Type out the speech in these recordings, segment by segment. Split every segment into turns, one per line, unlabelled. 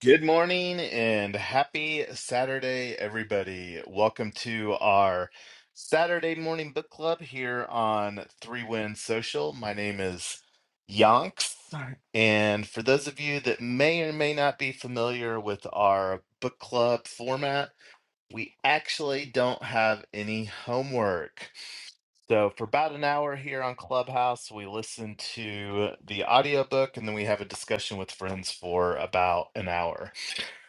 Good morning and happy Saturday, everybody. Welcome to our Saturday morning book club here on Three Win Social. My name is Yonks. Sorry. And for those of you that may or may not be familiar with our book club format, we actually don't have any homework. So, for about an hour here on Clubhouse, we listen to the audiobook and then we have a discussion with friends for about an hour.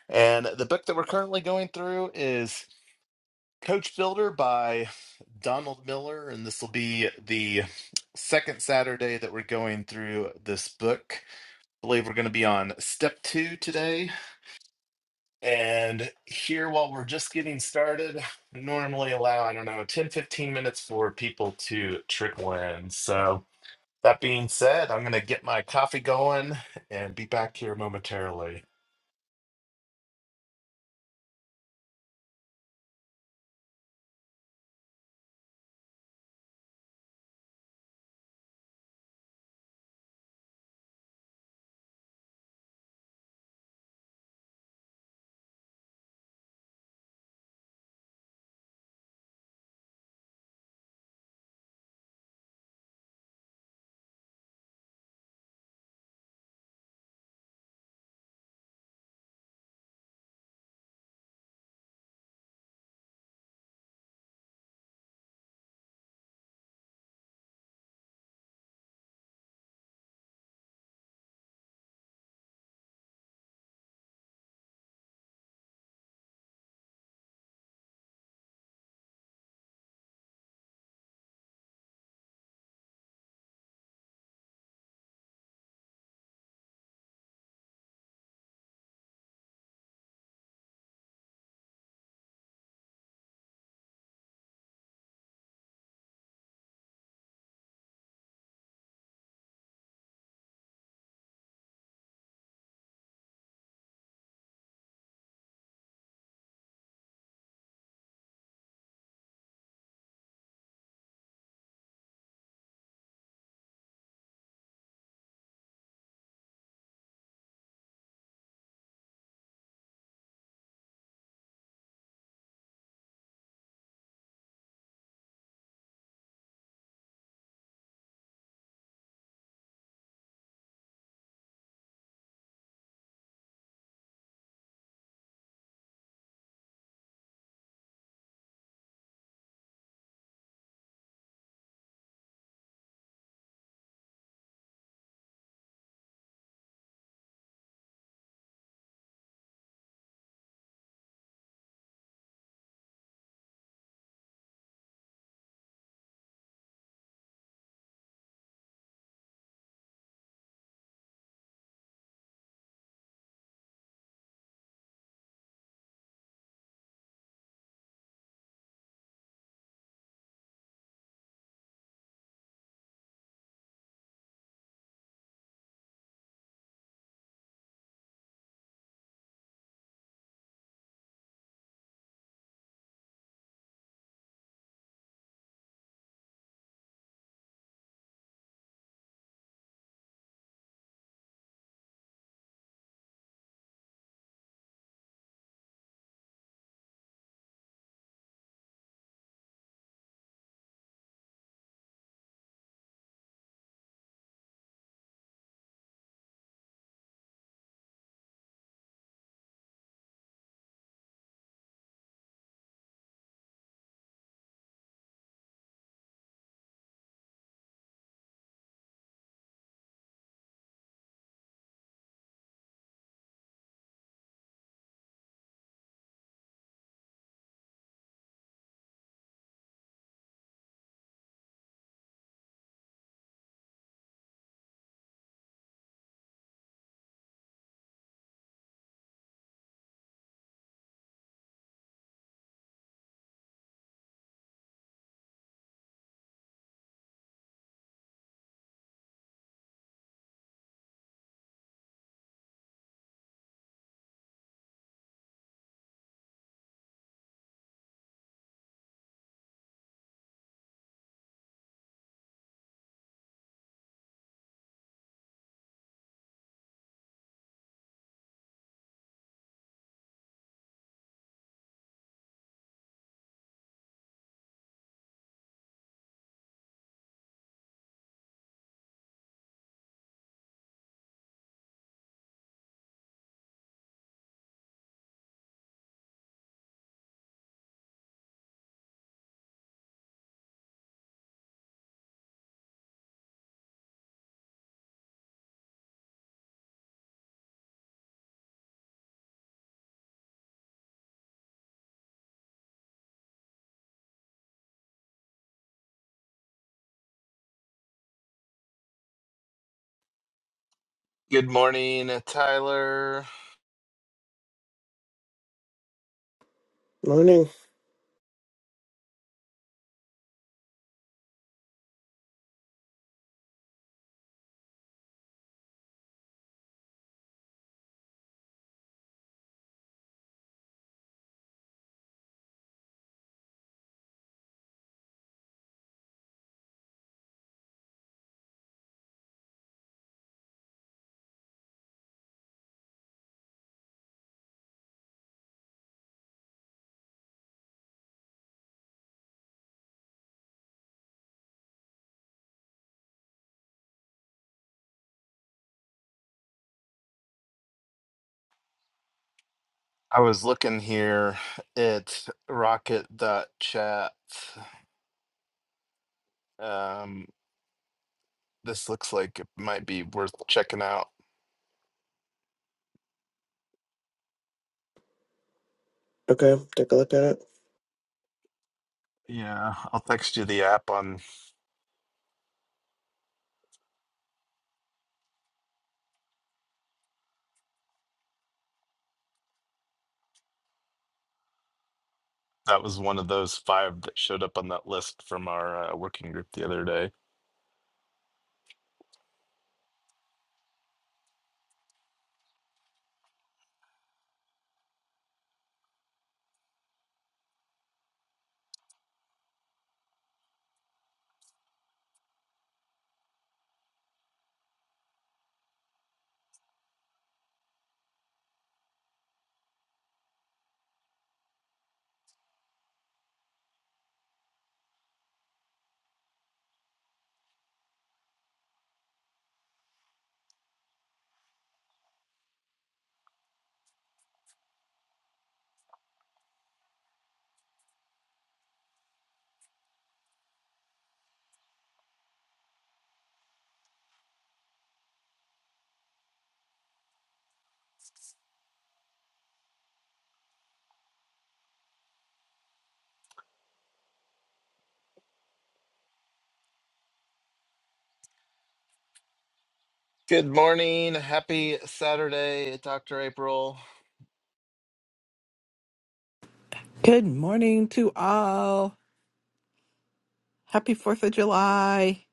And the book that we're currently going through is Coach Builder by Donald Miller. And this will be the second Saturday that we're going through this book. I believe we're going to be on step two today. And here, while we're just getting started, I normally allow, I don't know, 10 15 minutes for people to trickle in. So, that being said, I'm going to get my coffee going and be back here momentarily. Good morning, Tyler.
Morning.
I was looking here at rocket.chat. Um, this looks like it might be worth checking out.
Okay, take a look at it.
Yeah, I'll text you the app on that was one of those five that showed up on that list from our uh, working group the other day. Good morning. Happy Saturday, Dr. April.
Good morning to all. Happy 4th of July.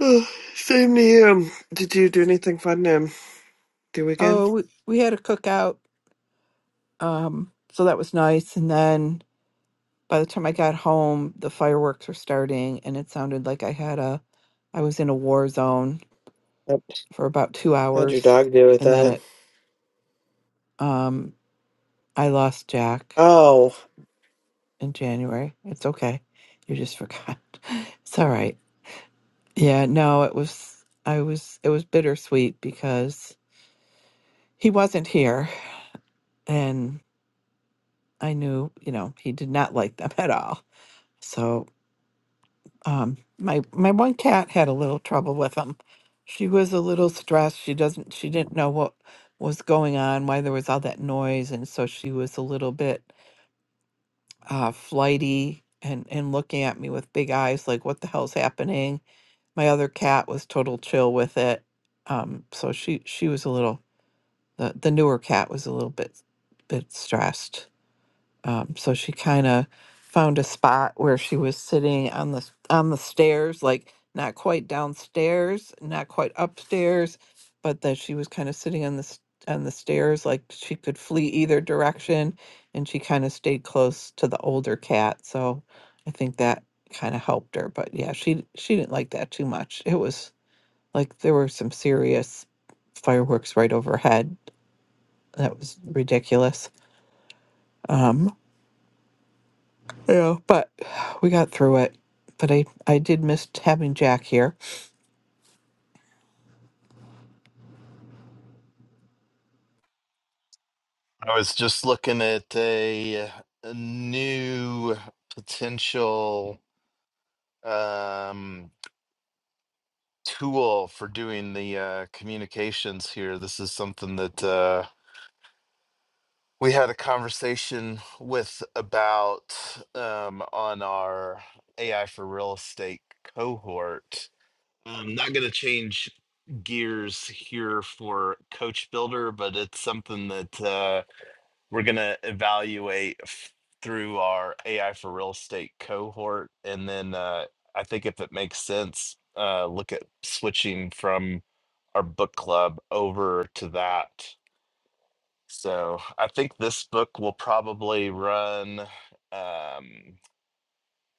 Oh, same to you. Did you do anything fun um, the weekend?
Oh, we, we had a cookout. Um, so that was nice. And then by the time I got home, the fireworks were starting and it sounded like I had a I was in a war zone
What
for about 2
how'd your
hours
dog do with
and then
that?
it um I lost Jack
Oh,
in January. It's okay. You just forgot. It's all right. Yeah, no, it was I was it was bittersweet because he wasn't here and. I knew, you know, he did not like them at all. So um, my my one cat had a little trouble with them. She was a little stressed. She doesn't. She didn't know what was going on, why there was all that noise, and so she was a little bit uh, flighty and and looking at me with big eyes, like what the hell's happening. My other cat was total chill with it. Um, so she she was a little the the newer cat was a little bit bit stressed. Um, so she kind of found a spot where she was sitting on the s- on the stairs, like not quite downstairs, not quite upstairs, but that she was kind of sitting on the s- on the stairs, like she could flee either direction, and she kind of stayed close to the older cat. So I think that kind of helped her. But yeah, she she didn't like that too much. It was like there were some serious fireworks right overhead. That was ridiculous. Um, Yeah, but we got through it. But I, I did miss having Jack here.
I was just looking at a, a new potential um tool for doing the uh, communications here. This is something that uh, we had a conversation with about um, on our AI for real estate cohort. I'm not going to change gears here for Coach Builder, but it's something that. uh, we're going to evaluate f- through our AI for real estate cohort. And then uh, I think if it makes sense, uh, look at switching from our book club over to that. So I think this book will probably run um,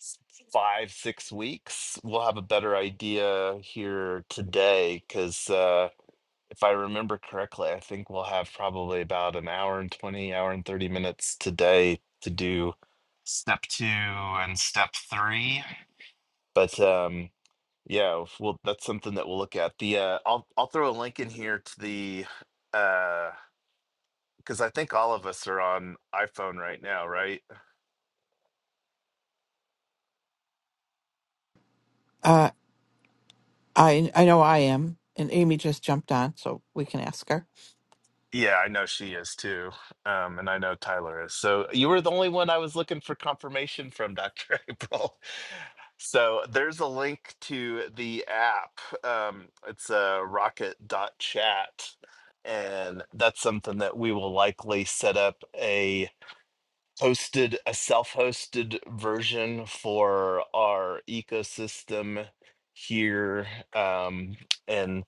s- five, six weeks. We'll have a better idea here today because if I remember correctly, I think we'll have probably about an hour and 20, hour and 30 minutes today to do step two and step three. But um, yeah, if we'll, that's something that we'll look at. The uh, I'll I'll throw a link in here to the uh, because I think all of us are on iPhone right now, right?
Uh, I I know I am, and Amy just jumped on, so we can ask her.
Yeah, I know she is too. Um, and I know Tyler is. So you were the only one I was looking for confirmation from, Dr. April. So there's a link to the app. Um, it's uh, rocket.chat. And that's something that we will likely set up hosted a self-hosted version for our ecosystem here um, and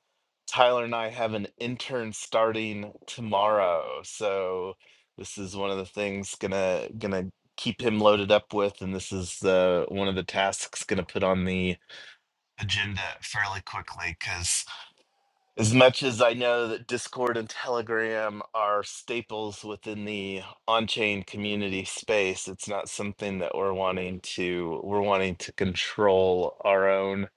tyler and i have an intern starting tomorrow so this is one of the things gonna gonna keep him loaded up with and this is uh, one of the tasks gonna put on the agenda fairly quickly because. As much as I know that Discord and Telegram are staples within the on-chain community space, it's not something that we're wanting to we're wanting to control our own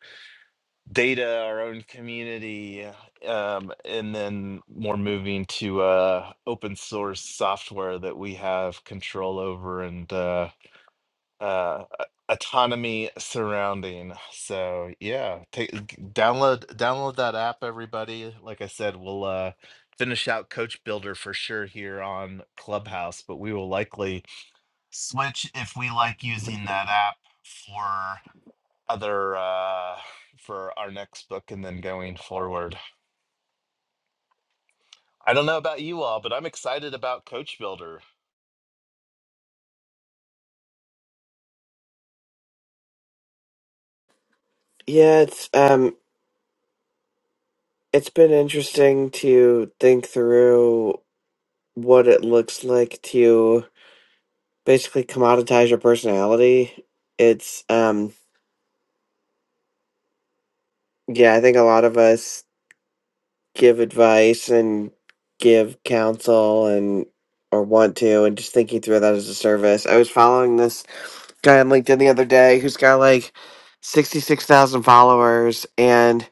data, our own community, um, and then more moving to uh, open source software that we have control over and uh, uh autonomy surrounding so yeah take g- download download that app everybody like i said we'll uh finish out coach builder for sure here on clubhouse but we will likely switch if we like using that app for other uh for our next book and then going forward i don't know about you all but i'm excited about coach builder
yeah. It's um, it's been interesting to think through what it looks like to basically commoditize your personality. It's um, yeah. I think a lot of us give advice and give counsel and or want to, and just thinking through that as a service. I was following this guy on LinkedIn the other day who's got like 66,000 followers and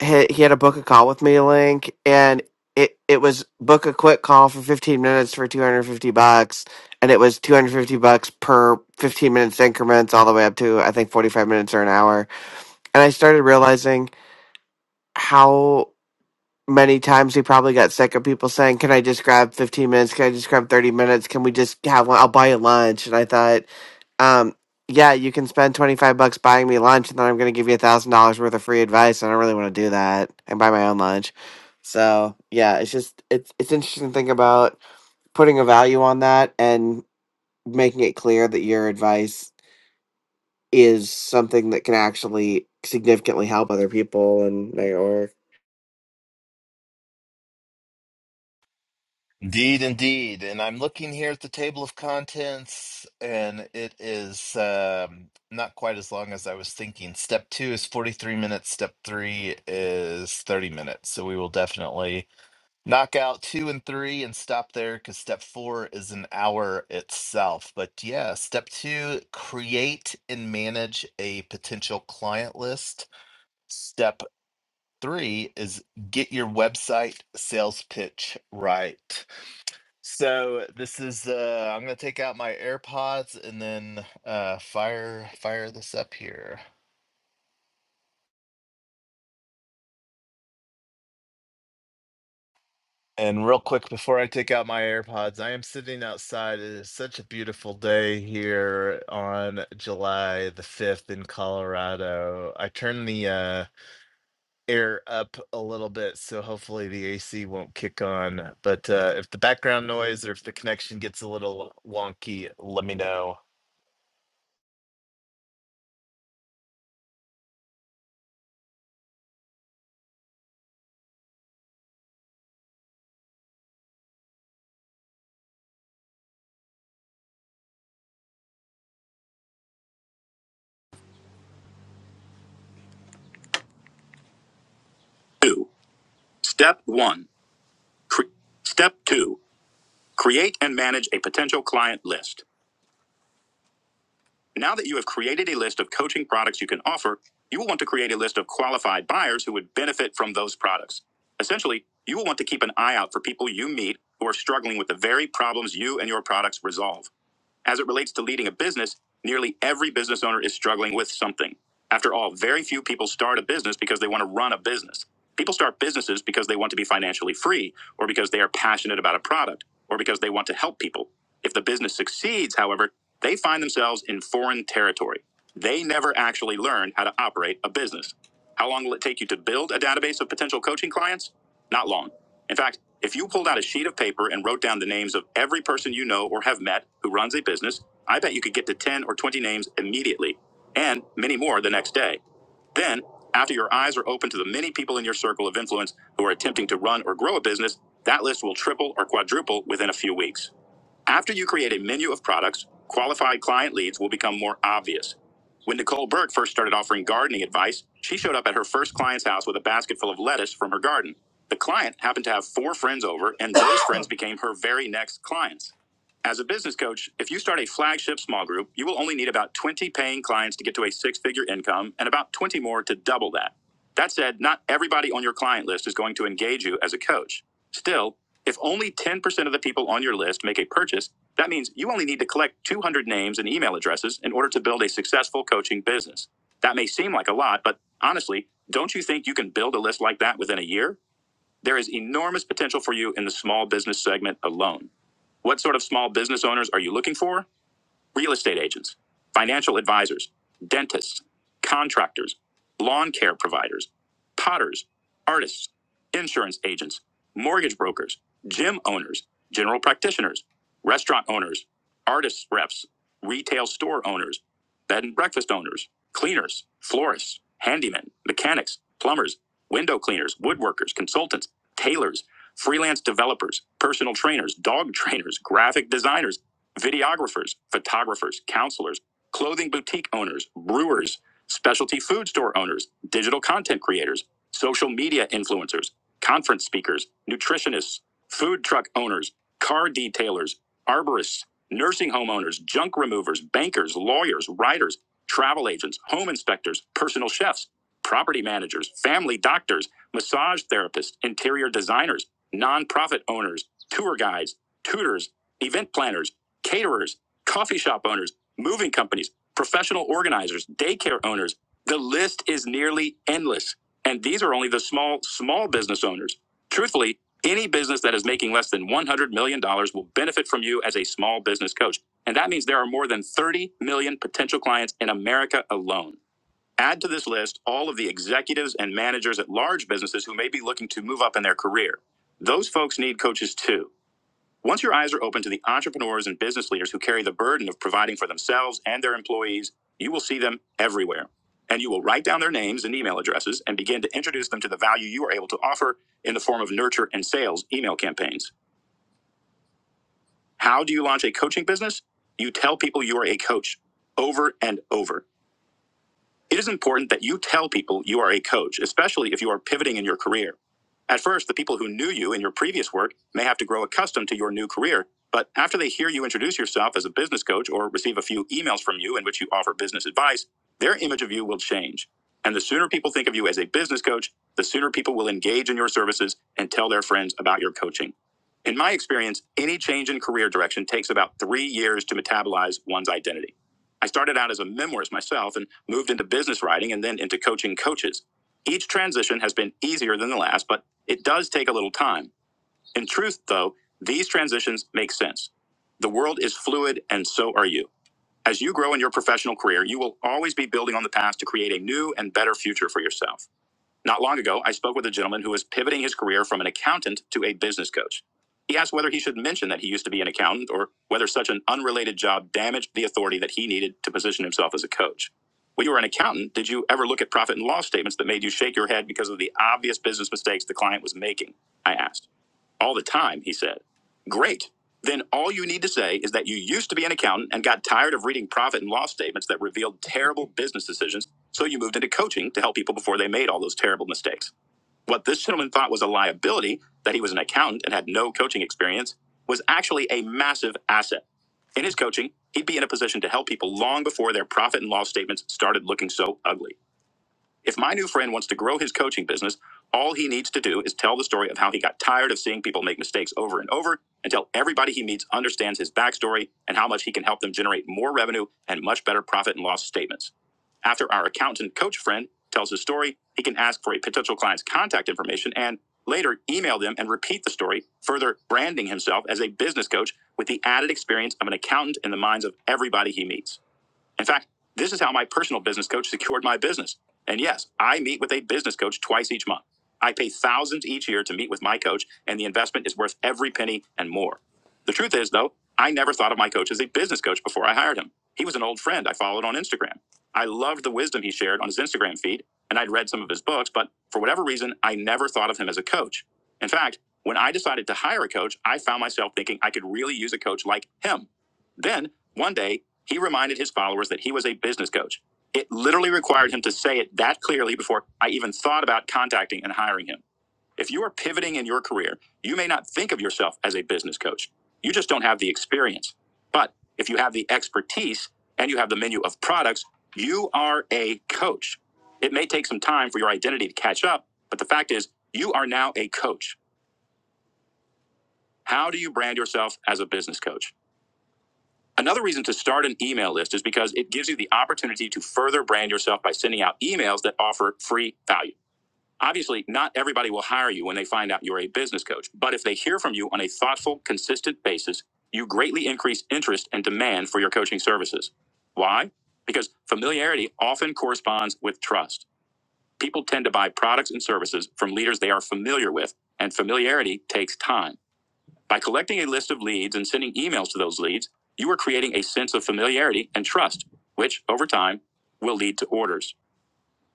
he, he had a book a call with me link and it, it was book a quick call for 15 minutes for 250 bucks and it was 250 bucks per 15 minutes increments all the way up to I think 45 minutes or an hour and I started realizing how many times he probably got sick of people saying can I just grab 15 minutes can I just grab 30 minutes can we just have one I'll buy you lunch and I thought um, yeah, you can spend twenty five bucks buying me lunch, and then I'm gonna give you a thousand dollars worth of free advice. I don't really want to do that and buy my own lunch. So yeah, it's just it's it's interesting to think about putting a value on that and making it clear that your advice is something that can actually significantly help other people and they or
Indeed, indeed. And I'm looking here at the table of contents, and it is um, not quite as long as I was thinking. Step two is 43 minutes, step three is 30 minutes. So we will definitely knock out two and three and stop there because step four is an hour itself. But yeah, step two create and manage a potential client list. Step three is get your website sales pitch right. So this is uh I'm gonna take out my AirPods and then uh fire fire this up here. And real quick before I take out my AirPods, I am sitting outside. It is such a beautiful day here on July the 5th in Colorado. I turned the uh air up a little bit so hopefully the AC won't kick on. But uh if the background noise or if the connection gets a little wonky, let me know. Two. Step one. Cre- step two. Create and manage a potential client list. Now that you have created a list of coaching products you can offer, you will want to create a list of qualified buyers who would benefit from those products. Essentially, you will want to keep an eye out for people you meet who are struggling with the very problems you and your products resolve. As it relates to leading a business, nearly every business owner is struggling with something. After all, very few people start a business because they want to run a business. People start businesses because they want to be financially free, or because they are passionate about a product, or because they want to help people. If the business succeeds, however, they find themselves in foreign territory. They never actually learn how to operate a business. How long will it take you to build a database of potential coaching clients? Not long. In fact, if you pulled out a sheet of paper and wrote down the names of every person you know or have met who runs a business, I bet you could get to 10 or 20 names immediately, and many more the next day. Then, after your eyes are open to the many people in your circle of influence who are attempting to run or grow a business, that list will triple or quadruple within a few weeks. After you create a menu of products, qualified client leads will become more obvious. When Nicole Burke first started offering gardening advice, she showed up at her first client's house with a basket full of lettuce from her garden. The client happened to have four friends over, and those friends became her very next clients. As a business coach, if you start a flagship small group, you will only need about 20 paying clients to get to a six figure income and about 20 more to double that. That said, not everybody on your client list is going to engage you as a coach. Still, if only 10% of the people on your list make a purchase, that means you only need to collect 200 names and email addresses in order to build a successful coaching business. That may seem like a lot, but honestly, don't you think you can build a list like that within a year? There is enormous potential for you in the small business segment alone. What sort of small business owners are you looking for? real estate agents, financial advisors, dentists, contractors, lawn care providers, potters, artists, insurance agents, mortgage brokers, gym owners, general practitioners, restaurant owners, artists reps, retail store owners, bed and breakfast owners, cleaners, florists, handymen, mechanics, plumbers, window cleaners, woodworkers, consultants, tailors, freelance developers, personal trainers, dog trainers, graphic designers, videographers, photographers, counselors, clothing boutique owners, brewers, specialty food store owners, digital content creators, social media influencers, conference speakers, nutritionists, food truck owners, car detailers, arborists, nursing home owners, junk removers, bankers, lawyers, writers, travel agents, home inspectors, personal chefs, property managers, family doctors, massage therapists, interior designers, nonprofit owners, tour guides, tutors, event planners caterers, coffee shop owners, moving companies, professional organizers, daycare owners. The list is nearly endless. And these are only the small, small business owners. Truthfully, any business that is making less than $100 million dollars will benefit from you as a small business coach. And that means there are more than 30 million potential clients in America alone. Add to this list all of the executives and managers at large businesses who may be looking to move up in their career. Those folks need coaches too. Once your eyes are open to the entrepreneurs and business leaders who carry the burden of providing for themselves and their employees, you will see them everywhere. And you will write down their names and email addresses and begin to introduce them to the value you are able to offer in the form of nurture and sales email campaigns. How do you launch a coaching business? You tell people you are a coach over and over. It is important that you tell people you are a coach, especially if you are pivoting in your career. At first, the people who knew you in your previous work may have to grow accustomed to your new career, but after they hear you introduce yourself as a business coach or receive a few emails from you in which you offer business advice, their image of you will change. And the sooner people think of you as a business coach, the sooner people will engage in your services and tell their friends about your coaching. In my experience, any change in career direction takes about three years to metabolize one's identity. I started out as a memoirist myself and moved into business writing and then into coaching coaches. Each transition has been easier than the last, but it does take a little time. In truth, though, these transitions make sense. The world is fluid, and so are you. As you grow in your professional career, you will always be building on the past to create a new and better future for yourself. Not long ago, I spoke with a gentleman who was pivoting his career from an accountant to a business coach. He asked whether he should mention that he used to be an accountant or whether such an unrelated job damaged the authority that he needed to position himself as a coach. When you were an accountant, did you ever look at profit and loss statements that made you shake your head because of the obvious business mistakes the client was making? I asked all the time, he said. Great. Then all you need to say is that you used to be an accountant and got tired of reading profit and loss statements that revealed terrible business decisions, so you moved into coaching to help people before they made all those terrible mistakes. What this gentleman thought was a liability, that he was an accountant and had no coaching experience, was actually a massive asset. In his coaching, he'd be in a position to help people long before their profit and loss statements started looking so ugly. If my new friend wants to grow his coaching business, all he needs to do is tell the story of how he got tired of seeing people make mistakes over and over until everybody he meets understands his backstory and how much he can help them generate more revenue and much better profit and loss statements. After our accountant coach friend tells his story, he can ask for a potential client's contact information and later email them and repeat the story, further branding himself as a business coach with the added experience of an accountant in the minds of everybody he meets. In fact, this is how my personal business coach secured my business. And yes, I meet with a business coach twice each month. I pay thousands each year to meet with my coach, and the investment is worth every penny and more. The truth is, though, I never thought of my coach as a business coach before I hired him. He was an old friend I followed on Instagram. I loved the wisdom he shared on his Instagram feed, and I'd read some of his books, but for whatever reason, I never thought of him as a coach. In fact, when I decided to hire a coach, I found myself thinking I could really use a coach like him. Then, one day, he reminded his followers that he was a business coach. It literally required him to say it that clearly before I even thought about contacting and hiring him. If you are pivoting in your career, you may not think of yourself as a business coach. You just don't have the experience. But if you have the expertise and you have the menu of products, you are a coach. It may take some time for your identity to catch up, but the fact is, you are now a coach. How do you brand yourself as a business coach? Another reason to start an email list is because it gives you the opportunity to further brand yourself by sending out emails that offer free value. Obviously, not everybody will hire you when they find out you're a business coach, but if they hear from you on a thoughtful, consistent basis, you greatly increase interest and demand for your coaching services. Why? Because familiarity often corresponds with trust. People tend to buy products and services from leaders they are familiar with, and familiarity takes time. By collecting a list of leads and sending emails to those leads, you are creating a sense of familiarity and trust, which over time will lead to orders.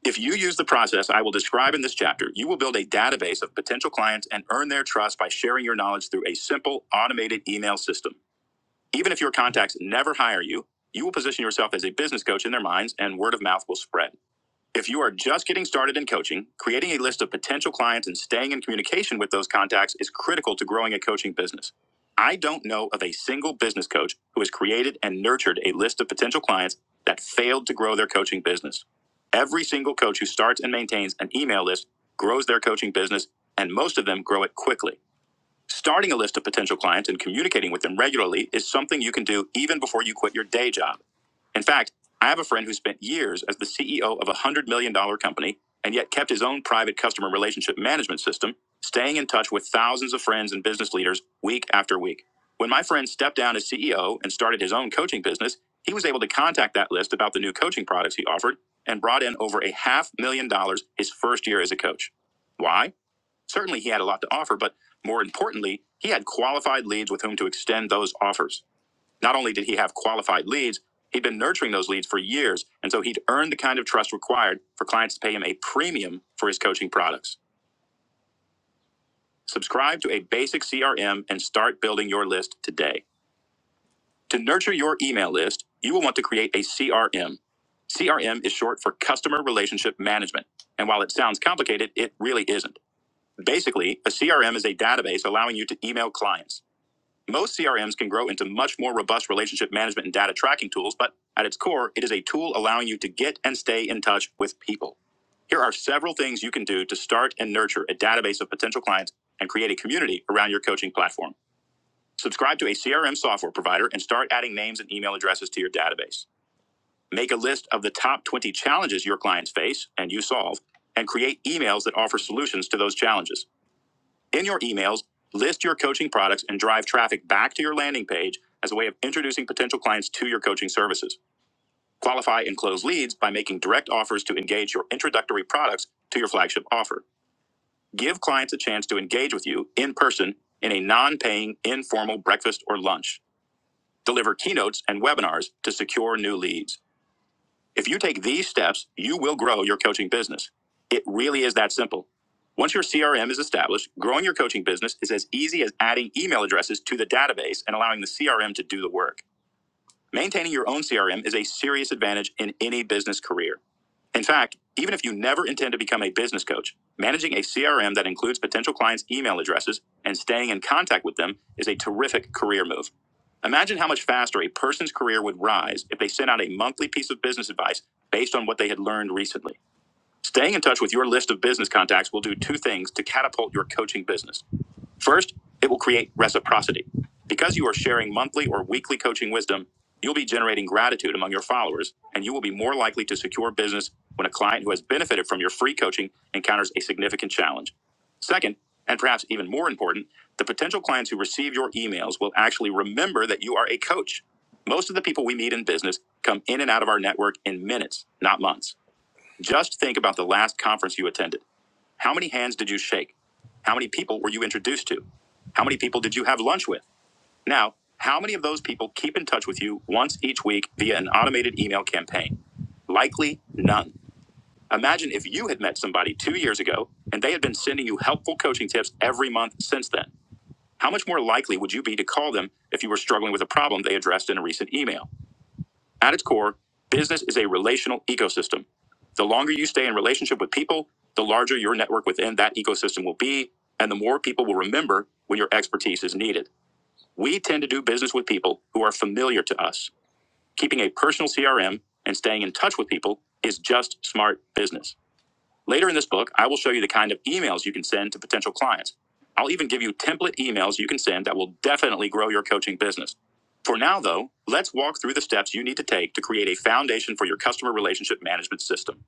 If you use the process I will describe in this chapter, you will build a database of potential clients and earn their trust by sharing your knowledge through a simple automated email system. Even if your contacts never hire you, you will position yourself as a business coach in their minds and word of mouth will spread. If you are just getting started in coaching, creating a list of potential clients and staying in communication with those contacts is critical to growing a coaching business. I don't know of a single business coach who has created and nurtured a list of potential clients that failed to grow their coaching business. Every single coach who starts and maintains an email list grows their coaching business, and most of them grow it quickly. Starting a list of potential clients and communicating with them regularly is something you can do even before you quit your day job. In fact, I have a friend who spent years as the CEO of a $100 million dollars company and yet kept his own private customer relationship management system, staying in touch with thousands of friends and business leaders week after week. When my friend stepped down as CEO and started his own coaching business, he was able to contact that list about the new coaching products he offered and brought in over a half million dollars his first year as a coach. Why? Certainly, he had a lot to offer, but more importantly, he had qualified leads with whom to extend those offers. Not only did he have qualified leads, he'd been nurturing those leads for years, and so he'd earned the kind of trust required for clients to pay him a premium for his coaching products. Subscribe to a basic CRM and start building your list today. To nurture your email list, you will want to create a CRM. CRM is short for Customer Relationship Management, and while it sounds complicated, it really isn't. Basically, a CRM is a database allowing you to email clients. Most CRMs can grow into much more robust relationship management and data tracking tools, but at its core, it is a tool allowing you to get and stay in touch with people. Here are several things you can do to start and nurture a database of potential clients and create a community around your coaching platform. Subscribe to a CRM software provider and start adding names and email addresses to your database. Make a list of the top 20 challenges your clients face and you solve, and create emails that offer solutions to those challenges. In your emails, list your coaching products and drive traffic back to your landing page as a way of introducing potential clients to your coaching services. Qualify and close leads by making direct offers to engage your introductory products to your flagship offer. Give clients a chance to engage with you in person in a non paying informal breakfast or lunch. Deliver keynotes and webinars to secure new leads. If you take these steps, you will grow your coaching business. It really is that simple. Once your CRM is established, growing your coaching business is as easy as adding email addresses to the database and allowing the CRM to do the work. Maintaining your own CRM is a serious advantage in any business career. In fact, even if you never intend to become a business coach, managing a CRM that includes potential clients' email addresses and staying in contact with them is a terrific career move. Imagine how much faster a person's career would rise if they sent out a monthly piece of business advice based on what they had learned recently. Staying in touch with your list of business contacts will do two things to catapult your coaching business. First, it will create reciprocity. Because you are sharing monthly or weekly coaching wisdom, you'll be generating gratitude among your followers, and you will be more likely to secure business when a client who has benefited from your free coaching encounters a significant challenge. Second, and perhaps even more important, the potential clients who receive your emails will actually remember that you are a coach. Most of the people we meet in business come in and out of our network in minutes, not months. Just think about the last conference you attended. How many hands did you shake? How many people were you introduced to? How many people did you have lunch with? Now, how many of those people keep in touch with you once each week via an automated email campaign? Likely none. Imagine if you had met somebody two years ago and they had been sending you helpful coaching tips every month since then. How much more likely would you be to call them if you were struggling with a problem they addressed in a recent email? At its core, business is a relational ecosystem. The longer you stay in relationship with people, the larger your network within that ecosystem will be, and the more people will remember when your expertise is needed. We tend to do business with people who are familiar to us. Keeping a personal CRM and staying in touch with people is just smart business. Later in this book, I will show you the kind of emails you can send to potential clients. I'll even give you template emails you can send that will definitely grow your coaching business. For now, though, let's walk through the steps you need to take to create a foundation for your customer relationship management system.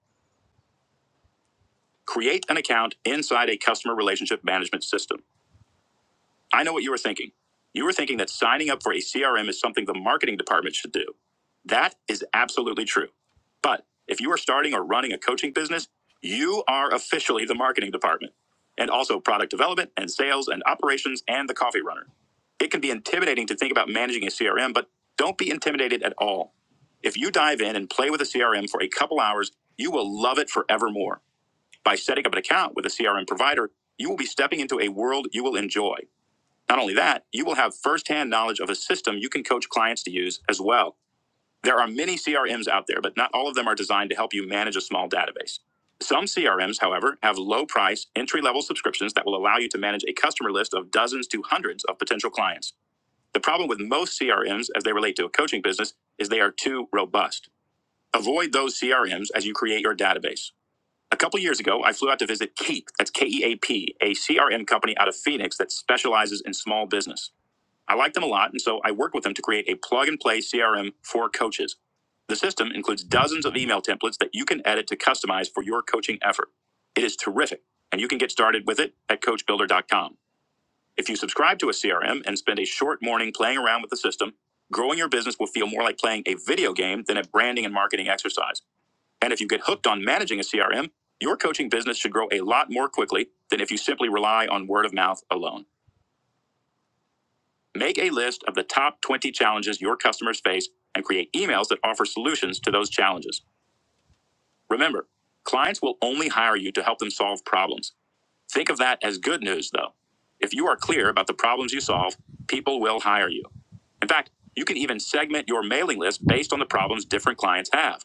Create an account inside a customer relationship management system. I know what you were thinking. You were thinking that signing up for a CRM is something the marketing department should do. That is absolutely true. But if you are starting or running a coaching business, you are officially the marketing department and also product development and sales and operations and the coffee runner. It can be intimidating to think about managing a CRM, but don't be intimidated at all. If you dive in and play with a CRM for a couple hours, you will love it forevermore. By setting up an account with a CRM provider, you will be stepping into a world you will enjoy. Not only that, you will have firsthand knowledge of a system you can coach clients to use as well. There are many CRMs out there, but not all of them are designed to help you manage a small database. Some CRMs, however, have low price, entry level subscriptions that will allow you to manage a customer list of dozens to hundreds of potential clients. The problem with most CRMs as they relate to a coaching business is they are too robust. Avoid those CRMs as you create your database. A couple years ago, I flew out to visit Keep, that's K E A P, a CRM company out of Phoenix that specializes in small business. I like them a lot, and so I worked with them to create a plug and play CRM for coaches. The system includes dozens of email templates that you can edit to customize for your coaching effort. It is terrific, and you can get started with it at coachbuilder.com. If you subscribe to a CRM and spend a short morning playing around with the system, growing your business will feel more like playing a video game than a branding and marketing exercise. And if you get hooked on managing a CRM, your coaching business should grow a lot more quickly than if you simply rely on word of mouth alone. Make a list of the top 20 challenges your customers face and create emails that offer solutions to those challenges. Remember, clients will only hire you to help them solve problems. Think of that as good news, though. If you are clear about the problems you solve, people will hire you. In fact, you can even segment your mailing list based on the problems different clients have.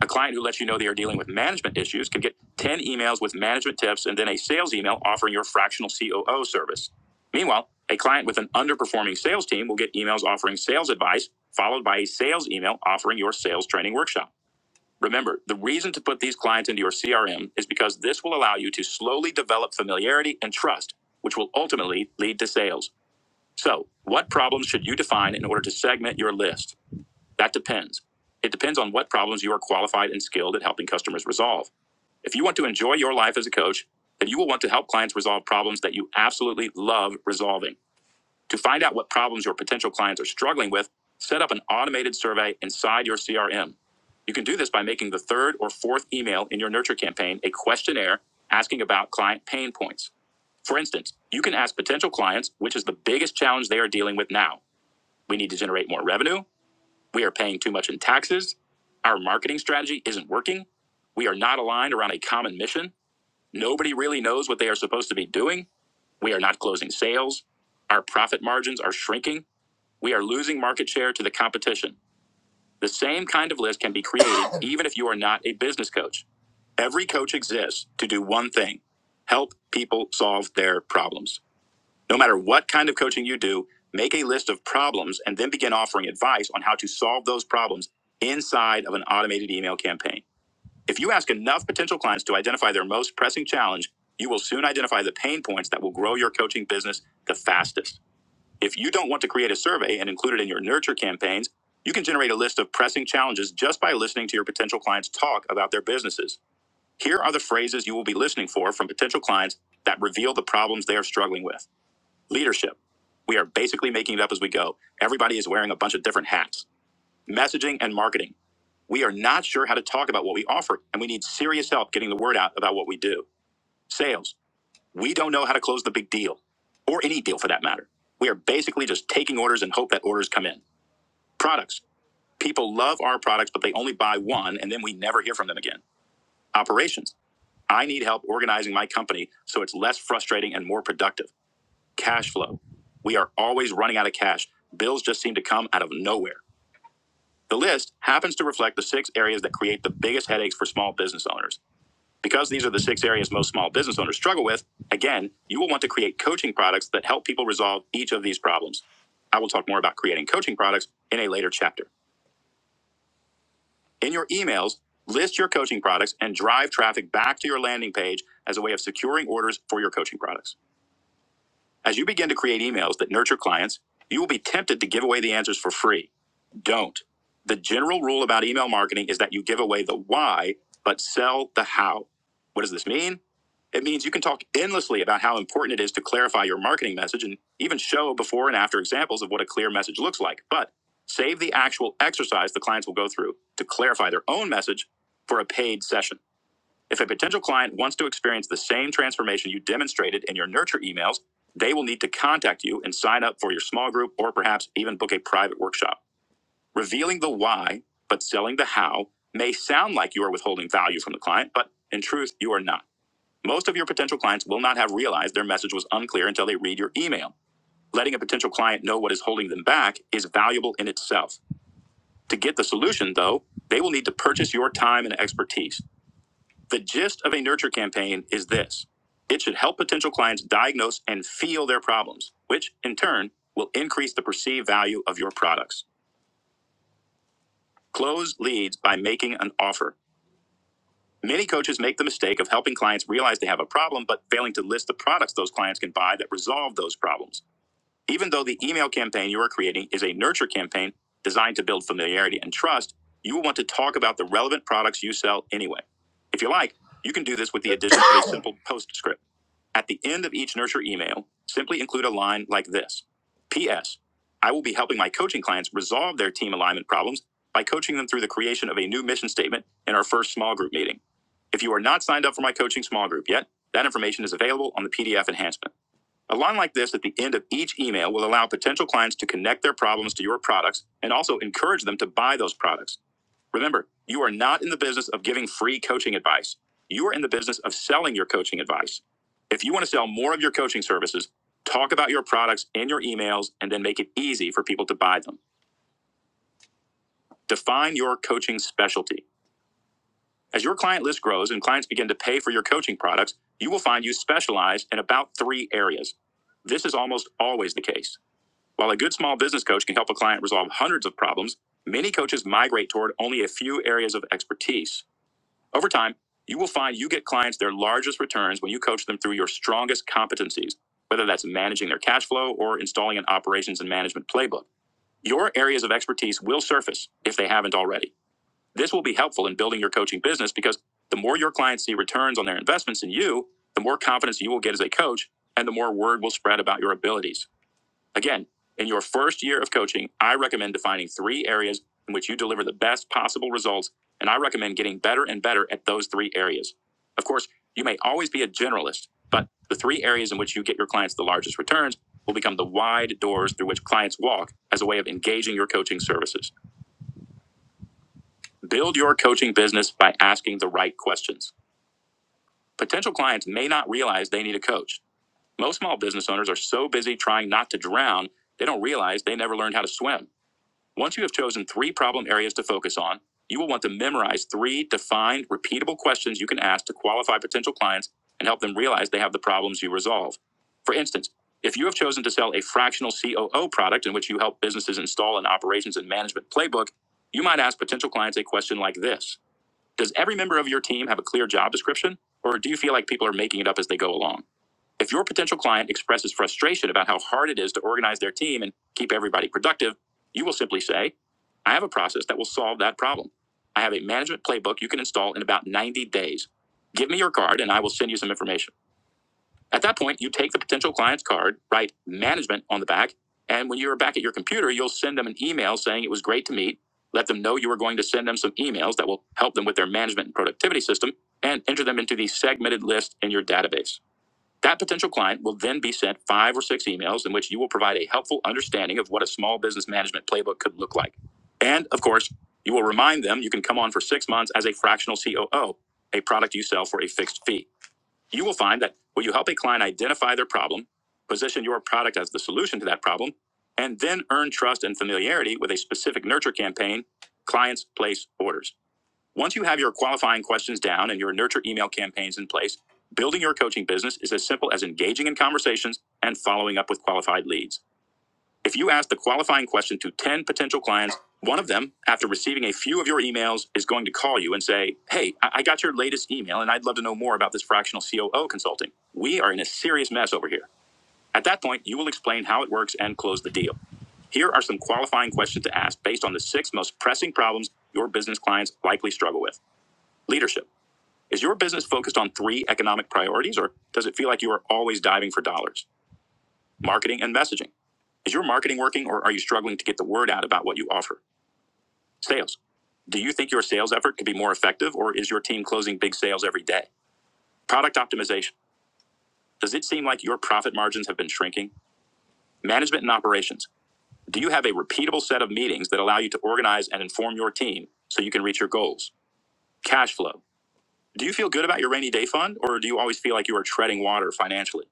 A client who lets you know they are dealing with management issues can get 10 emails with management tips and then a sales email offering your fractional COO service. Meanwhile, a client with an underperforming sales team will get emails offering sales advice, followed by a sales email offering your sales training workshop. Remember, the reason to put these clients into your CRM is because this will allow you to slowly develop familiarity and trust, which will ultimately lead to sales. So, what problems should you define in order to segment your list? That depends. It depends on what problems you are qualified and skilled at helping customers resolve. If you want to enjoy your life as a coach, then you will want to help clients resolve problems that you absolutely love resolving. To find out what problems your potential clients are struggling with, set up an automated survey inside your CRM. You can do this by making the third or fourth email in your nurture campaign a questionnaire asking about client pain points. For instance, you can ask potential clients which is the biggest challenge they are dealing with now. We need to generate more revenue. We are paying too much in taxes. Our marketing strategy isn't working. We are not aligned around a common mission. Nobody really knows what they are supposed to be doing. We are not closing sales. Our profit margins are shrinking. We are losing market share to the competition. The same kind of list can be created even if you are not a business coach. Every coach exists to do one thing help people solve their problems. No matter what kind of coaching you do, make a list of problems and then begin offering advice on how to solve those problems inside of an automated email campaign. If you ask enough potential clients to identify their most pressing challenge, you will soon identify the pain points that will grow your coaching business the fastest. If you don't want to create a survey and include it in your nurture campaigns, you can generate a list of pressing challenges just by listening to your potential clients talk about their businesses. Here are the phrases you will be listening for from potential clients that reveal the problems they are struggling with. Leadership. We are basically making it up as we go. Everybody is wearing a bunch of different hats. Messaging and marketing. We are not sure how to talk about what we offer, and we need serious help getting the word out about what we do. Sales. We don't know how to close the big deal, or any deal for that matter. We are basically just taking orders and hope that orders come in. Products. People love our products, but they only buy one, and then we never hear from them again. Operations. I need help organizing my company so it's less frustrating and more productive. Cash flow. We are always running out of cash. Bills just seem to come out of nowhere. The list happens to reflect the six areas that create the biggest headaches for small business owners. Because these are the six areas most small business owners struggle with, again, you will want to create coaching products that help people resolve each of these problems. I will talk more about creating coaching products in a later chapter. In your emails, list your coaching products and drive traffic back to your landing page as a way of securing orders for your coaching products. As you begin to create emails that nurture clients, you will be tempted to give away the answers for free. Don't. The general rule about email marketing is that you give away the why, but sell the how. What does this mean? It means you can talk endlessly about how important it is to clarify your marketing message and even show before and after examples of what a clear message looks like, but save the actual exercise the clients will go through to clarify their own message for a paid session. If a potential client wants to experience the same transformation you demonstrated in your nurture emails, they will need to contact you and sign up for your small group or perhaps even book a private workshop. Revealing the why, but selling the how, may sound like you are withholding value from the client, but in truth, you are not. Most of your potential clients will not have realized their message was unclear until they read your email. Letting a potential client know what is holding them back is valuable in itself. To get the solution, though, they will need to purchase your time and expertise. The gist of a nurture campaign is this it should help potential clients diagnose and feel their problems, which in turn will increase the perceived value of your products. Close leads by making an offer. Many coaches make the mistake of helping clients realize they have a problem, but failing to list the products those clients can buy that resolve those problems. Even though the email campaign you are creating is a nurture campaign designed to build familiarity and trust, you will want to talk about the relevant products you sell anyway. If you like, you can do this with the addition of a simple postscript. At the end of each nurture email, simply include a line like this P.S. I will be helping my coaching clients resolve their team alignment problems by coaching them through the creation of a new mission statement in our first small group meeting. If you are not signed up for my coaching small group yet, that information is available on the PDF enhancement. A line like this at the end of each email will allow potential clients to connect their problems to your products and also encourage them to buy those products. Remember, you are not in the business of giving free coaching advice. You are in the business of selling your coaching advice. If you want to sell more of your coaching services, talk about your products in your emails and then make it easy for people to buy them. Define your coaching specialty. As your client list grows and clients begin to pay for your coaching products, you will find you specialize in about three areas. This is almost always the case. While a good small business coach can help a client resolve hundreds of problems, many coaches migrate toward only a few areas of expertise. Over time, you will find you get clients their largest returns when you coach them through your strongest competencies, whether that's managing their cash flow or installing an operations and management playbook. Your areas of expertise will surface if they haven't already. This will be helpful in building your coaching business because the more your clients see returns on their investments in you, the more confidence you will get as a coach and the more word will spread about your abilities. Again, in your first year of coaching, I recommend defining three areas in which you deliver the best possible results, and I recommend getting better and better at those three areas. Of course, you may always be a generalist, but the three areas in which you get your clients the largest returns will become the wide doors through which clients walk as a way of engaging your coaching services. Build your coaching business by asking the right questions. Potential clients may not realize they need a coach. Most small business owners are so busy trying not to drown, they don't realize they never learned how to swim. Once you have chosen three problem areas to focus on, you will want to memorize three defined, repeatable questions you can ask to qualify potential clients and help them realize they have the problems you resolve. For instance, if you have chosen to sell a fractional COO product in which you help businesses install an operations and management playbook, you might ask potential clients a question like this Does every member of your team have a clear job description, or do you feel like people are making it up as they go along? If your potential client expresses frustration about how hard it is to organize their team and keep everybody productive, you will simply say, I have a process that will solve that problem. I have a management playbook you can install in about 90 days. Give me your card and I will send you some information. At that point, you take the potential client's card, write management on the back, and when you're back at your computer, you'll send them an email saying it was great to meet. Let them know you are going to send them some emails that will help them with their management and productivity system and enter them into the segmented list in your database. That potential client will then be sent five or six emails in which you will provide a helpful understanding of what a small business management playbook could look like. And of course, you will remind them you can come on for six months as a fractional COO, a product you sell for a fixed fee. You will find that when you help a client identify their problem, position your product as the solution to that problem, and then earn trust and familiarity with a specific nurture campaign, clients place orders. Once you have your qualifying questions down and your nurture email campaigns in place, building your coaching business is as simple as engaging in conversations and following up with qualified leads. If you ask the qualifying question to 10 potential clients, one of them, after receiving a few of your emails, is going to call you and say, Hey, I got your latest email and I'd love to know more about this fractional COO consulting. We are in a serious mess over here. At that point, you will explain how it works and close the deal. Here are some qualifying questions to ask based on the six most pressing problems your business clients likely struggle with leadership. Is your business focused on three economic priorities, or does it feel like you are always diving for dollars? Marketing and messaging. Is your marketing working, or are you struggling to get the word out about what you offer? Sales. Do you think your sales effort could be more effective, or is your team closing big sales every day? Product optimization. Does it seem like your profit margins have been shrinking? Management and operations. Do you have a repeatable set of meetings that allow you to organize and inform your team so you can reach your goals? Cash flow. Do you feel good about your rainy day fund, or do you always feel like you are treading water financially?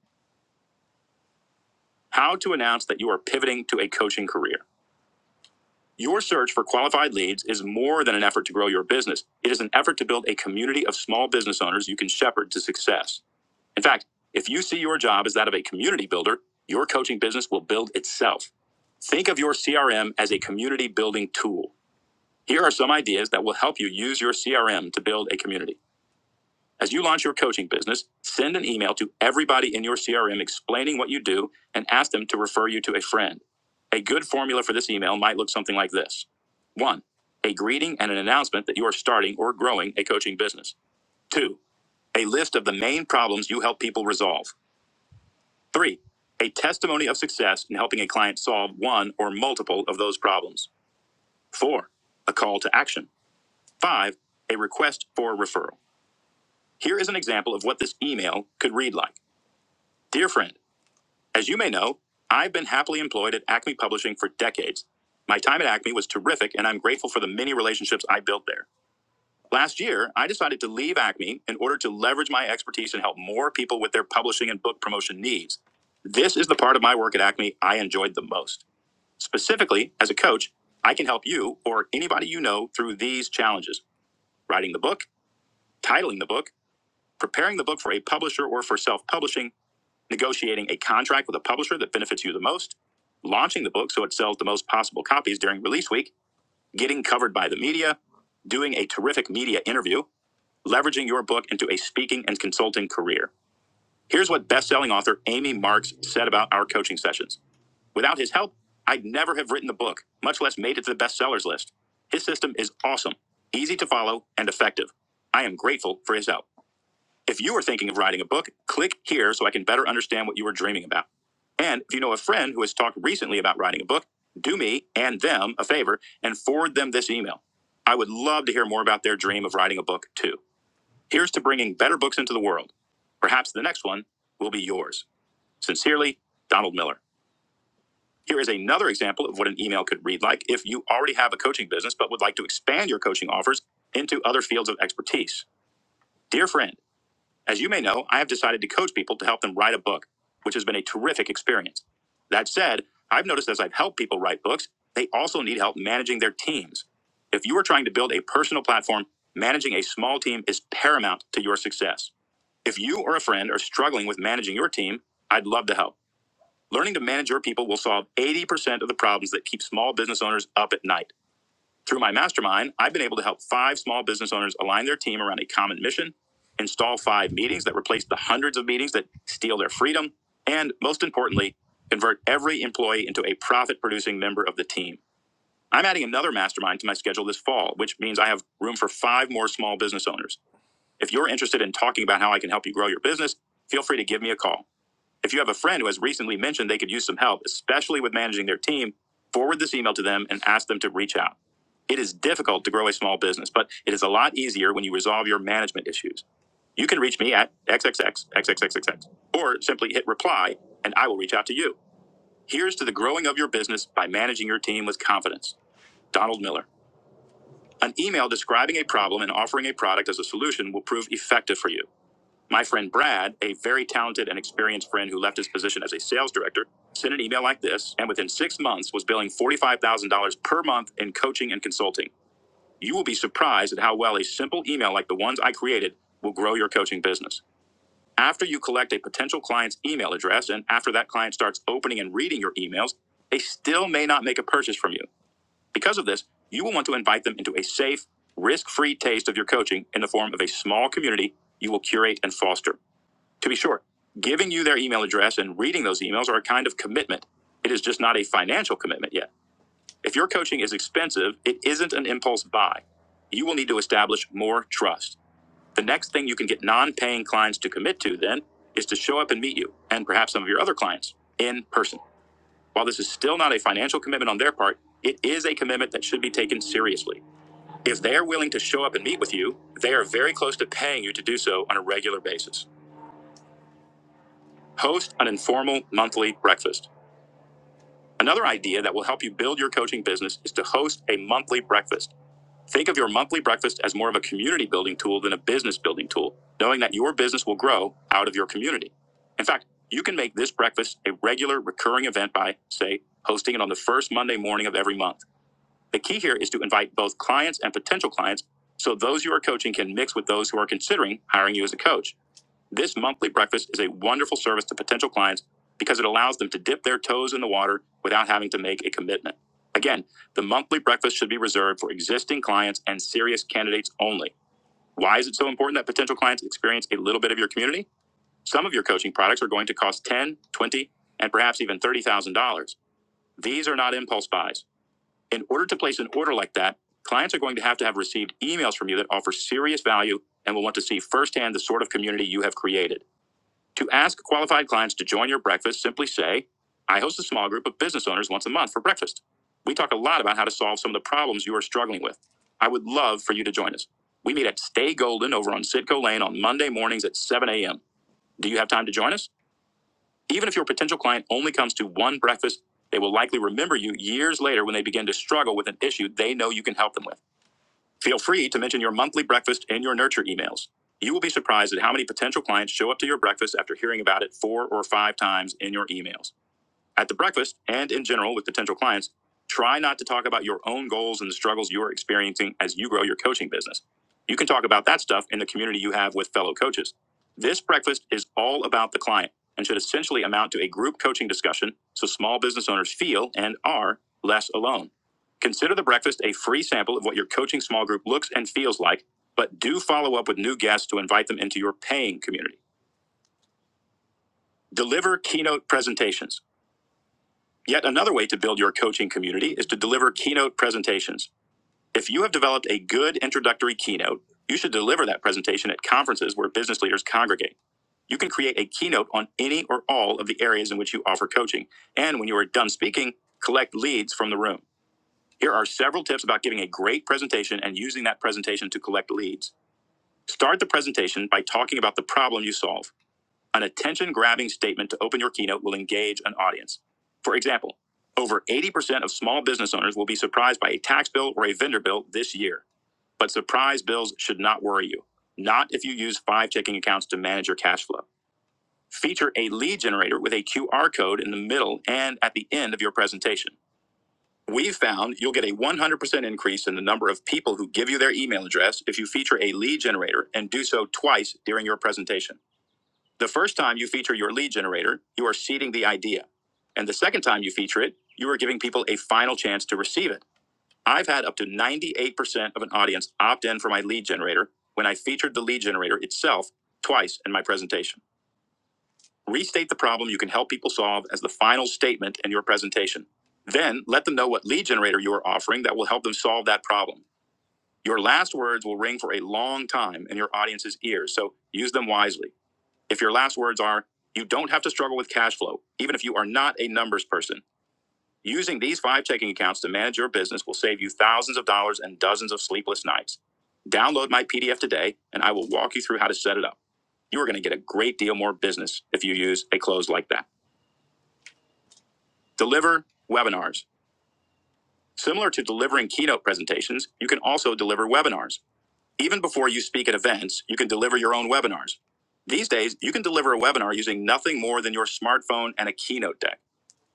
How to announce that you are pivoting to a coaching career. Your search for qualified leads is more than an effort to grow your business. It is an effort to build a community of small business owners you can shepherd to success. In fact, if you see your job as that of a community builder, your coaching business will build itself. Think of your CRM as a community building tool. Here are some ideas that will help you use your CRM to build a community. As you launch your coaching business, send an email to everybody in your CRM explaining what you do and ask them to refer you to a friend. A good formula for this email might look something like this one, a greeting and an announcement that you are starting or growing a coaching business. Two, a list of the main problems you help people resolve. Three, a testimony of success in helping a client solve one or multiple of those problems. Four, a call to action. Five, a request for a referral. Here is an example of what this email could read like Dear friend, As you may know, I've been happily employed at Acme Publishing for decades. My time at Acme was terrific, and I'm grateful for the many relationships I built there. Last year, I decided to leave Acme in order to leverage my expertise and help more people with their publishing and book promotion needs. This is the part of my work at Acme I enjoyed the most. Specifically, as a coach, I can help you or anybody you know through these challenges writing the book, titling the book, preparing the book for a publisher or for self publishing negotiating a contract with a publisher that benefits you the most, launching the book so it sells the most possible copies during release week, getting covered by the media, doing a terrific media interview, leveraging your book into a speaking and consulting career. Here's what best-selling author Amy Marks said about our coaching sessions. Without his help, I'd never have written the book, much less made it to the bestsellers list. His system is awesome, easy to follow, and effective. I am grateful for his help. If you are thinking of writing a book, click here so I can better understand what you are dreaming about. And if you know a friend who has talked recently about writing a book, do me and them a favor and forward them this email. I would love to hear more about their dream of writing a book, too. Here's to bringing better books into the world. Perhaps the next one will be yours. Sincerely, Donald Miller. Here is another example of what an email could read like if you already have a coaching business but would like to expand your coaching offers into other fields of expertise. Dear friend, as you may know, I have decided to coach people to help them write a book, which has been a terrific experience. That said, I've noticed as I've helped people write books, they also need help managing their teams. If you are trying to build a personal platform, managing a small team is paramount to your success. If you or a friend are struggling with managing your team, I'd love to help. Learning to manage your people will solve 80% of the problems that keep small business owners up at night. Through my mastermind, I've been able to help five small business owners align their team around a common mission, install five meetings that replace the hundreds of meetings that steal their freedom, and most importantly, convert every employee into a profit producing member of the team. I'm adding another mastermind to my schedule this fall, which means I have room for five more small business owners. If you're interested in talking about how I can help you grow your business, feel free to give me a call. If you have a friend who has recently mentioned they could use some help, especially with managing their team, forward this email to them and ask them to reach out. It is difficult to grow a small business, but it is a lot easier when you resolve your management issues. You can reach me at xxxxxxxx or simply hit reply and I will reach out to you. Here's to the growing of your business by managing your team with confidence. Donald Miller. An email describing a problem and offering a product as a solution will prove effective for you. My friend Brad, a very talented and experienced friend who left his position as a sales director, sent an email like this and within six months was billing $45,000 per month in coaching and consulting. You will be surprised at how well a simple email like the ones I created will grow your coaching business. After you collect a potential client's email address and after that client starts opening and reading your emails, they still may not make a purchase from you. Because of this, you will want to invite them into a safe, risk free taste of your coaching in the form of a small community you will curate and foster. To be sure, giving you their email address and reading those emails are a kind of commitment. It is just not a financial commitment yet. If your coaching is expensive, it isn't an impulse buy. You will need to establish more trust. The next thing you can get non paying clients to commit to then is to show up and meet you and perhaps some of your other clients in person. While this is still not a financial commitment on their part, it is a commitment that should be taken seriously. If they are willing to show up and meet with you, they are very close to paying you to do so on a regular basis. Host an informal monthly breakfast. Another idea that will help you build your coaching business is to host a monthly breakfast. Think of your monthly breakfast as more of a community building tool than a business building tool, knowing that your business will grow out of your community. In fact, you can make this breakfast a regular recurring event by, say, hosting it on the first Monday morning of every month. The key here is to invite both clients and potential clients so those you are coaching can mix with those who are considering hiring you as a coach. This monthly breakfast is a wonderful service to potential clients because it allows them to dip their toes in the water without having to make a commitment. Again, the monthly breakfast should be reserved for existing clients and serious candidates only. Why is it so important that potential clients experience a little bit of your community? Some of your coaching products are going to cost 10, thousand dollars, 20, thousand dollars, and perhaps even $30,000. These are not impulse buys. In order to place an order like that, clients are going to have to have received emails from you that offer serious value and will want to see firsthand the sort of community you have created. To ask qualified clients to join your breakfast, simply say, I host a small group of business owners once a month for breakfast. We talk a lot about how to solve some of the problems you are struggling with. I would love for you to join us. We meet at Stay Golden over on Sitco Lane on Monday mornings at 7 a.m. Do you have time to join us? Even if your potential client only comes to one breakfast, they will likely remember you years later when they begin to struggle with an issue they know you can help them with. Feel free to mention your monthly breakfast in your nurture emails. You will be surprised at how many potential clients show up to your breakfast after hearing about it four or five times in your emails. At the breakfast and in general with potential clients, try not to talk about your own goals and the struggles you are experiencing as you grow your coaching business. You can talk about that stuff in the community you have with fellow coaches. This breakfast is all about the client and should essentially amount to a group coaching discussion so small business owners feel and are less alone. Consider the breakfast a free sample of what your coaching small group looks and feels like, but do follow up with new guests to invite them into your paying community. Deliver keynote presentations. Yet another way to build your coaching community is to deliver keynote presentations. If you have developed a good introductory keynote, you should deliver that presentation at conferences where business leaders congregate. You can create a keynote on any or all of the areas in which you offer coaching. And when you are done speaking, collect leads from the room. Here are several tips about giving a great presentation and using that presentation to collect leads. Start the presentation by talking about the problem you solve. An attention grabbing statement to open your keynote will engage an audience. For example, over 80% of small business owners will be surprised by a tax bill or a vendor bill this year. But surprise bills should not worry you, not if you use five checking accounts to manage your cash flow. Feature a lead generator with a QR code in the middle and at the end of your presentation. We have found you'll get a 100% increase in the number of people who give you their email address if you feature a lead generator and do so twice during your presentation. The first time you feature your lead generator, you are seeding the idea. And the second time you feature it, you are giving people a final chance to receive it. I've had up to 98% of an audience opt in for my lead generator when I featured the lead generator itself twice in my presentation. Restate the problem you can help people solve as the final statement in your presentation. Then let them know what lead generator you are offering that will help them solve that problem. Your last words will ring for a long time in your audience's ears, so use them wisely. If your last words are, you don't have to struggle with cash flow, even if you are not a numbers person. Using these five checking accounts to manage your business will save you thousands of dollars and dozens of sleepless nights. Download my PDF today, and I will walk you through how to set it up. You are going to get a great deal more business if you use a close like that. Deliver webinars. Similar to delivering keynote presentations, you can also deliver webinars. Even before you speak at events, you can deliver your own webinars. These days, you can deliver a webinar using nothing more than your smartphone and a keynote deck.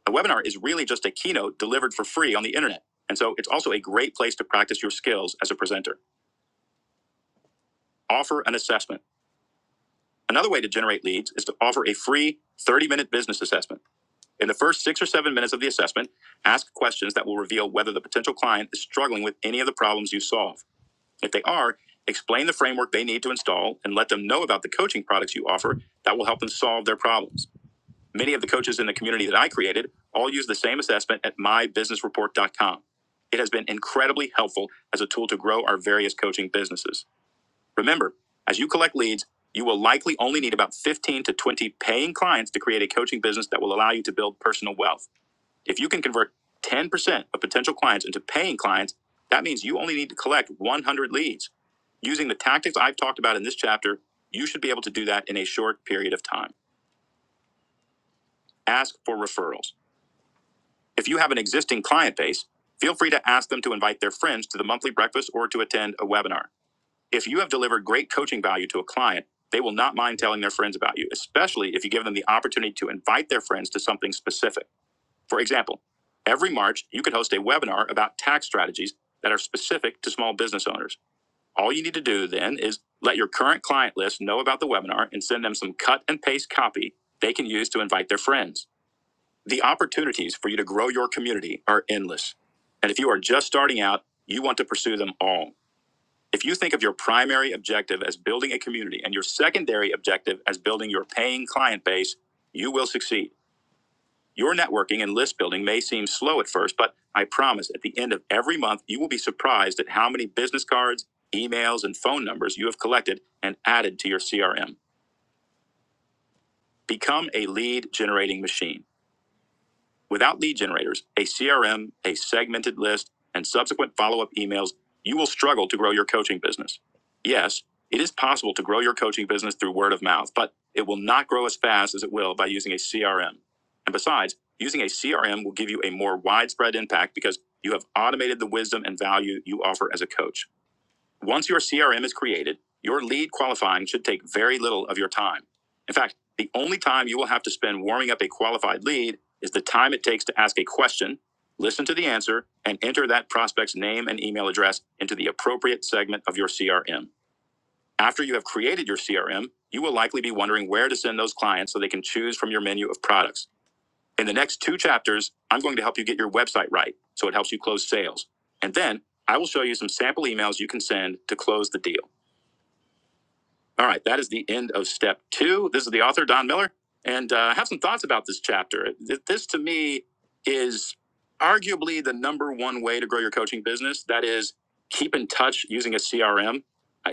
A webinar is really just a keynote delivered for free on the internet. And so it's also a great place to practice your skills as a presenter. Offer an assessment. Another way to generate leads is to offer a free 30 minute business assessment. In the first six or seven minutes of the assessment, ask questions that will reveal whether the potential client is struggling with any of the problems you solve. If they are, explain the framework they need to install and let them know about the coaching products you offer that will help them solve their problems. Many of the coaches in the community that I created all use the same assessment at mybusinessreport.com. It has been incredibly helpful as a tool to grow our various coaching businesses. Remember, as you collect leads, you will likely only need about 15 to 20 paying clients to create a coaching business that will allow you to build personal wealth. If you can convert 10% of potential clients into paying clients, that means you only need to collect 100 leads. Using the tactics I've talked about in this chapter, you should be able to do that in a short period of time. Ask for referrals. If you have an existing client base, feel free to ask them to invite their friends to the monthly breakfast or to attend a webinar. If you have delivered great coaching value to a client, they will not mind telling their friends about you, especially if you give them the opportunity to invite their friends to something specific. For example, every March, you could host a webinar about tax strategies that are specific to small business owners. All you need to do then is let your current client list know about the webinar and send them some cut and paste copy they can use to invite their friends. The opportunities for you to grow your community are endless. And if you are just starting out, you want to pursue them all. If you think of your primary objective as building a community and your secondary objective as building your paying client base, you will succeed. Your networking and list building may seem slow at first, but I promise at the end of every month, you will be surprised at how many business cards, emails, and phone numbers you have collected and added to your CRM. Become a lead generating machine. Without lead generators, a CRM, a segmented list, and subsequent follow up emails, you will struggle to grow your coaching business. Yes, it is possible to grow your coaching business through word of mouth, but it will not grow as fast as it will by using a CRM. And besides, using a CRM will give you a more widespread impact because you have automated the wisdom and value you offer as a coach. Once your CRM is created, your lead qualifying should take very little of your time. In fact, the only time you will have to spend warming up a qualified lead is the time it takes to ask a question, listen to the answer, and enter that prospect's name and email address into the appropriate segment of your CRM. After you have created your CRM, you will likely be wondering where to send those clients so they can choose from your menu of products. In the next two chapters, I'm going to help you get your website right so it helps you close sales. And then I will show you some sample emails you can send to close the deal. All right, that is the end of step two. This is the author, Don Miller, and uh, I have some thoughts about this chapter. This to me is arguably the number one way to grow your coaching business. That is, keep in touch using a CRM.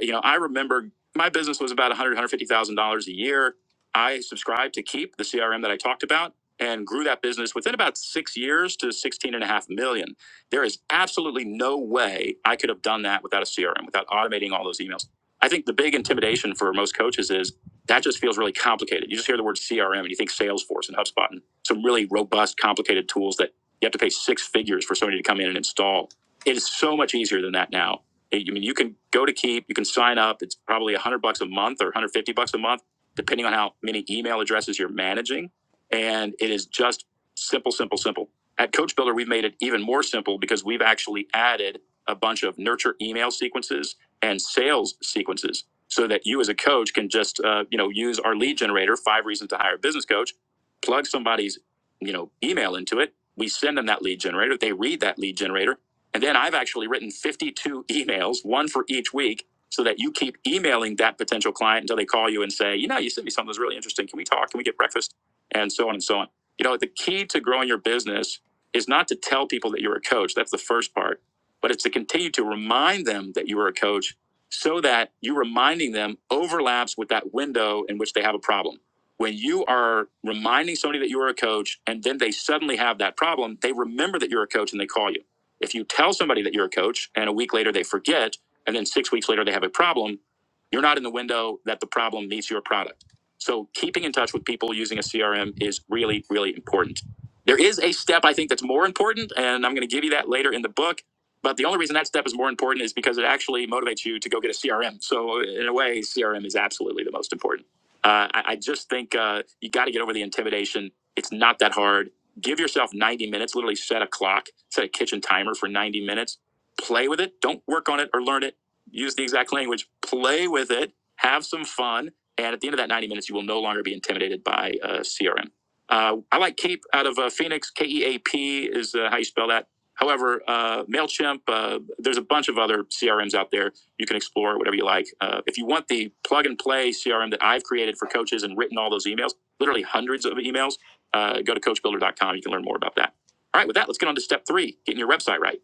You know, I remember my business was about $100,000, $150,000 a year. I subscribed to Keep, the CRM that I talked about, and grew that business within about six years to 16 and a half million. There is absolutely no way I could have done that without a CRM, without automating all those emails. I think the big intimidation for most coaches is that just feels really complicated. You just hear the word CRM and you think Salesforce and HubSpot and some really robust, complicated tools that you have to pay six figures for somebody to come in and install. It is so much easier than that now. I mean, you can go to Keep, you can sign up. It's probably 100 bucks a month or 150 bucks a month, depending on how many email addresses you're managing. And it is just simple, simple, simple. At Coach Builder, we've made it even more simple because we've actually added a bunch of nurture email sequences and sales sequences so that you as a coach can just uh, you know use our lead generator five reasons to hire a business coach plug somebody's you know email into it we send them that lead generator they read that lead generator and then i've actually written 52 emails one for each week so that you keep emailing that potential client until they call you and say you know you sent me something that's really interesting can we talk can we get breakfast and so on and so on you know the key to growing your business is not to tell people that you're a coach that's the first part but it's to continue to remind them that you are a coach so that you reminding them overlaps with that window in which they have a problem. When you are reminding somebody that you are a coach and then they suddenly have that problem, they remember that you're a coach and they call you. If you tell somebody that you're a coach and a week later they forget, and then six weeks later they have a problem, you're not in the window that the problem needs your product. So keeping in touch with people using a CRM is really, really important. There is a step I think that's more important, and I'm going to give you that later in the book but the only reason that step is more important is because it actually motivates you to go get a CRM. So in a way, CRM is absolutely the most important. Uh, I, I just think uh, you got to get over the intimidation. It's not that hard. Give yourself 90 minutes. Literally set a clock, set a kitchen timer for 90 minutes. Play with it. Don't work on it or learn it. Use the exact language. Play with it. Have some fun. And at the end of that 90 minutes, you will no longer be intimidated by uh, CRM. Uh, I like Cape out of uh, Phoenix. K E A P is uh, how you spell that However, uh, MailChimp, uh, there's a bunch of other CRMs out there. You can explore whatever you like. Uh, if you want the plug and play CRM that I've created for coaches and written all those emails, literally hundreds of emails, uh, go to coachbuilder.com. You can learn more about that. All right, with that, let's get on to step three getting your website right.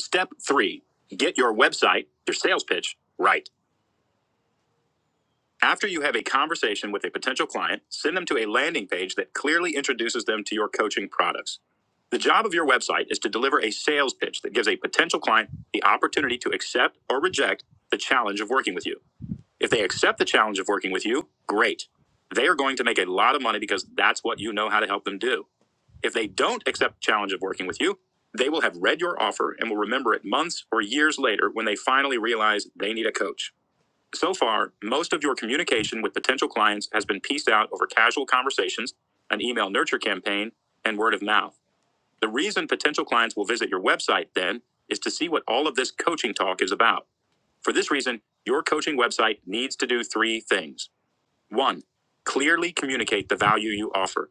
Step three get your website, your sales pitch right. After you have a conversation with a potential client, send them to a landing page that clearly introduces them to your coaching products. The job of your website is to deliver a sales pitch that gives a potential client the opportunity to accept or reject the challenge of working with you. If they accept the challenge of working with you, great. They are going to make a lot of money because that's what you know how to help them do. If they don't accept the challenge of working with you, they will have read your offer and will remember it months or years later when they finally realize they need a coach. So far, most of your communication with potential clients has been pieced out over casual conversations, an email nurture campaign, and word of mouth. The reason potential clients will visit your website then is to see what all of this coaching talk is about. For this reason, your coaching website needs to do three things. One, clearly communicate the value you offer.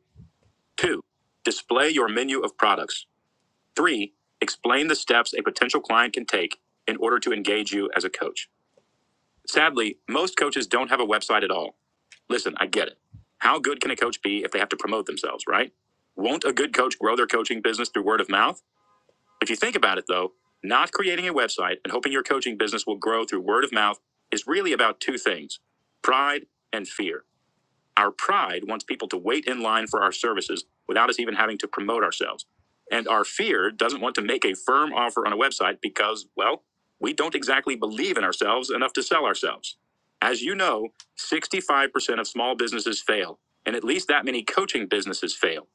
Two, display your menu of products. Three, explain the steps a potential client can take in order to engage you as a coach. Sadly, most coaches don't have a website at all. Listen, I get it. How good can a coach be if they have to promote themselves, right? Won't a good coach grow their coaching business through word of mouth? If you think about it, though, not creating a website and hoping your coaching business will grow through word of mouth is really about two things pride and fear. Our pride wants people to wait in line for our services without us even having to promote ourselves. And our fear doesn't want to make a firm offer on a website because, well, we don't exactly believe in ourselves enough to sell ourselves. As you know, 65% of small businesses fail, and at least that many coaching businesses fail.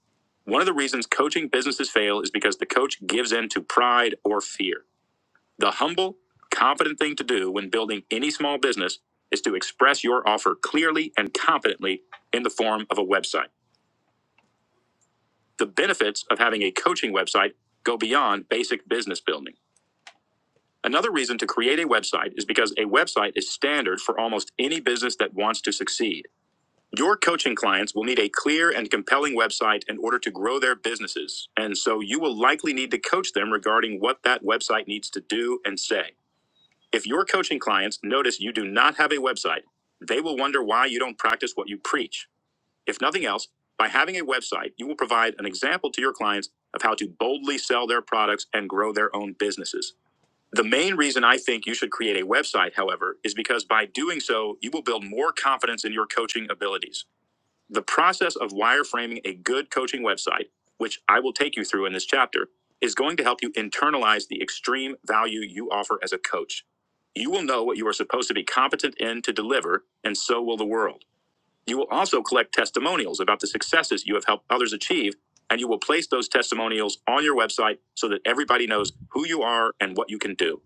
One of the reasons coaching businesses fail is because the coach gives in to pride or fear. The humble, competent thing to do when building any small business is to express your offer clearly and competently in the form of a website. The benefits of having a coaching website go beyond basic business building. Another reason to create a website is because a website is standard for almost any business that wants to succeed. Your coaching clients will need a clear and compelling website in order to grow their businesses, and so you will likely need to coach them regarding what that website needs to do and say. If your coaching clients notice you do not have a website, they will wonder why you don't practice what you preach. If nothing else, by having a website, you will provide an example to your clients of how to boldly sell their products and grow their own businesses. The main reason I think you should create a website, however, is because by doing so, you will build more confidence in your coaching abilities. The process of wireframing a good coaching website, which I will take you through in this chapter, is going to help you internalize the extreme value you offer as a coach. You will know what you are supposed to be competent in to deliver, and so will the world. You will also collect testimonials about the successes you have helped others achieve, and you will place those testimonials on your website so that everybody knows who you are and what you can do.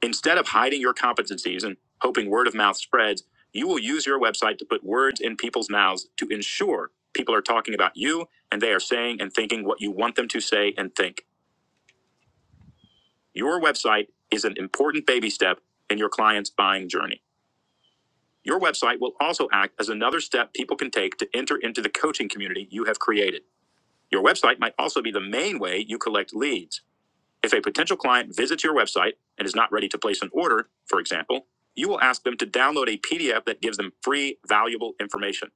Instead of hiding your competencies and hoping word of mouth spreads, you will use your website to put words in people's mouths to ensure people are talking about you and they are saying and thinking what you want them to say and think. Your website is an important baby step in your client's buying journey. Your website will also act as another step people can take to enter into the coaching community you have created. Your website might also be the main way you collect leads. If a potential client visits your website and is not ready to place an order, for example, you will ask them to download a PDF that gives them free, valuable information.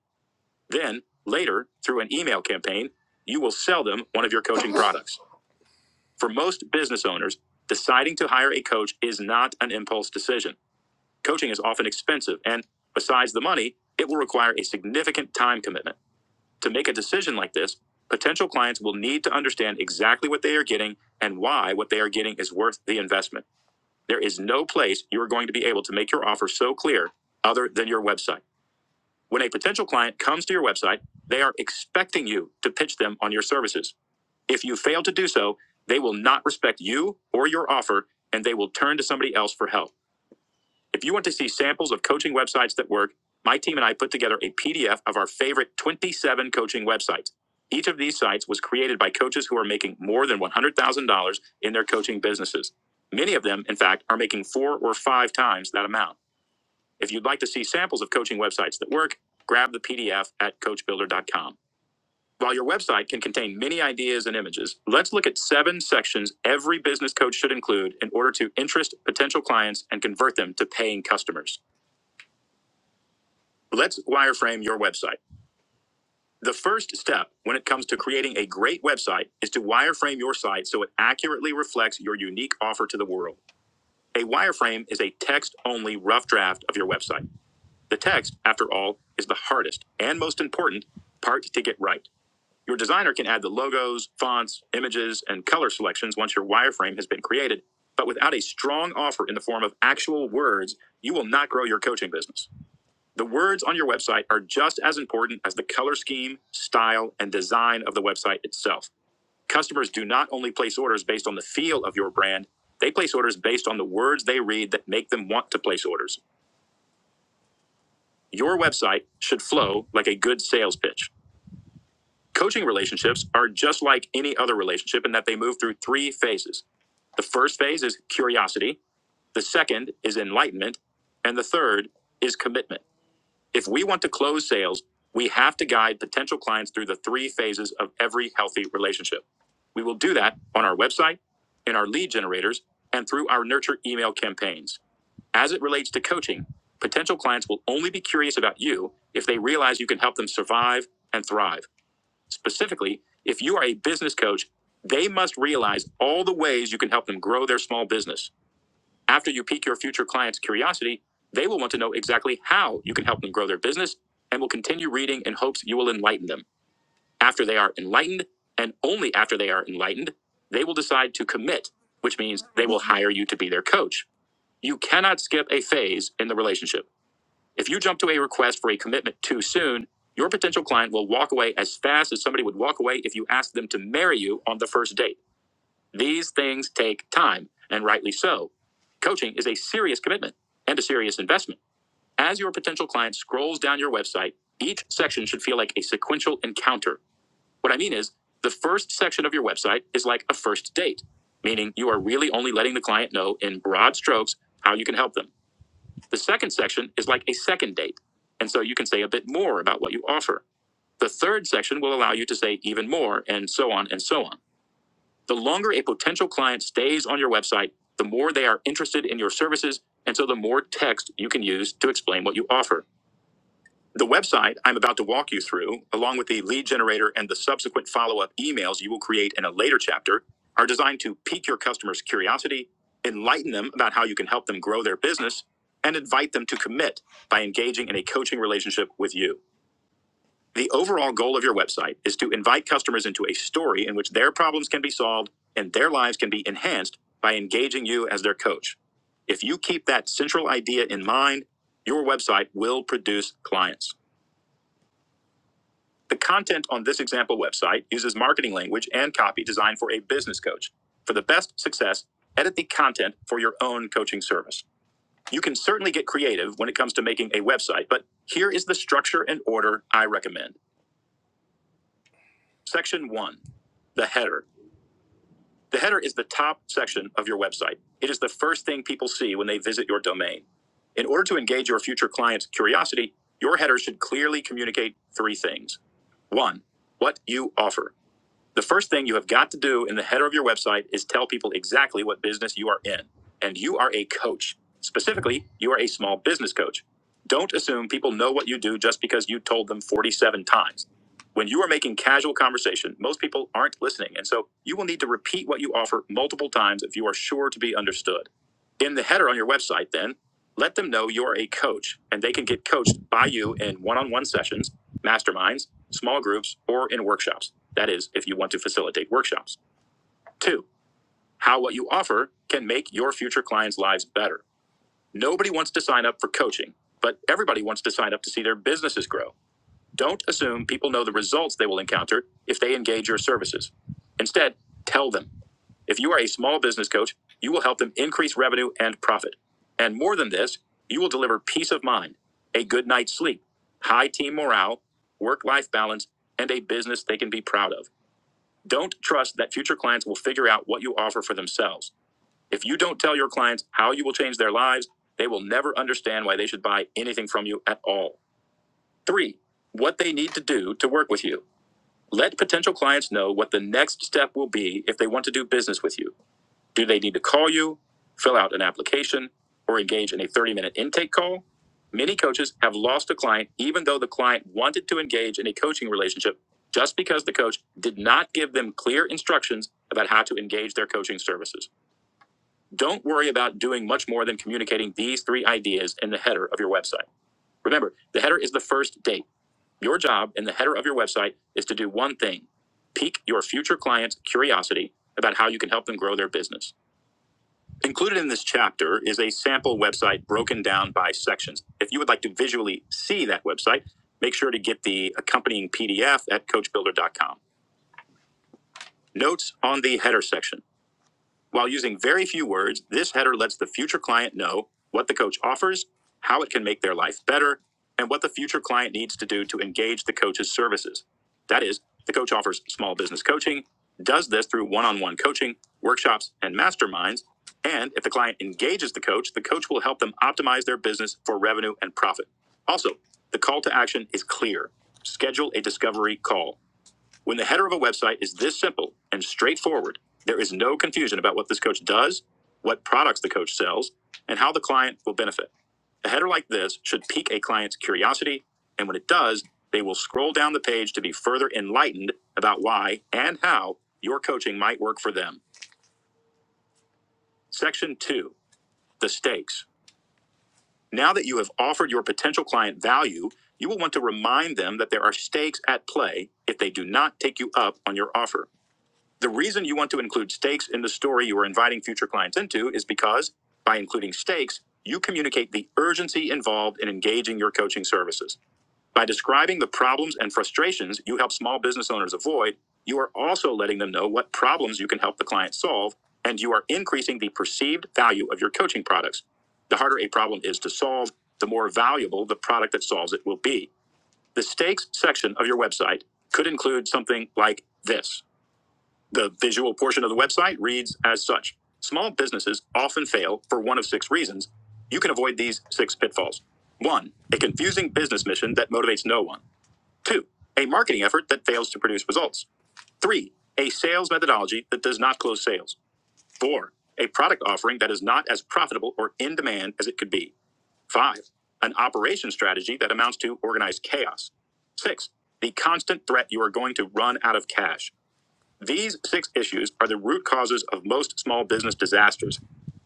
Then, later, through an email campaign, you will sell them one of your coaching products. For most business owners, deciding to hire a coach is not an impulse decision. Coaching is often expensive, and besides the money, it will require a significant time commitment. To make a decision like this, potential clients will need to understand exactly what they are getting and why what they are getting is worth the investment. There is no place you're going to be able to make your offer so clear other than your website. When a potential client comes to your website, they are expecting you to pitch them on your services. If you fail to do so, they will not respect you or your offer and they will turn to somebody else for help. If you want to see samples of coaching websites that work, my team and I put together a PDF of our favorite 27 coaching websites. Each of these sites was created by coaches who are making more than $100,000 in their coaching businesses. Many of them, in fact, are making four or five times that amount. If you'd like to see samples of coaching websites that work, grab the PDF at coachbuilder.com. While your website can contain many ideas and images, let's look at seven sections every business coach should include in order to interest potential clients and convert them to paying customers. Let's wireframe your website. The first step when it comes to creating a great website is to wireframe your site so it accurately reflects your unique offer to the world. A wireframe is a text only rough draft of your website. The text, after all, is the hardest and most important part to get right. Your designer can add the logos, fonts, images, and color selections once your wireframe has been created, but without a strong offer in the form of actual words, you will not grow your coaching business. The words on your website are just as important as the color scheme, style, and design of the website itself. Customers do not only place orders based on the feel of your brand, they place orders based on the words they read that make them want to place orders. Your website should flow like a good sales pitch. Coaching relationships are just like any other relationship in that they move through three phases. The first phase is curiosity, the second is enlightenment, and the third is commitment. If we want to close sales, we have to guide potential clients through the three phases of every healthy relationship. We will do that on our website, in our lead generators, and through our nurture email campaigns. As it relates to coaching, potential clients will only be curious about you if they realize you can help them survive and thrive. Specifically, if you are a business coach, they must realize all the ways you can help them grow their small business. After you pique your future clients' curiosity, they will want to know exactly how you can help them grow their business and will continue reading in hopes you will enlighten them. After they are enlightened, and only after they are enlightened, they will decide to commit, which means they will hire you to be their coach. You cannot skip a phase in the relationship. If you jump to a request for a commitment too soon, your potential client will walk away as fast as somebody would walk away if you asked them to marry you on the first date. These things take time, and rightly so. Coaching is a serious commitment and a serious investment. As your potential client scrolls down your website, each section should feel like a sequential encounter. What I mean is, the first section of your website is like a first date, meaning you are really only letting the client know in broad strokes how you can help them. The second section is like a second date, and so you can say a bit more about what you offer. The third section will allow you to say even more, and so on and so on. The longer a potential client stays on your website, the more they are interested in your services, and so the more text you can use to explain what you offer. The website I'm about to walk you through, along with the lead generator and the subsequent follow up emails you will create in a later chapter, are designed to pique your customers' curiosity, enlighten them about how you can help them grow their business, and invite them to commit by engaging in a coaching relationship with you. The overall goal of your website is to invite customers into a story in which their problems can be solved and their lives can be enhanced by engaging you as their coach. If you keep that central idea in mind, your website will produce clients. The content on this example website uses marketing language and copy designed for a business coach. For the best success, edit the content for your own coaching service. You can certainly get creative when it comes to making a website, but here is the structure and order I recommend. Section 1 the header. The header is the top section of your website. It is the first thing people see when they visit your domain. In order to engage your future client's curiosity, your header should clearly communicate three things. One, what you offer. The first thing you have got to do in the header of your website is tell people exactly what business you are in. And you are a coach. Specifically, you are a small business coach. Don't assume people know what you do just because you told them 47 times. When you are making casual conversation, most people aren't listening. And so you will need to repeat what you offer multiple times if you are sure to be understood. In the header on your website, then, let them know you're a coach and they can get coached by you in one on one sessions masterminds, small groups, or in workshops. That is, if you want to facilitate workshops. Two, how what you offer can make your future clients' lives better. Nobody wants to sign up for coaching, but everybody wants to sign up to see their businesses grow. Don't assume people know the results they will encounter if they engage your services. Instead, tell them. If you are a small business coach, you will help them increase revenue and profit. And more than this, you will deliver peace of mind, a good night's sleep, high team morale, work life balance, and a business they can be proud of. Don't trust that future clients will figure out what you offer for themselves. If you don't tell your clients how you will change their lives, they will never understand why they should buy anything from you at all. Three, what they need to do to work with you. Let potential clients know what the next step will be if they want to do business with you. Do they need to call you, fill out an application, or engage in a 30 minute intake call? Many coaches have lost a client even though the client wanted to engage in a coaching relationship just because the coach did not give them clear instructions about how to engage their coaching services. Don't worry about doing much more than communicating these three ideas in the header of your website. Remember, the header is the first date. Your job in the header of your website is to do one thing pique your future clients' curiosity about how you can help them grow their business. Included in this chapter is a sample website broken down by sections. If you would like to visually see that website, make sure to get the accompanying PDF at coachbuilder.com. Notes on the header section. While using very few words, this header lets the future client know what the coach offers, how it can make their life better, and what the future client needs to do to engage the coach's services. That is, the coach offers small business coaching, does this through one on one coaching, workshops, and masterminds. And if the client engages the coach, the coach will help them optimize their business for revenue and profit. Also, the call to action is clear schedule a discovery call. When the header of a website is this simple and straightforward, there is no confusion about what this coach does, what products the coach sells, and how the client will benefit. A header like this should pique a client's curiosity, and when it does, they will scroll down the page to be further enlightened about why and how your coaching might work for them. Section 2 The Stakes. Now that you have offered your potential client value, you will want to remind them that there are stakes at play if they do not take you up on your offer. The reason you want to include stakes in the story you are inviting future clients into is because by including stakes, you communicate the urgency involved in engaging your coaching services. By describing the problems and frustrations you help small business owners avoid, you are also letting them know what problems you can help the client solve, and you are increasing the perceived value of your coaching products. The harder a problem is to solve, the more valuable the product that solves it will be. The stakes section of your website could include something like this. The visual portion of the website reads as such Small businesses often fail for one of six reasons. You can avoid these six pitfalls. One, a confusing business mission that motivates no one. Two, a marketing effort that fails to produce results. Three, a sales methodology that does not close sales. Four, a product offering that is not as profitable or in demand as it could be. Five, an operation strategy that amounts to organized chaos. Six, the constant threat you are going to run out of cash. These six issues are the root causes of most small business disasters.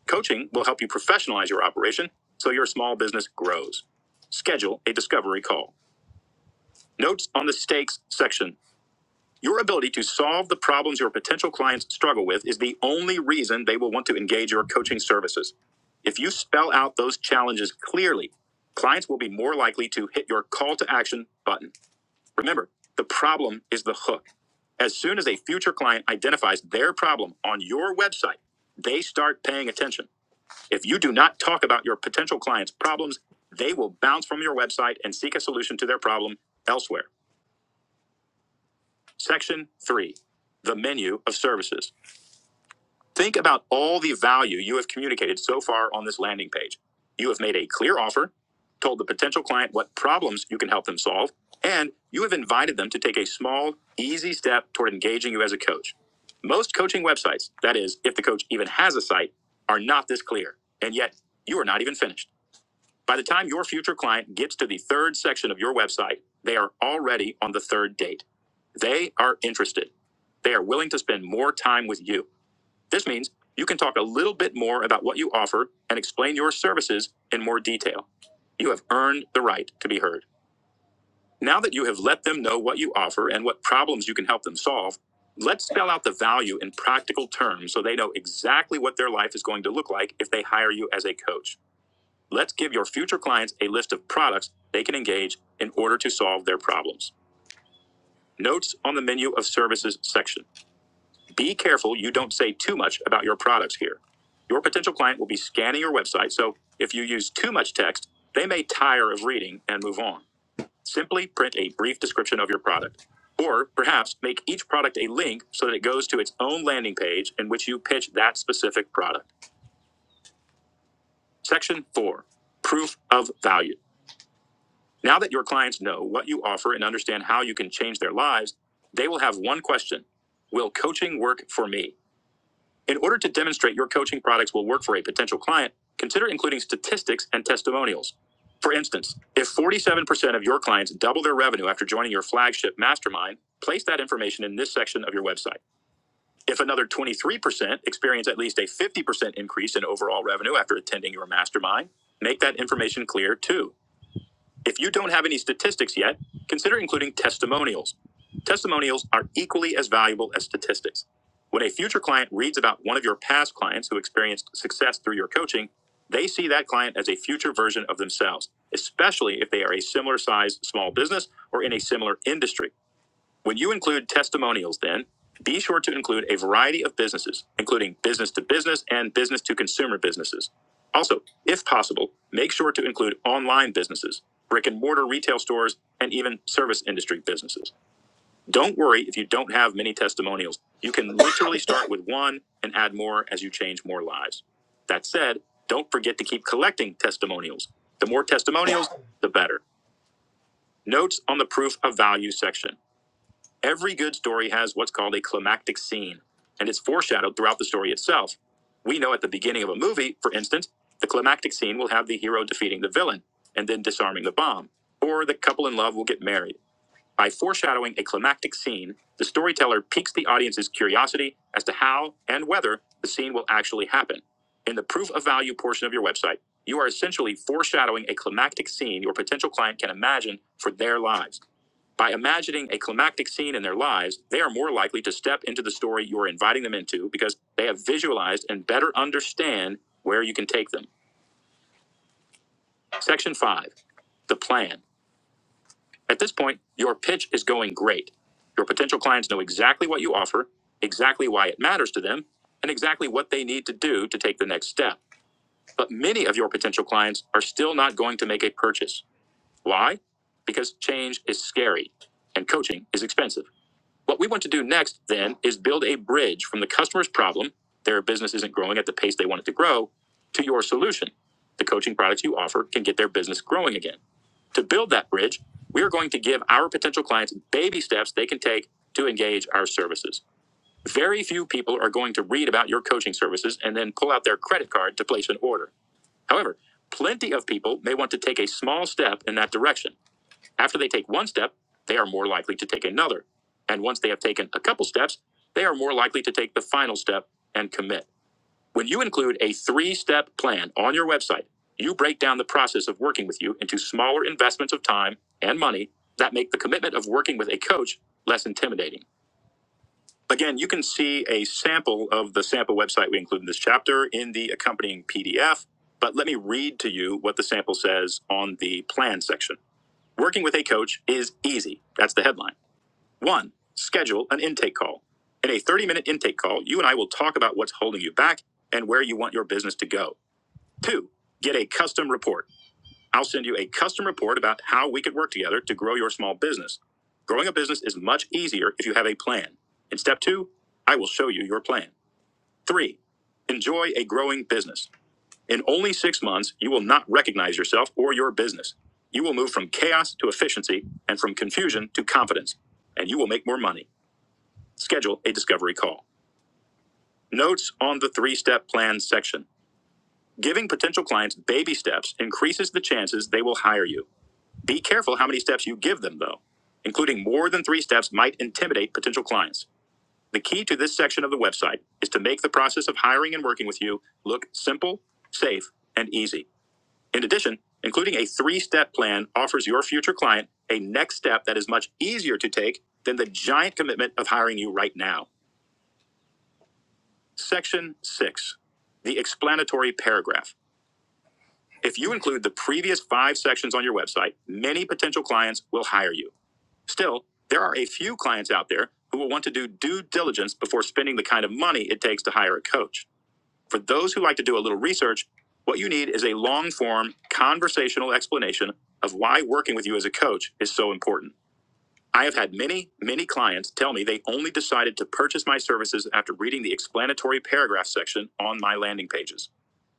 Coaching will help you professionalize your operation so your small business grows. Schedule a discovery call. Notes on the stakes section. Your ability to solve the problems your potential clients struggle with is the only reason they will want to engage your coaching services. If you spell out those challenges clearly, clients will be more likely to hit your call to action button. Remember, the problem is the hook. As soon as a future client identifies their problem on your website, they start paying attention. If you do not talk about your potential client's problems, they will bounce from your website and seek a solution to their problem elsewhere. Section three, the menu of services. Think about all the value you have communicated so far on this landing page. You have made a clear offer, told the potential client what problems you can help them solve, and you have invited them to take a small, easy step toward engaging you as a coach. Most coaching websites, that is, if the coach even has a site, are not this clear. And yet, you are not even finished. By the time your future client gets to the third section of your website, they are already on the third date. They are interested. They are willing to spend more time with you. This means you can talk a little bit more about what you offer and explain your services in more detail. You have earned the right to be heard. Now that you have let them know what you offer and what problems you can help them solve, let's spell out the value in practical terms so they know exactly what their life is going to look like if they hire you as a coach. Let's give your future clients a list of products they can engage in order to solve their problems. Notes on the menu of services section. Be careful you don't say too much about your products here. Your potential client will be scanning your website, so if you use too much text, they may tire of reading and move on. Simply print a brief description of your product. Or perhaps make each product a link so that it goes to its own landing page in which you pitch that specific product. Section 4 Proof of Value. Now that your clients know what you offer and understand how you can change their lives, they will have one question Will coaching work for me? In order to demonstrate your coaching products will work for a potential client, consider including statistics and testimonials. For instance, if 47% of your clients double their revenue after joining your flagship mastermind, place that information in this section of your website. If another 23% experience at least a 50% increase in overall revenue after attending your mastermind, make that information clear too. If you don't have any statistics yet, consider including testimonials. Testimonials are equally as valuable as statistics. When a future client reads about one of your past clients who experienced success through your coaching, they see that client as a future version of themselves, especially if they are a similar size small business or in a similar industry. When you include testimonials, then be sure to include a variety of businesses, including business to business and business to consumer businesses. Also, if possible, make sure to include online businesses, brick and mortar retail stores, and even service industry businesses. Don't worry if you don't have many testimonials. You can literally start with one and add more as you change more lives. That said, don't forget to keep collecting testimonials. The more testimonials, the better. Notes on the proof of value section. Every good story has what's called a climactic scene, and it's foreshadowed throughout the story itself. We know at the beginning of a movie, for instance, the climactic scene will have the hero defeating the villain and then disarming the bomb, or the couple in love will get married. By foreshadowing a climactic scene, the storyteller piques the audience's curiosity as to how and whether the scene will actually happen. In the proof of value portion of your website, you are essentially foreshadowing a climactic scene your potential client can imagine for their lives. By imagining a climactic scene in their lives, they are more likely to step into the story you are inviting them into because they have visualized and better understand where you can take them. Section 5 The Plan. At this point, your pitch is going great. Your potential clients know exactly what you offer, exactly why it matters to them, and exactly what they need to do to take the next step. But many of your potential clients are still not going to make a purchase. Why? Because change is scary and coaching is expensive. What we want to do next, then, is build a bridge from the customer's problem, their business isn't growing at the pace they want it to grow, to your solution. The coaching products you offer can get their business growing again. To build that bridge, we are going to give our potential clients baby steps they can take to engage our services. Very few people are going to read about your coaching services and then pull out their credit card to place an order. However, plenty of people may want to take a small step in that direction. After they take one step, they are more likely to take another. And once they have taken a couple steps, they are more likely to take the final step and commit. When you include a three step plan on your website, you break down the process of working with you into smaller investments of time and money that make the commitment of working with a coach less intimidating. Again, you can see a sample of the sample website we include in this chapter in the accompanying PDF, but let me read to you what the sample says on the plan section. Working with a coach is easy. That's the headline. One, schedule an intake call. In a 30 minute intake call, you and I will talk about what's holding you back and where you want your business to go. Two, get a custom report. I'll send you a custom report about how we could work together to grow your small business. Growing a business is much easier if you have a plan. In step two, I will show you your plan. Three, enjoy a growing business. In only six months, you will not recognize yourself or your business. You will move from chaos to efficiency and from confusion to confidence, and you will make more money. Schedule a discovery call. Notes on the three step plan section. Giving potential clients baby steps increases the chances they will hire you. Be careful how many steps you give them, though. Including more than three steps might intimidate potential clients. The key to this section of the website is to make the process of hiring and working with you look simple, safe, and easy. In addition, including a three step plan offers your future client a next step that is much easier to take than the giant commitment of hiring you right now. Section six, the explanatory paragraph. If you include the previous five sections on your website, many potential clients will hire you. Still, there are a few clients out there who will want to do due diligence before spending the kind of money it takes to hire a coach. For those who like to do a little research, what you need is a long form conversational explanation of why working with you as a coach is so important. I have had many, many clients tell me they only decided to purchase my services after reading the explanatory paragraph section on my landing pages.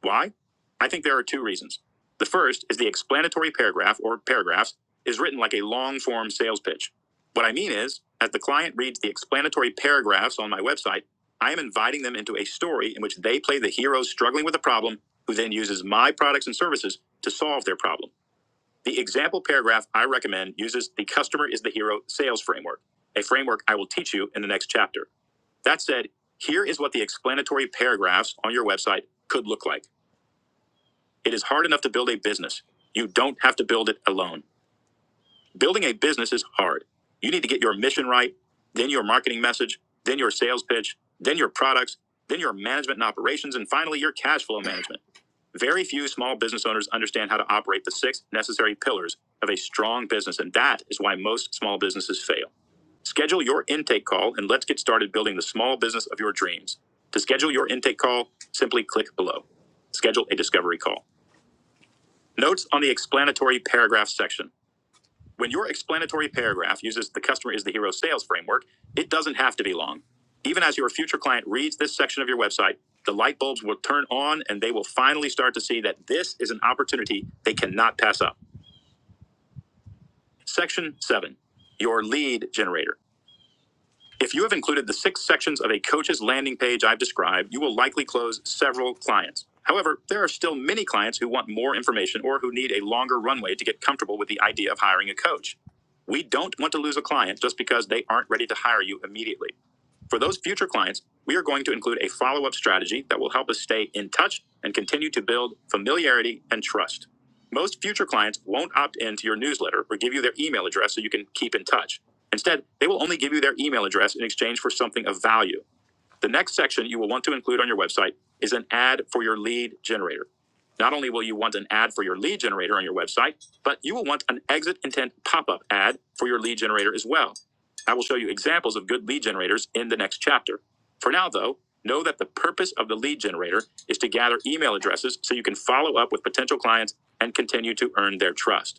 Why? I think there are two reasons. The first is the explanatory paragraph or paragraphs is written like a long form sales pitch. What I mean is, as the client reads the explanatory paragraphs on my website, I am inviting them into a story in which they play the hero struggling with a problem who then uses my products and services to solve their problem. The example paragraph I recommend uses the customer is the hero sales framework, a framework I will teach you in the next chapter. That said, here is what the explanatory paragraphs on your website could look like. It is hard enough to build a business. You don't have to build it alone. Building a business is hard. You need to get your mission right, then your marketing message, then your sales pitch, then your products, then your management and operations, and finally your cash flow management. Very few small business owners understand how to operate the six necessary pillars of a strong business, and that is why most small businesses fail. Schedule your intake call and let's get started building the small business of your dreams. To schedule your intake call, simply click below. Schedule a discovery call. Notes on the explanatory paragraph section. When your explanatory paragraph uses the customer is the hero sales framework, it doesn't have to be long. Even as your future client reads this section of your website, the light bulbs will turn on and they will finally start to see that this is an opportunity they cannot pass up. Section 7 Your lead generator. If you have included the six sections of a coach's landing page I've described, you will likely close several clients. However, there are still many clients who want more information or who need a longer runway to get comfortable with the idea of hiring a coach. We don't want to lose a client just because they aren't ready to hire you immediately. For those future clients, we are going to include a follow up strategy that will help us stay in touch and continue to build familiarity and trust. Most future clients won't opt in to your newsletter or give you their email address so you can keep in touch. Instead, they will only give you their email address in exchange for something of value. The next section you will want to include on your website is an ad for your lead generator. Not only will you want an ad for your lead generator on your website, but you will want an exit intent pop up ad for your lead generator as well. I will show you examples of good lead generators in the next chapter. For now, though, know that the purpose of the lead generator is to gather email addresses so you can follow up with potential clients and continue to earn their trust.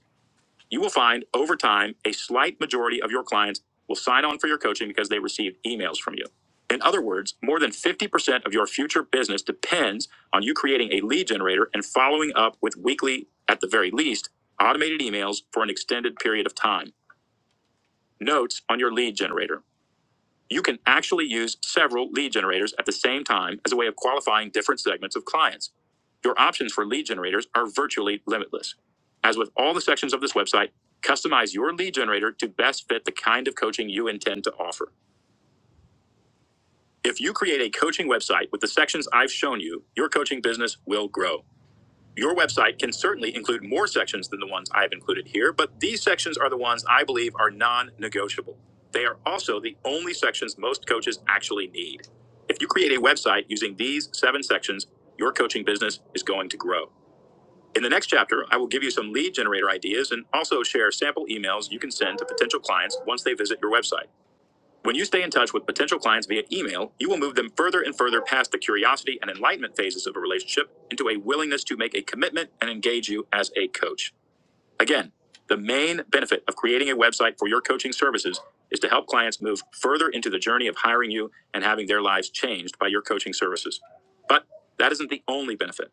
You will find over time a slight majority of your clients will sign on for your coaching because they received emails from you. In other words, more than 50% of your future business depends on you creating a lead generator and following up with weekly, at the very least, automated emails for an extended period of time. Notes on your lead generator. You can actually use several lead generators at the same time as a way of qualifying different segments of clients. Your options for lead generators are virtually limitless. As with all the sections of this website, customize your lead generator to best fit the kind of coaching you intend to offer. If you create a coaching website with the sections I've shown you, your coaching business will grow. Your website can certainly include more sections than the ones I've included here, but these sections are the ones I believe are non negotiable. They are also the only sections most coaches actually need. If you create a website using these seven sections, your coaching business is going to grow. In the next chapter, I will give you some lead generator ideas and also share sample emails you can send to potential clients once they visit your website. When you stay in touch with potential clients via email, you will move them further and further past the curiosity and enlightenment phases of a relationship into a willingness to make a commitment and engage you as a coach. Again, the main benefit of creating a website for your coaching services is to help clients move further into the journey of hiring you and having their lives changed by your coaching services. But that isn't the only benefit.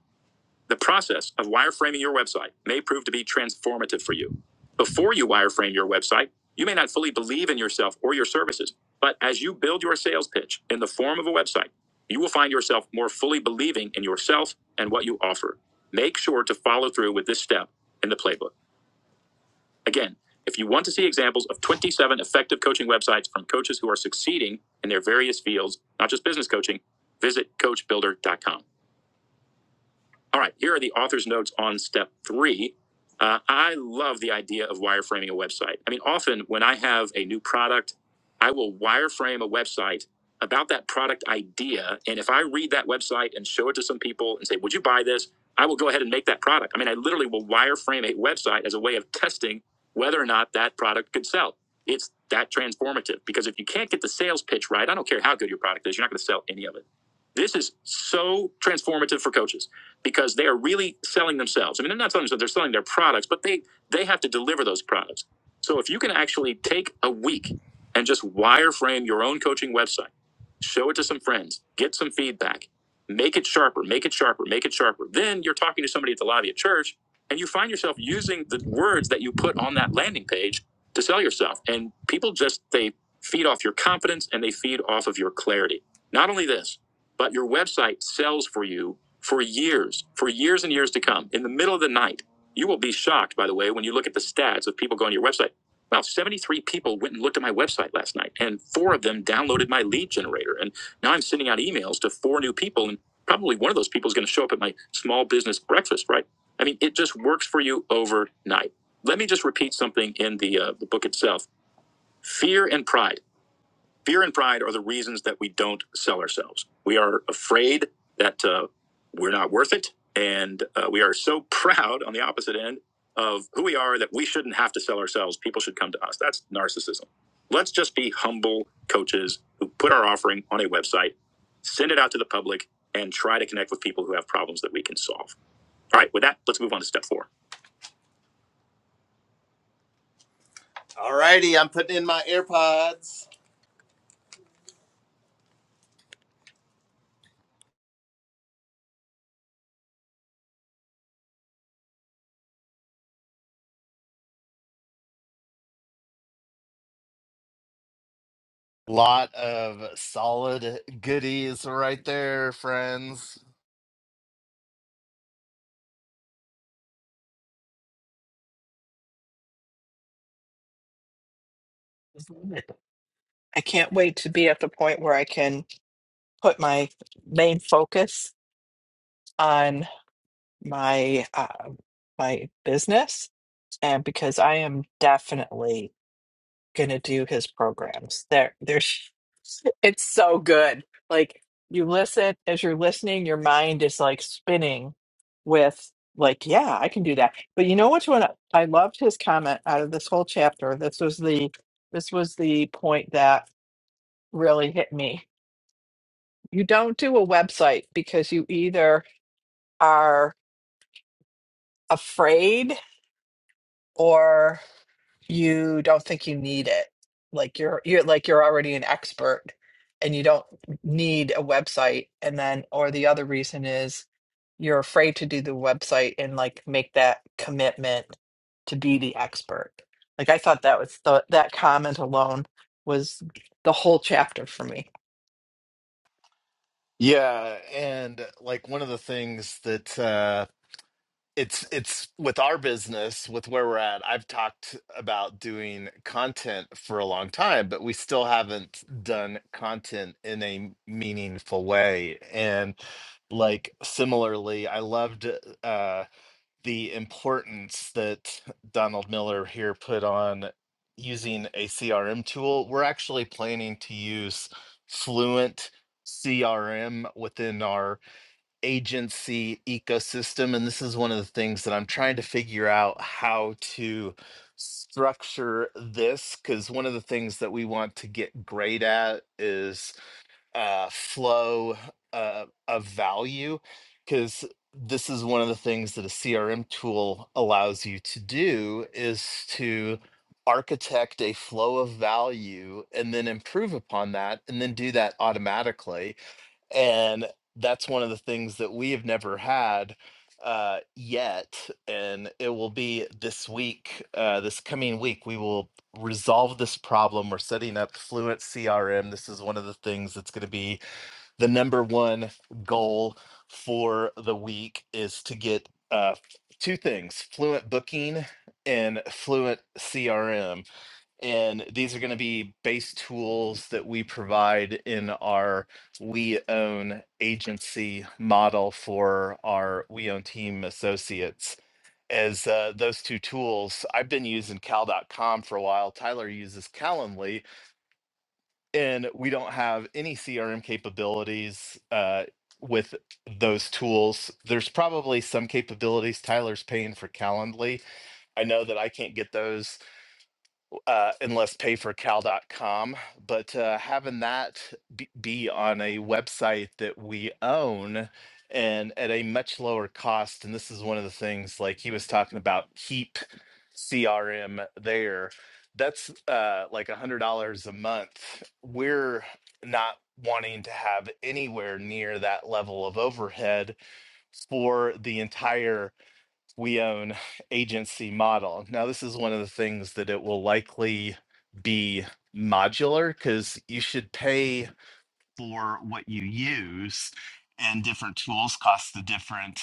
The process of wireframing your website may prove to be transformative for you. Before you wireframe your website, you may not fully believe in yourself or your services, but as you build your sales pitch in the form of a website, you will find yourself more fully believing in yourself and what you offer. Make sure to follow through with this step in the playbook. Again, if you want to see examples of 27 effective coaching websites from coaches who are succeeding in their various fields, not just business coaching, visit coachbuilder.com. All right, here are the author's notes on step three. Uh, I love the idea of wireframing a website. I mean, often when I have a new product, I will wireframe a website about that product idea. And if I read that website and show it to some people and say, Would you buy this? I will go ahead and make that product. I mean, I literally will wireframe a website as a way of testing whether or not that product could sell. It's that transformative because if you can't get the sales pitch right, I don't care how good your product is, you're not going to sell any of it. This is so transformative for coaches because they are really selling themselves. I mean, they're not selling themselves; they're selling their products, but they they have to deliver those products. So if you can actually take a week and just wireframe your own coaching website, show it to some friends, get some feedback, make it sharper, make it sharper, make it sharper. Then you're talking to somebody at the lobby at church, and you find yourself using the words that you put on that landing page to sell yourself. And people just they feed off your confidence and they feed off of your clarity. Not only this. But your website sells for you for years, for years and years to come. In the middle of the night, you will be shocked, by the way, when you look at the stats of people going to your website. Wow, 73 people went and looked at my website last night, and four of them downloaded my lead generator. And now I'm sending out emails to four new people, and probably one of those people is going to show up at my small business breakfast, right? I mean, it just works for you overnight. Let me just repeat something in the, uh, the book itself fear and pride. Fear and pride are the reasons that we don't sell ourselves. We are afraid that uh, we're not worth it. And uh, we are so proud on the opposite end of who we are that we shouldn't have to sell ourselves. People should come to us. That's narcissism. Let's just be humble coaches who put our offering on a website, send it out to the public, and try to connect with people who have problems that we can solve. All right, with that, let's move on to step four. All righty, I'm putting in my AirPods. Lot of solid goodies right there, friends.
I can't wait to be at the point where I can put my main focus on my uh, my business, and because I am definitely gonna do his programs. There, there's it's so good. Like you listen as you're listening, your mind is like spinning with like, yeah, I can do that. But you know which one I I loved his comment out of this whole chapter. This was the this was the point that really hit me. You don't do a website because you either are afraid or. you don't think you need it like you're you're like you're already an expert and you don't need a website and then or the other reason is you're afraid to do the website and like make that commitment to be the expert like i thought that was the, that comment alone was the whole chapter for me.
Yeah, and like one of the things that uh it's it's with our business, with where we're at, I've talked about doing content for a long time, but we still haven't done content in a meaningful way. And like similarly, I loved uh the importance that Donald Miller here put on using a CRM tool. We're actually planning to use Fluent CRM within our agency ecosystem. And this is one of the things that I'm trying to figure out how to structure this because one of the things that we want to get great at is uh, flow uh, of value because this is one of the things that a crm tool allows you to do is to architect a flow of value and then improve upon that and then do that automatically and that's one of the things that we have never had uh yet and it will be this week uh this coming week we will resolve this problem we're setting up fluent crm this is one of the things that's going to be the number one goal for the week is to get uh two things fluent booking and fluent crm and these are going to be base tools that we provide in our We Own agency model for our We Own team associates. As uh, those two tools, I've been using Cal. dot com for a while. Tyler uses Calendly, and we don't have any CRM capabilities uh, with those tools. There's probably some capabilities Tyler's paying for Calendly. I know that I can't get those uh, and less pay for cal.com but uh, having that be, be on a website that we own and at a much lower cost and this is one of the things like he was talking about keep crm there that's uh, like a hundred dollars a month we're not wanting to have anywhere near that level of overhead for the entire we own agency model. Now, this is one of the things that it will likely be modular because you should pay for what you use and different tools cost a different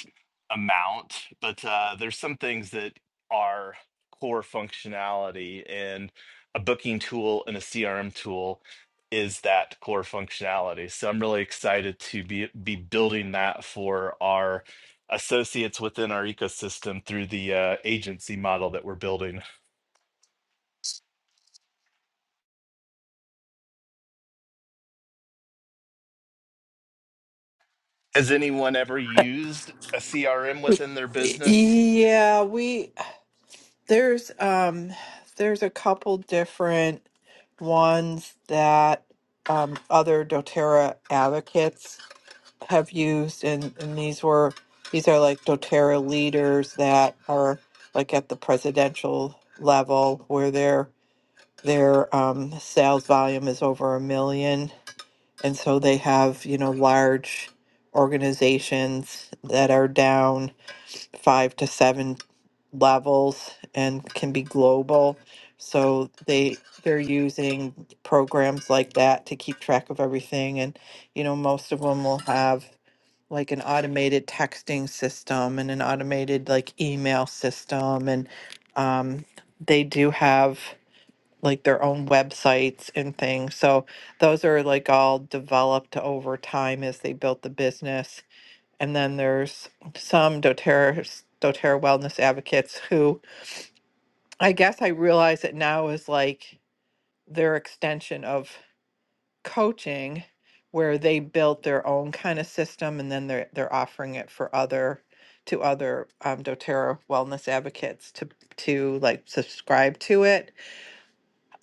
amount but uh, there's some things that are core functionality and a booking tool and a crm tool is that core functionality so i'm really excited to be be building that for our associates within our ecosystem through the uh, agency model that we're building has anyone ever used a crm within their business
Yeah, we there's um there's a couple different ones that um other doTERRA advocates have used and, and these were these are like doterra leaders that are like at the presidential level where their their um, sales volume is over a million and so they have you know large organizations that are down five to seven levels and can be global so they they're using programs like that to keep track of everything and you know most of them will have like an automated texting system and an automated like email system and um, they do have like their own websites and things so those are like all developed over time as they built the business and then there's some doterra doterra wellness advocates who i guess i realize it now is like their extension of coaching where they built their own kind of system and then they're they're offering it for other to other um, doterra wellness advocates to to like subscribe to it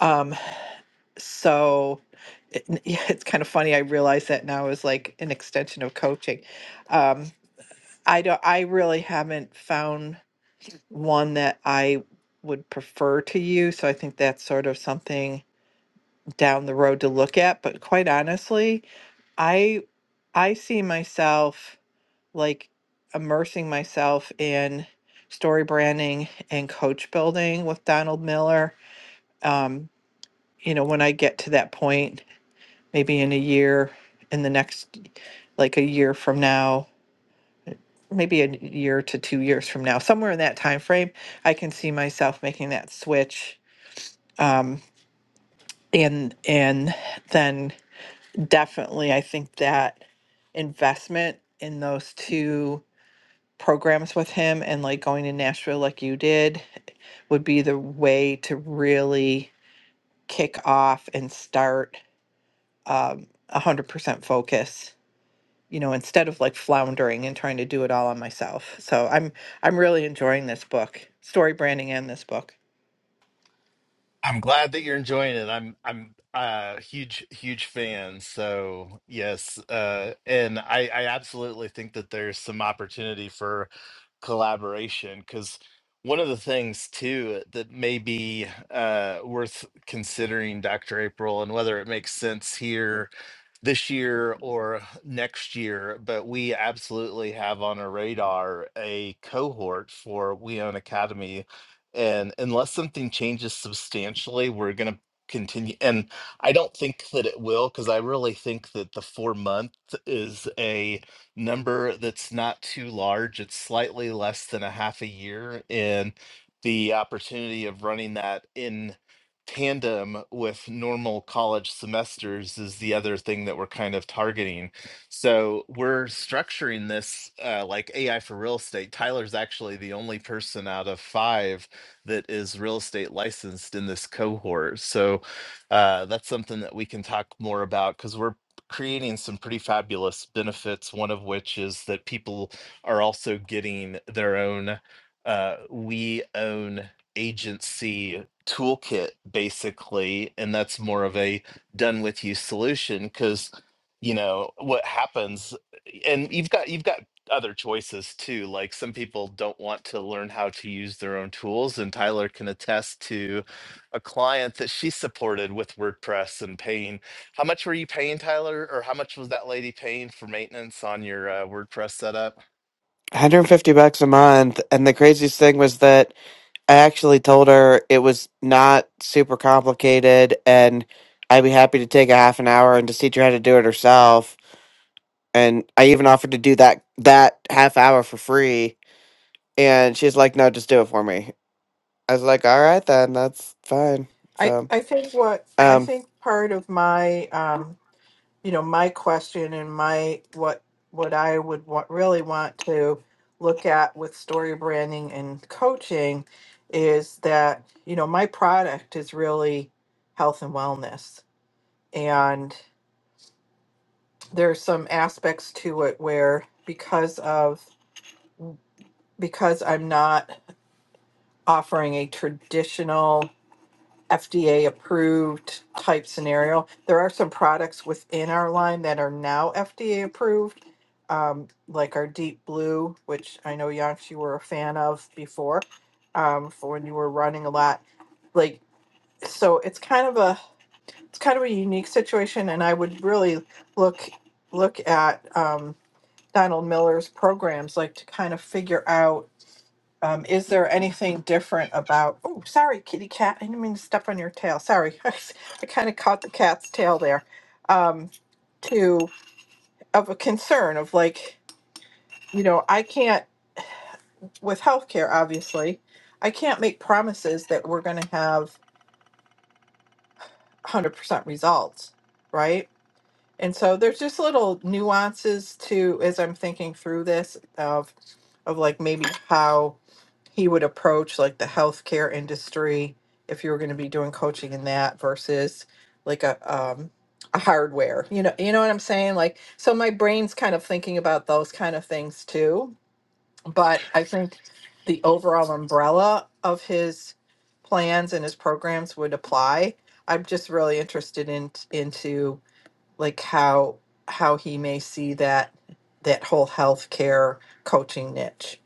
um so it, yeah, it's kind of funny i realize that now is like an extension of coaching um i don't i really haven't found one that i would prefer to use so i think that's sort of something down the road to look at but quite honestly I. I see myself like immersing myself in story branding and coach building with Donald Miller. Um, you know, when I get to that point, maybe in a year, in the next, like a year from now, maybe a year to two years from now, somewhere in that time frame, I can see myself making that switch. Um, and and then definitely, I think that investment in those two programs with him and like going to Nashville like you did would be the way to really kick off and start um, 100% focus you know instead of like floundering and trying to do it all on myself so i'm i'm really enjoying this book story branding and this book
I'm glad that you're enjoying it. I'm I'm a huge huge fan. So yes, uh, and I I absolutely think that there's some opportunity for collaboration because one of the things too that may be uh, worth considering, Dr. April, and whether it makes sense here this year or next year, but we absolutely have on our radar a cohort for We Own Academy. And unless something changes substantially, we're going to continue. And I don't think that it will, because I really think that the four month is a number that's not too large. It's slightly less than a half a year. And the opportunity of running that in tandem with normal college semesters is the other thing that we're kind of targeting. So we're structuring this uh, like AI for real estate. Tyler's actually the only person out of five that is real estate licensed in this cohort. So uh, that's something that we can talk more about because we're creating some pretty fabulous benefits. One of which is that people are also getting their own. Uh, we own agency toolkit basically and that's more of a done with you solution because you know what happens and you've got you've got other choices too like some people don't want to learn how to use their own tools and tyler can attest to a client that she supported with wordpress and paying how much were you paying tyler or how much was that lady paying for maintenance on your uh, wordpress setup
150 bucks a month and the craziest thing was that I actually told her it was not super complicated and I'd be happy to take a half an hour and just teach her how to do it herself. And I even offered to do that that half hour for free. And she's like, No, just do it for me. I was like, All right then, that's fine.
I,
So
I think what I
um
think part of my um, you know, my question and my what what I would want, really want to look at with story branding and coaching is that you know my product is really health and wellness, and there's some aspects to it where because of because I'm not offering a traditional FDA approved type scenario. There are some products within our line that are now FDA approved, um, like our Deep Blue, which I know Yonks you were a fan of before, um, for when you were running a lot. Like so, it's kind of a it's kind of a unique situation, and I would really look look at um, Donald Miller's programs, like to kind of figure out um, is there anything different about, oh, sorry, kitty cat, I didn't mean to step on your tail, sorry. I kind of caught the cat's tail there. Um, to, of a concern of like, you know, I can't, with healthcare, obviously, I can't make promises that we're gonna have one hundred percent results, right? and so there's just little nuances to as i'm thinking through this of of like maybe how he would approach like the healthcare industry if you were going to be doing coaching in that versus like a um a hardware you know you know what i'm saying like so my brain's kind of thinking about those kind of things too but i think the overall umbrella of his plans and his programs would apply i'm just really interested in into like how how he may see that that whole healthcare coaching niche.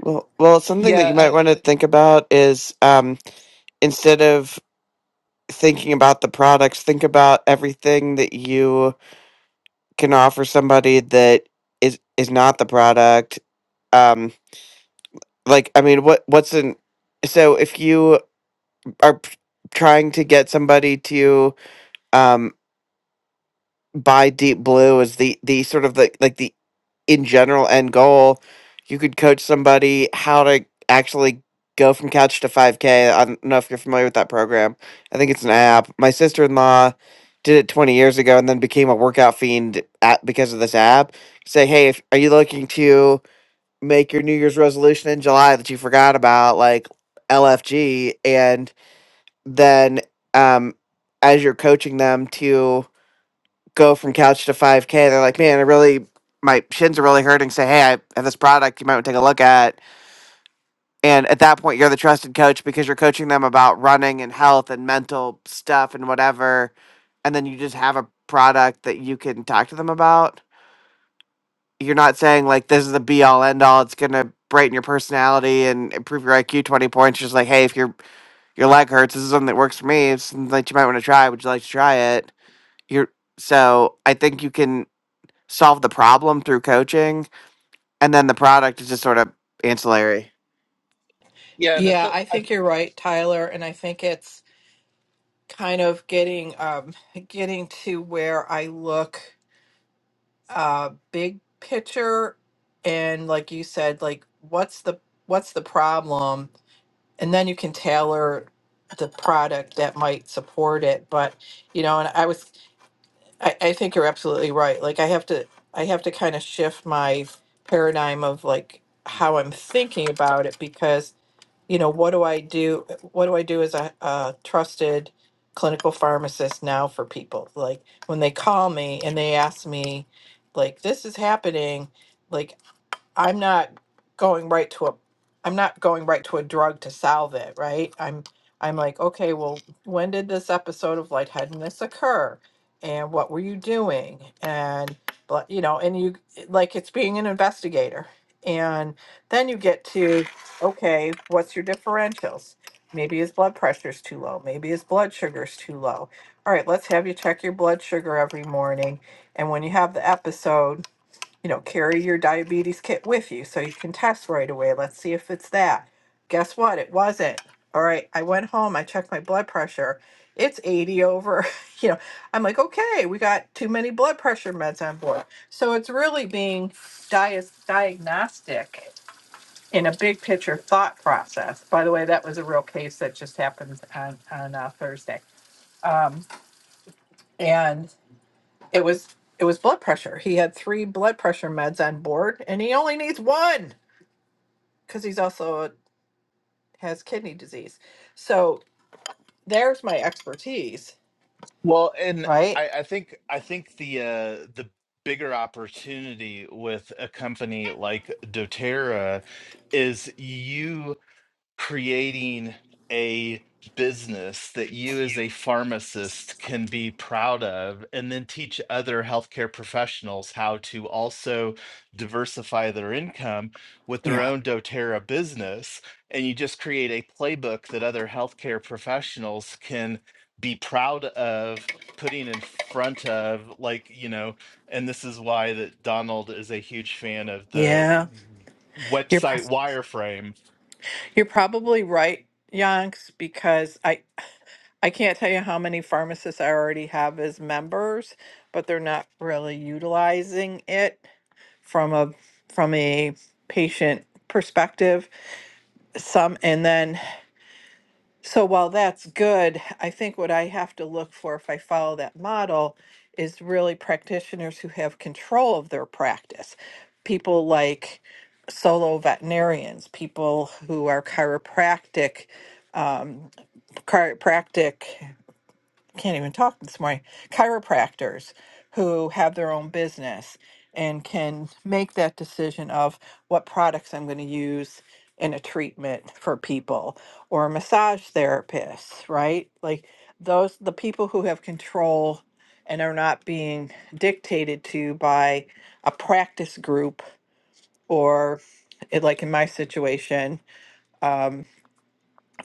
well well something that
yeah
you might
I,
want to think about is um instead of thinking about the products, think about everything that you can offer somebody that is is not the product. Um like i mean what what's an so if you are p- trying to get somebody to um buy deep blue as the the sort of the like the in general end goal you could coach somebody how to actually go from couch to 5k i don't know if you're familiar with that program i think it's an app my sister-in-law did it 20 years ago and then became a workout fiend at, because of this app say hey if, are you looking to make your New Year's resolution in July that you forgot about, like LFG, and then um, as you're coaching them to go from couch to 5K, they're like, man, I really, my shins are really hurting. Say, hey, I have this product you might want to take a look at. And at that point, you're the trusted coach because you're coaching them about running and health and mental stuff and whatever. And then you just have a product that you can talk to them about you're not saying like this is the be all end all. It's gonna brighten your personality and improve your IQ twenty points. Just like, hey, if your your leg hurts, this is something that works for me. It's something that you might want to try. Would you like to try it? You're so I think you can solve the problem through coaching, and then the product is just sort of ancillary.
yeah and I,
Yeah,
th-
I
I
think you're right, Tyler, and I think it's kind of getting um getting to where I look uh big picture and like you said like what's the what's the problem and then you can tailor the product that might support it but you know and I was I, I think you're absolutely right. Like I have to I have to kind of shift my paradigm of like how I'm thinking about it because, you know, what do I do what do I do as a, a trusted clinical pharmacist now for people? Like when they call me and they ask me like this is happening, like I'm not going right to a I'm not going right to a drug to solve it, right? I'm I'm like, okay, well, when did this episode of lightheadedness occur? And what were you doing? And but you know, and you like it's being an investigator. And then you get to, okay, what's your differentials? Maybe his blood pressure's too low. Maybe his blood sugar's too low. All right, let's have you check your blood sugar every morning. And when you have the episode, you know, carry your diabetes kit with you so you can test right away. Let's see if it's that. Guess what? It wasn't. All right, I went home, I checked my blood pressure. It's 80 over, you know. I'm like, okay, we got too many blood pressure meds on board. So it's really being dia- diagnostic in a big picture thought process. By the way, that was a real case that just happened on, on uh, Thursday. Um, and it was it was blood pressure. He had three blood pressure meds on board, and he only needs one because he's also has kidney disease. So there's my expertise,
Well, and
right?
I, I think I think the uh, the bigger opportunity with a company like DoTerra is you creating a business that you as a pharmacist can be proud of and then teach other healthcare professionals how to also diversify their income with their
Yeah.
own doterra business and you just create a playbook that other healthcare professionals can be proud of putting in front of like you know and this is why that donald is a huge fan of the
Yeah.
w-
You're pro-
website wireframe
you're probably right, Yonks, because I I can't tell you how many pharmacists I already have as members, but they're not really utilizing it from a from a patient perspective. Some and then So while that's good, I think what I have to look for if I follow that model is really practitioners who have control of their practice. People like solo veterinarians, people who are chiropractic, um, chiropractic can't even talk this morning chiropractors who have their own business and can make that decision of what products I'm going to use in a treatment for people or massage therapists, right? Like those the people who have control and are not being dictated to by a practice group or it- like in my situation um,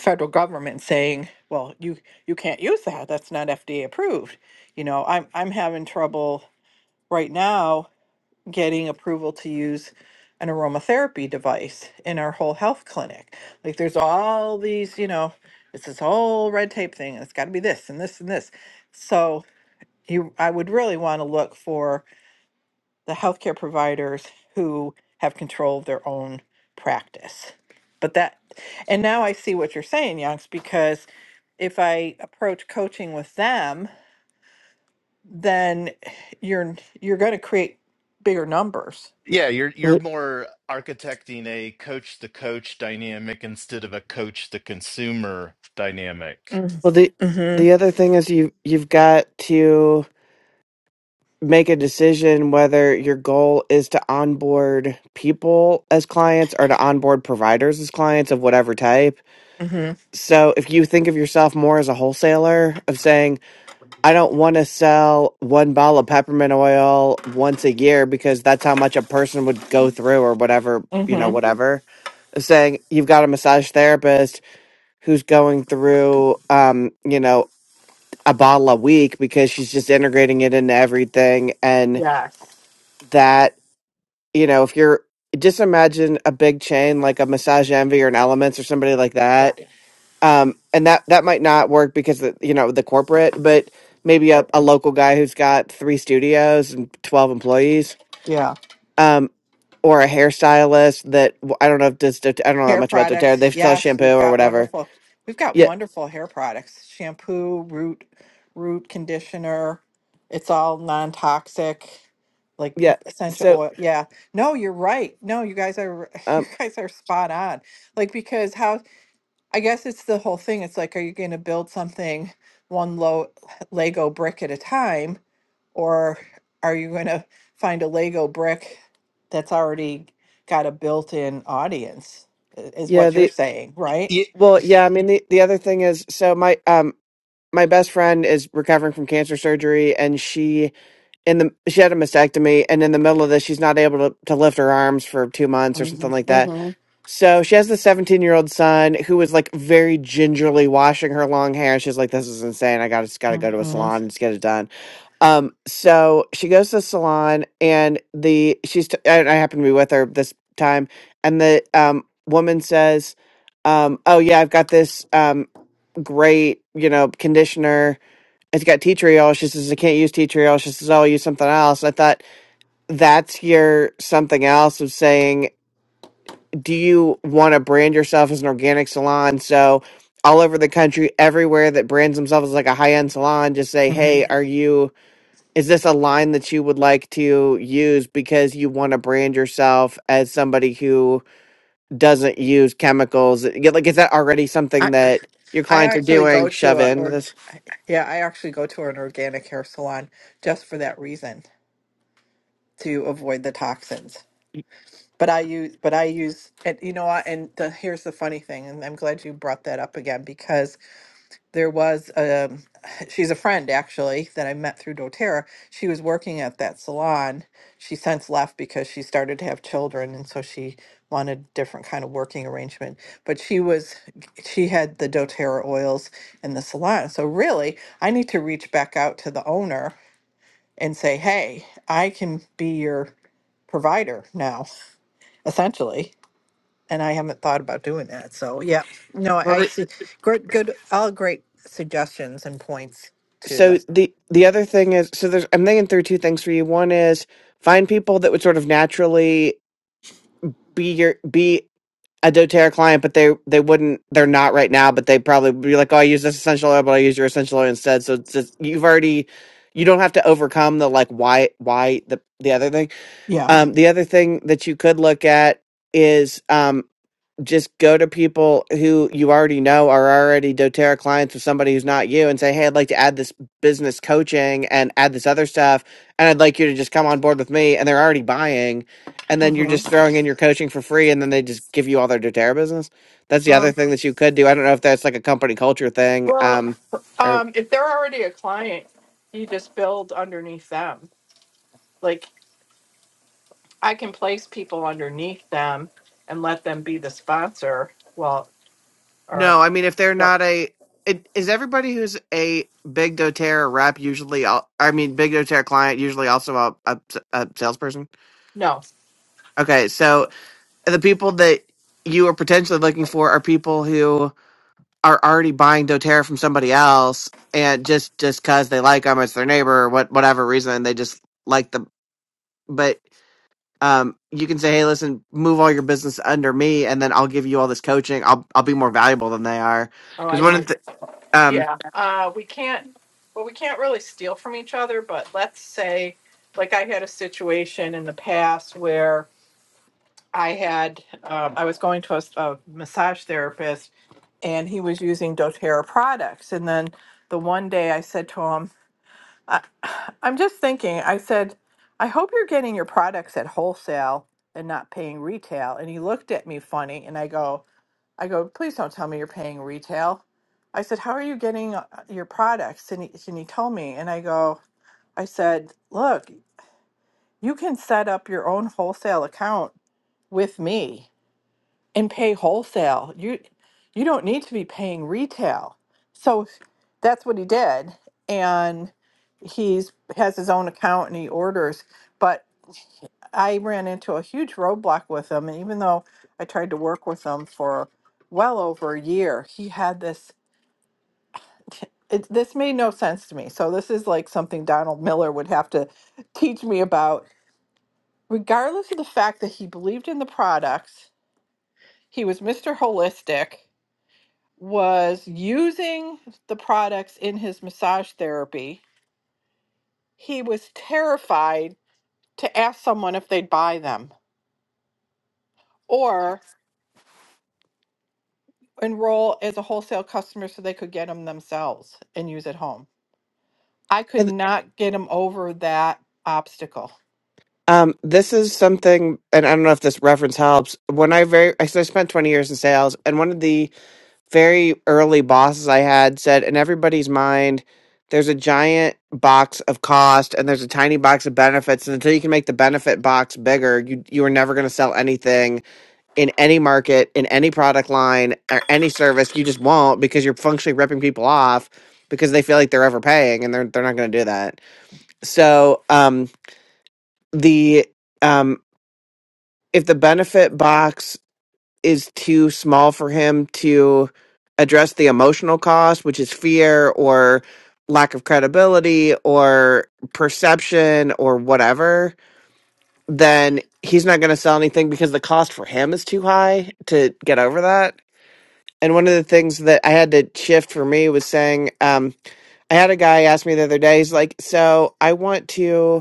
federal government saying, well, you you can't use that. That's not FDA approved. You know, I'm I'm having trouble right now getting approval to use an aromatherapy device in our whole health clinic. Like there's all these, you know, it's this whole red tape thing and it's got to be this and this and this. So you I would really want to look for the healthcare providers who have control of their own practice. But that, and now I see what you're saying, Youngs, because if I approach coaching with them, then you're you're going to create bigger numbers.
Yeah, you're you're
Well,
more architecting a coach the coach dynamic instead of a coach the consumer dynamic.
well, the
Mm-hmm.
the other thing is you you've got to make a decision whether your goal is to onboard people as clients or to onboard providers as clients of whatever type
Mm-hmm.
So if you think of yourself more as a wholesaler of saying, I don't want to sell one bottle of peppermint oil once a year because that's how much a person would go through or whatever, you know,
Mm-hmm.
whatever. Saying you've got a massage therapist who's going through um, you know, a bottle a week because she's just integrating it into everything and
Yes.
that, you know, if you're just imagine a big chain like a massage envy or an elements or somebody like
Yeah.
that um and that that might not work because of, you know the corporate but maybe a,
Right.
a local guy who's got three studios and 12 employees
Yeah.
um or a hairstylist that w- i don't know if does doter- i don't know that
Hair
much about doterra
products.
they sell
Yes,
shampoo
we've
or
got
whatever
wonderful. We've got
yeah
wonderful hair products. Shampoo, root root conditioner. It's all non-toxic like
yeah
essential
so
oil. Yeah. No, you're right. No, you guys are you
um
guys are spot on. Like because how I guess it's the whole thing. It's like are you going to build something one low Lego brick at a time or are you going to find a Lego brick that's already got a built in audience, i- is
yeah
what you're
the
saying, right?
Yeah,
well yeah i mean the, the other thing is so my um my best friend is recovering from cancer surgery and she in the she had a mastectomy and in the middle of this she's not able to, to lift her arms for two months or something
Mm-hmm.
like that
Mm-hmm.
So she has the 17 year old son who was like very gingerly washing her long hair. She's like, this is insane. I got to got to go to a
mm
salon and just get it done. Um, so she goes to the salon and the she's t- and I happen to be with her this time. And the um, woman says, um, oh, yeah, I've got this um, great, you know, conditioner. It's got tea tree oil. She says, I can't use tea tree oil. She says, oh, I'll use something else. I thought that's your something else of saying do you want to brand yourself as an organic salon? So, all over the country, everywhere that brands themselves as like a high end salon, just say,
hmm
hey, are you, is this a line that you would like to use because you want to brand yourself as somebody who doesn't use chemicals? Yeah, Like, is that already
I
something that your
I
clients are
actually
doing?
go to
Shove
a
in
or
this.
yeah I actually go to an organic hair salon just for that reason to avoid the toxins. But I use but I use and you know what and the here's the funny thing and I'm glad you brought that up again because. there was a she's a friend actually that I met through doTERRA. She was working at that salon. She since left because she started to have children and so she wanted different kind of working arrangement. But she was she had the doTERRA oils in the salon. So really, I need to reach back out to the owner and say, "Hey, I can be your provider now." Essentially and I haven't thought about doing that. So yeah, no, I see. Good, good, all great suggestions and points to
So,
the.
the, the other thing is, so there's, I'm thinking through two things for you. One is find people that would sort of naturally be your, be a doTERRA client, but they they wouldn't. They're not right now, but they probably would be like, "Oh, I use this essential oil, but I use your essential oil instead." So it's just, you've already you don't have to overcome the like why why the the other thing.
Yeah.
Um, the other thing that you could look at is um just go to people who you already know are already doTERRA clients with somebody who's not you and say, Hey, I'd like to add this business coaching and add this other stuff. And I'd like you to just come on board with me. And they're already buying. And then you're
hmm
just throwing in your coaching for free. And then they just give you all their doTERRA business. That's the other thing that you could do. I don't know if that's like a company culture thing.
Well,
Um, or
um, if they're already a client, you just build underneath them. Like I can place people underneath them and let them be the sponsor. Well, or
no, I mean, if they're
no,
not a, it, is everybody who's a big doTERRA rep usually, al- I mean, big doTERRA client usually also a, a, a salesperson?
no.
Okay, so the people that you are potentially looking for are people who are already buying DoTerra from somebody else, and just just because they like them, it's their neighbor or what whatever reason they just like them. But um, you can say, hey, listen, move all your business under me, and then I'll give you all this coaching. I'll I'll be more valuable than they are
Oh,
because
I
one
see.
of the um.
Yeah, uh, we can't, well, we can't really steal from each other, but let's say, like I had a situation in the past where I had, um, I was going to a, s- a massage therapist and he was using doTERRA products. And then the one day I said to him, I, I'm just thinking, I said, I hope you're getting your products at wholesale and not paying retail. And he looked at me funny and I go, I go, please don't tell me you're paying retail. I said, how are you getting uh, your products? And he, and he told me, and I go, I said, look, you can set up your own wholesale account with me and pay wholesale. You, you don't need to be paying retail. So that's what he did, and he's has his own account and he orders. But I ran into a huge roadblock with him. And even though I tried to work with him for well over a year, he had this. It, this made no sense to me. So, this is like something Donald Miller would have to teach me about. Regardless of the fact that he believed in the products, he was Mr. Holistic, was using the products in his massage therapy. He was terrified to ask someone if they'd buy them. or. enroll as a wholesale customer so they could get them themselves and use at home. I could
and
not get them over that obstacle.
Um, this is something, and I don't know if this reference helps. When I very, I so I spent twenty years in sales, and one of the very early bosses I had said, in everybody's mind, there's a giant box of cost and there's a tiny box of benefits. And until you can make the benefit box bigger, you you are never going to sell anything in any market, in any product line, or any service. You just won't because you're functionally ripping people off because they feel like they're overpaying and they're they're not going to do that. So um, the um, if the benefit box is too small for him to address the emotional cost, which is fear or lack of credibility or perception or whatever, then he's not going to sell anything because the cost for him is too high to get over that. And one of the things that I had to shift for me was saying, um, I had a guy ask me the other day, he's like, So I want to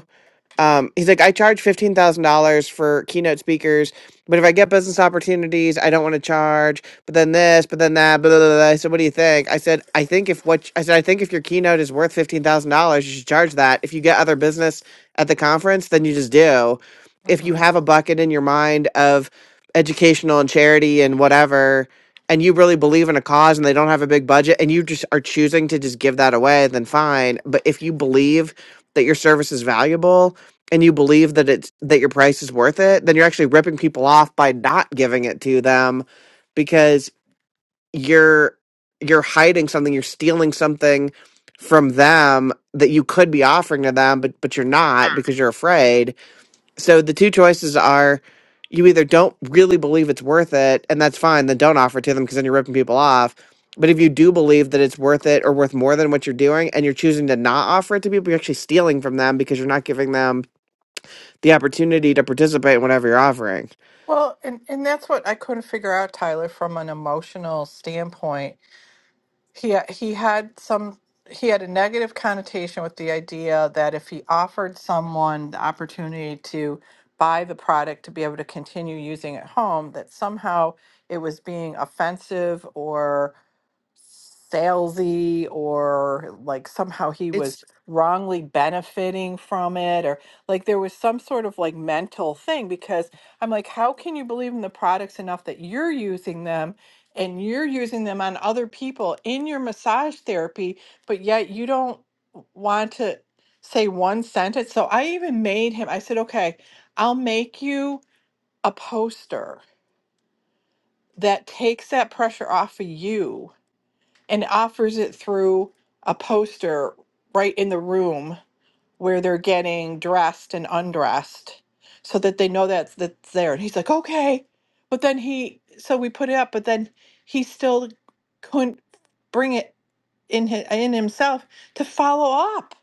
um, he's like, I charge fifteen thousand dollars for keynote speakers, but if I get business opportunities, I don't want to charge. But then this, but then that, blah, blah, blah. blah." I said, what do you think? I said, I think if what I said, I think if your keynote is worth fifteen thousand dollars, you should charge that. If you get other business at the conference, then you just do. If you
hmm
have a bucket in your mind of educational and charity and whatever, and you really believe in a cause and they don't have a big budget and you just are choosing to just give that away, then fine. But if you believe that your service is valuable and you believe that it's that your price is worth it, then you're actually ripping people off by not giving it to them because you're you're hiding something, you're stealing something from them that you could be offering to them, but but you're not because you're afraid. So the two choices are you either don't really believe it's worth it, and that's fine, then don't offer it to them because then you're ripping people off. But if you do believe that it's worth it or worth more than what you're doing, and you're choosing to not offer it to people, you're actually stealing from them because you're not giving them the opportunity to participate in whatever you're offering.
Well, and, and that's what I couldn't figure out, Tyler, from an emotional standpoint. He uh, he had some he had a negative connotation with the idea that if he offered someone the opportunity to buy the product to be able to continue using at home, that somehow it was being offensive salesy or like somehow he
It's
was wrongly benefiting from it or like there was some sort of like mental thing because I'm like how can you believe in the products enough that you're using them and you're using them on other people in your massage therapy but yet you don't want to say one sentence so I even made him I said okay I'll make you a poster that takes that pressure off of you and offers it through a poster right in the room where they're getting dressed and undressed so that they know that's that's there and he's like okay but then he so we put it up but then he still couldn't bring it in his, in himself to follow up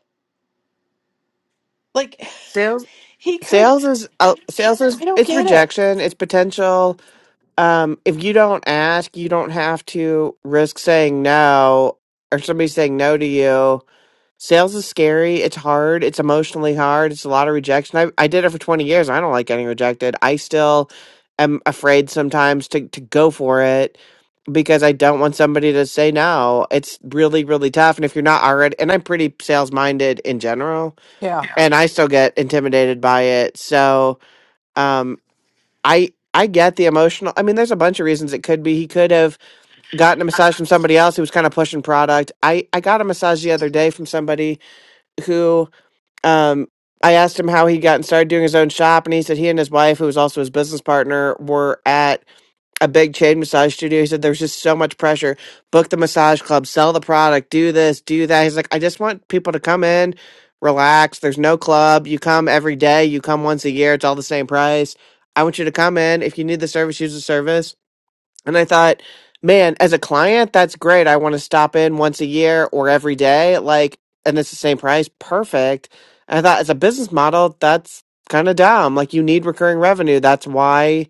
like
sales.
he could
Sales is uh, sales is
i don't
it's
get it
rejection, it's potential. Um, if you don't ask, you don't have to risk saying no or somebody saying no to you. Sales is scary. It's hard. It's emotionally hard. It's a lot of rejection. I, I did it for 20 years. I don't like getting rejected. I still am afraid sometimes to, to go for it. because I don't want somebody to say no. It's really, really tough. And if you're not already, and I'm pretty sales minded in general,
Yeah.
Yeah. and I still get intimidated by it. So, um, I, I get the emotional. I mean, there's a bunch of reasons it could be. He could have gotten a massage from somebody else who was kind of pushing product. I, I got a massage the other day from somebody who, um, I asked him how he got and started doing his own shop, and he said he and his wife, who was also his business partner, were at a big chain massage studio. He said there's just so much pressure. Book the massage club, sell the product, do this, do that. He's like, I just want people to come in, relax. There's no club. You come every day. You come once a year. It's all the same price. I want you to come in. If you need the service, use the service. And I thought, man, as a client, that's great. I want to stop in once a year or every day. Like, and it's the same price. Perfect. And I thought, as a business model, that's kind of dumb. Like, you need recurring revenue. That's why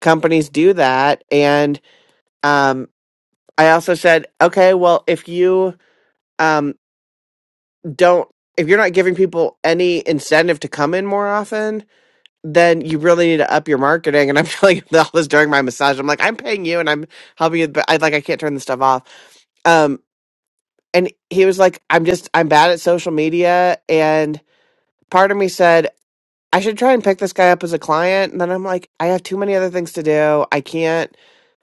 companies do that. And um, I also said, okay, well, if you um, don't, if you're not giving people any incentive to come in more often, then you really need to up your marketing. And I'm telling all this during my massage. I'm like, I'm paying you, and I'm helping you, but I like I can't turn this stuff off. Um, and he was like, I'm just, I'm bad at social media, and part of me said. I should try and pick this guy up as a client. And then I'm like, I have too many other things to do. I can't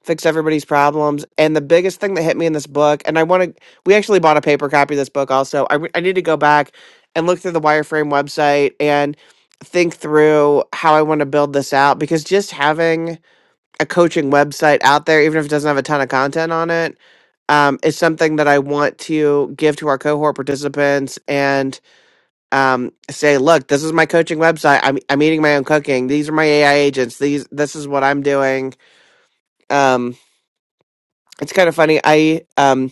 fix everybody's problems. And the biggest thing that hit me in this book, and I want to, we actually bought a paper copy of this book also. I, re- I need to go back and look through the wireframe website and think through how I want to build this out because just having a coaching website out there, even if it doesn't have a ton of content on it, um, is something that I want to give to our cohort participants. and um, say, look, this is my coaching website. I'm I'm eating my own cooking. These are my AI agents. These this is what I'm doing. Um, it's kind of funny. I um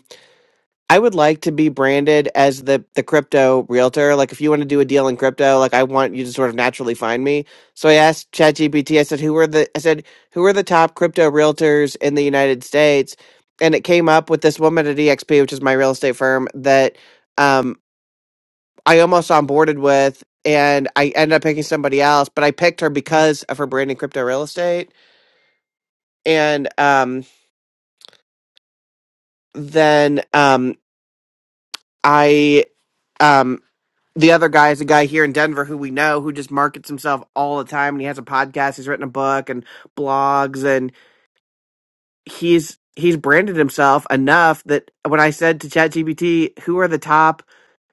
I would like to be branded as the the crypto realtor. Like if you want to do a deal in crypto, like I want you to sort of naturally find me. So I asked ChatGPT. I said, who are the I said who are the top crypto realtors in the United States? And it came up with this woman at EXP, which is my real estate firm, that. um. I almost onboarded with, and I ended up picking somebody else, but I picked her because of her branding, crypto real estate. And um, then um, I um, the other guy is a guy here in Denver who we know who just markets himself all the time, and he has a podcast. He's written a book and blogs, he's he's branded himself enough that when I said to ChatGPT, who are the top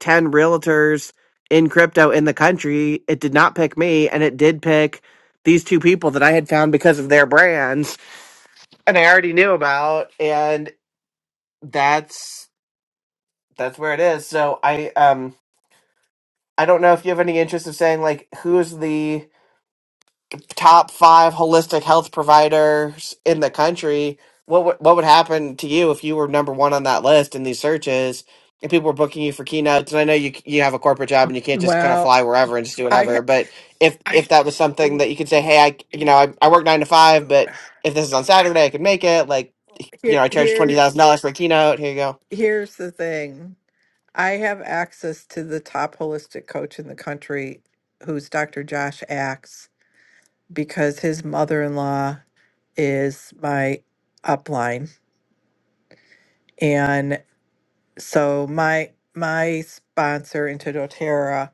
10 realtors in crypto in the country, it did not pick me and it did pick these two people that I had found because of their brands and I already knew about and that's that's where it is. So I um I don't know if you have any interest of saying like who's the top five holistic health providers in the country, what would what would happen to you if you were number one on that list in these searches and people were booking you for keynotes? And I know you you have a corporate job and you can't just kind of
Well,
fly wherever and just do
I
whatever. But if if that was something that you could say, hey, I you know I, I work nine to five, but if this is on Saturday, I could make it. Like you
here
know, I charge twenty thousand
here's
dollars for a keynote. Here you go.
here's the thing. I have access to the top holistic coach in the country, who's Dr. Josh Axe, because his mother in law is my upline. And so my my sponsor into doTERRA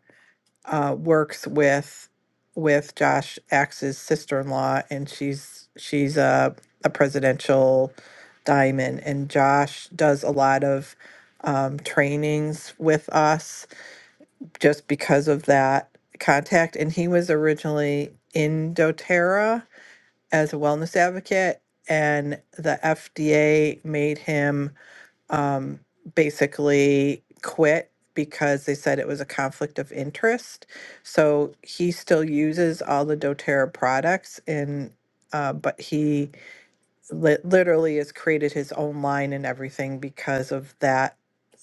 uh, works with with Josh Axe's sister in law, and she's she's a a presidential diamond, and Josh does a lot of um, trainings with us just because of that contact. And he was originally in doTERRA as a wellness advocate, and the FDA made him um, basically quit because they said it was a conflict of interest. So he still uses all the doTERRA products, and uh, but he li- literally has created his own line and everything because of that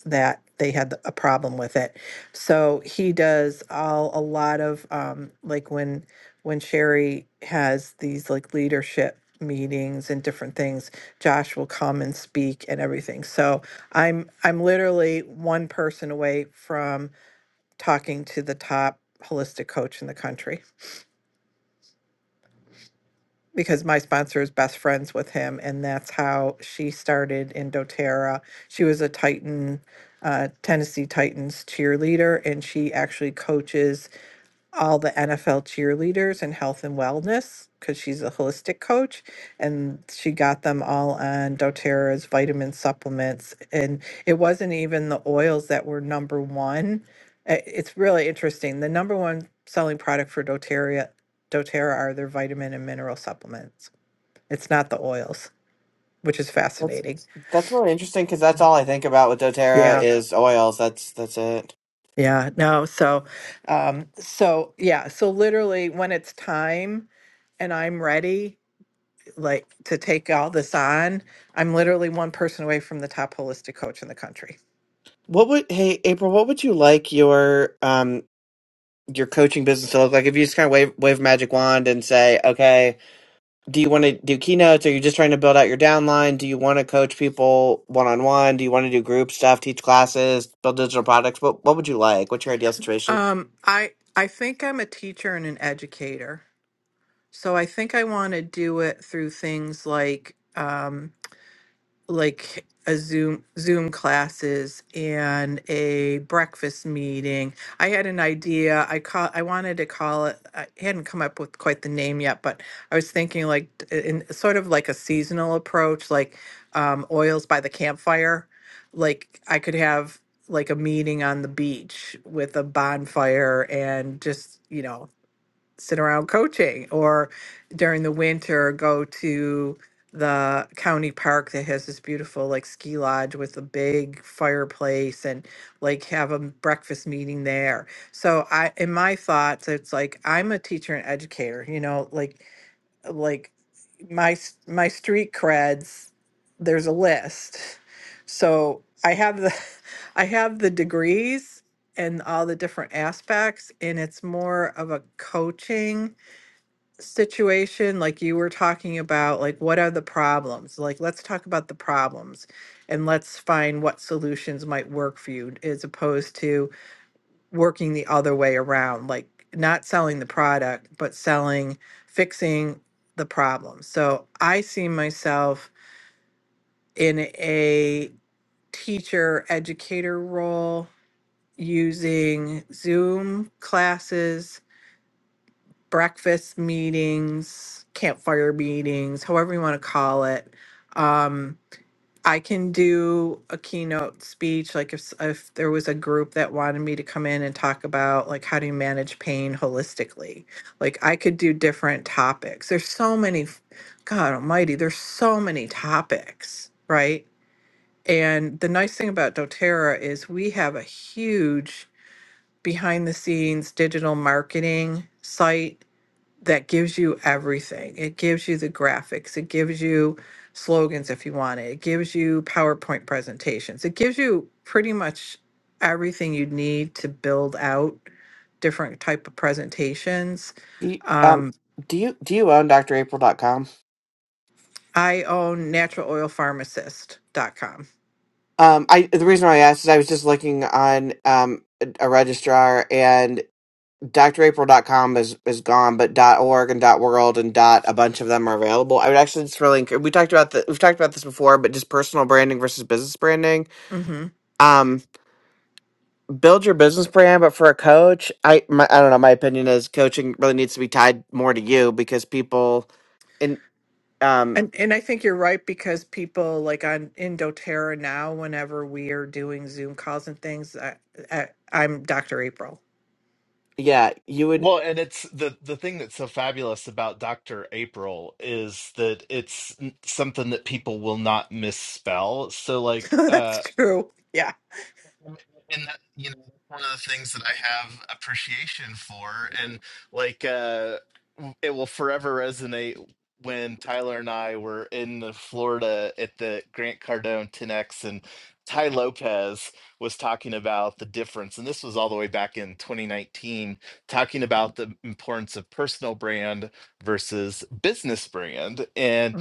that they had a problem with it so he does all a lot of um like when when sherry has these like leadership meetings and different things josh will come and speak and everything so i'm i'm literally one person away from talking to the top holistic coach in the country because my sponsor is best friends with him, and that's how she started in doTERRA. She was a Titan, uh, Tennessee Titans cheerleader, and she actually coaches all the NFL cheerleaders and health and wellness because she's a holistic coach. And she got them all on doTERRA's vitamin supplements. And it wasn't even the oils that were number one. Uh, It's really interesting. The number one selling product for doTERRA, doTERRA are their vitamin and mineral supplements. It's not the oils, which is
That's
fascinating.
that's really interesting because that's all I think about with DoTerra
Yeah.
is oils. That's that's it.
Yeah. No. So, um, so yeah. So literally when it's time, and I'm ready like to take all this on. I'm literally one person away from the top holistic coach in the country.
What would hey April? What would you like your um your coaching business to look like if you just kind of wave wave a magic wand and say, okay, do you want to do keynotes? Are you just trying to build out your downline? Do you want to coach people one on one? Do you want to do group stuff, teach classes, build digital products? What what would you like? What's your ideal situation?
Um, I I think I'm a teacher and an educator, so I think I want to do it through things like. Um, like a Zoom Zoom classes and a breakfast meeting. I had an idea. I call I wanted to call it I hadn't come up with quite the name yet, but I was thinking like t- in sort of like a seasonal approach, like um, oils by the campfire. Like I could have like a meeting on the beach with a bonfire and just, you know, sit around coaching or during the winter go to the county park that has this beautiful like ski lodge with a big fireplace and like have a m- breakfast meeting there so i in my thoughts it's like i'm a teacher and educator you know like like my s- my street creds there's a list so i have the i have the degrees and all the different aspects and it's more of a coaching situation like you were talking about like what are the problems like let's talk about the problems and let's find what solutions might work for you as opposed to working the other way around, like not selling the product, but selling, fixing the problem. So I see myself in a teacher educator role using Zoom classes, breakfast meetings, campfire meetings, however you want to call it. Um, I can do a keynote speech, like if, s- if there was a group that wanted me to come in and talk about like how do you manage pain holistically. Like I could do different topics. There's so many, f- God almighty, there's so many topics, right? And the nice thing about doTERRA is we have a huge behind the scenes digital marketing site that gives you everything. It gives you the graphics, it gives you slogans if you want it, it gives you PowerPoint presentations, it gives you pretty much everything you need to build out different type of presentations.
Do you, um
Um,
do you do you own dr april dot com
I own naturaloilpharmacist.com.
Um, I the reason why I asked is I was just looking on um a registrar drapril.com is is gone, but .org and .world and dot a bunch of them are available. I would actually just really encourage. We talked about the, we've talked about this before, but just personal branding versus business branding.
Mm-hmm.
Um, build your business brand, but for a coach, I my, I don't know. My opinion is coaching really needs to be tied more to you because people and um
And, and I think you're right because people like on in doTERRA now, whenever we are doing Zoom calls and things, I, I, I'm Dr. April.
yeah you would.
well, and it's the the thing that's so fabulous about Dr. April is that it's n- something that people will not misspell. So like uh,
That's true. Yeah.
and that you know that's one of the things that i have appreciation for and like uh w- it will forever resonate when tyler and i were in the florida at the grant cardone 10x and ty lopez was talking about the difference and this was all the way back in 2019 talking about the importance of personal brand versus business brand and.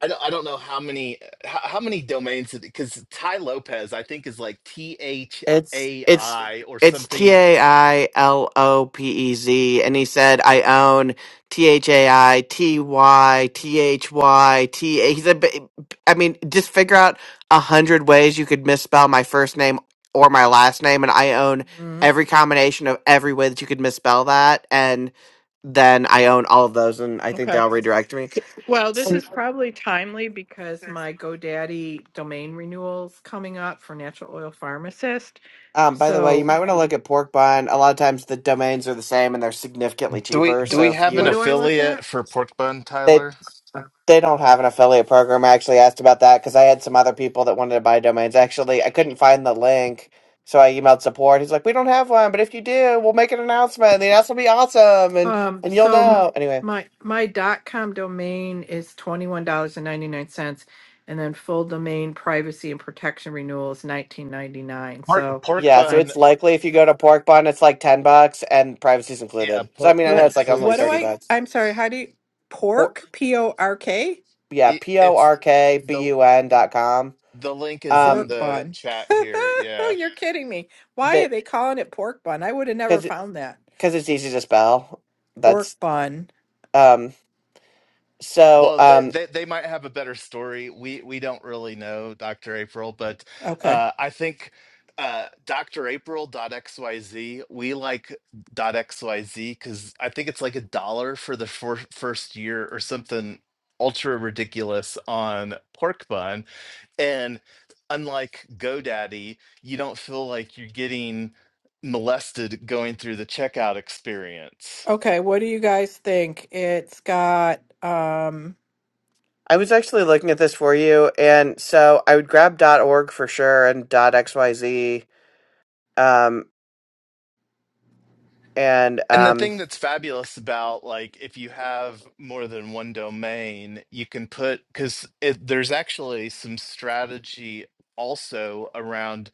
I don't, I don't know how many how, how many domains because Ty Lopez I think is like T H
It's
A
it's
I or
it's T
something.
A I L O P E Z, and he said I own T H A I T Y T H Y T A. He said, "But- I mean, just figure out a hundred ways you could misspell my first name or my last name, and I own
Mhm.
every combination of every way that you could misspell that, and then I own all of those, and I think they
Okay.
all redirect me.
Well,
S-
this is probably timely because my GoDaddy domain renewal's coming up for natural oil pharmacist.
Um, by the way, you
So
might want to look at pork bun. A lot of times the domains are the same, and they're significantly
Do we
cheaper.
do
what
So
we
if
have an
what
you
do I look at?
affiliate for Pork Bun
they
Tyler?
They don't have an affiliate program. I actually asked about that because I had some other people that wanted to buy domains. Actually, I couldn't find the link, so I emailed support. He's like, "We don't have one, but if you do, we'll make an announcement. The announcement will be awesome, and
Um,
and you'll
so m-
know." Anyway,
my my dot com domain is twenty one dollars and ninety nine cents, and then full domain privacy and protection renewal is nineteen ninety nine.
Pork
So
Pork
yeah. So
I'm
Bun,
it's likely if you go to Pork Bun, it's like ten bucks, and privacy's
yeah,
included. So I
Pork
mean, I
Bun
know
what
it's like only
what do
thirty
includes
I?
bucks.
I'm sorry. How do you
Por-
pork p o r k?
yeah,
it,
p o
it's
r k b
the
u n dot com.
the link is in
Pork
Um,
the
bun.
chat here. Yeah.
You're kidding me. Why are
that
they calling it pork bun? I would have never
because
found that.
because it's easy to spell.
Pork
That's
bun.
um. So
Well, they,
um.
they they might have a better story. We we don't really know, Dr. April, but
Okay.
uh, I think uh, Doctor April dot x y z. we like dot .xyz because I think it's like a dollar for the fir- first year or something ultra ridiculous on pork bun. And unlike GoDaddy, you don't feel like you're getting molested going through the checkout experience.
Okay, what do you guys think? It's got um
I was actually looking at this for you, and so I would grab .org for sure and .xyz, um, and
And the
um,
thing that's fabulous about like if you have more than one domain, you can put because there's actually some strategy also around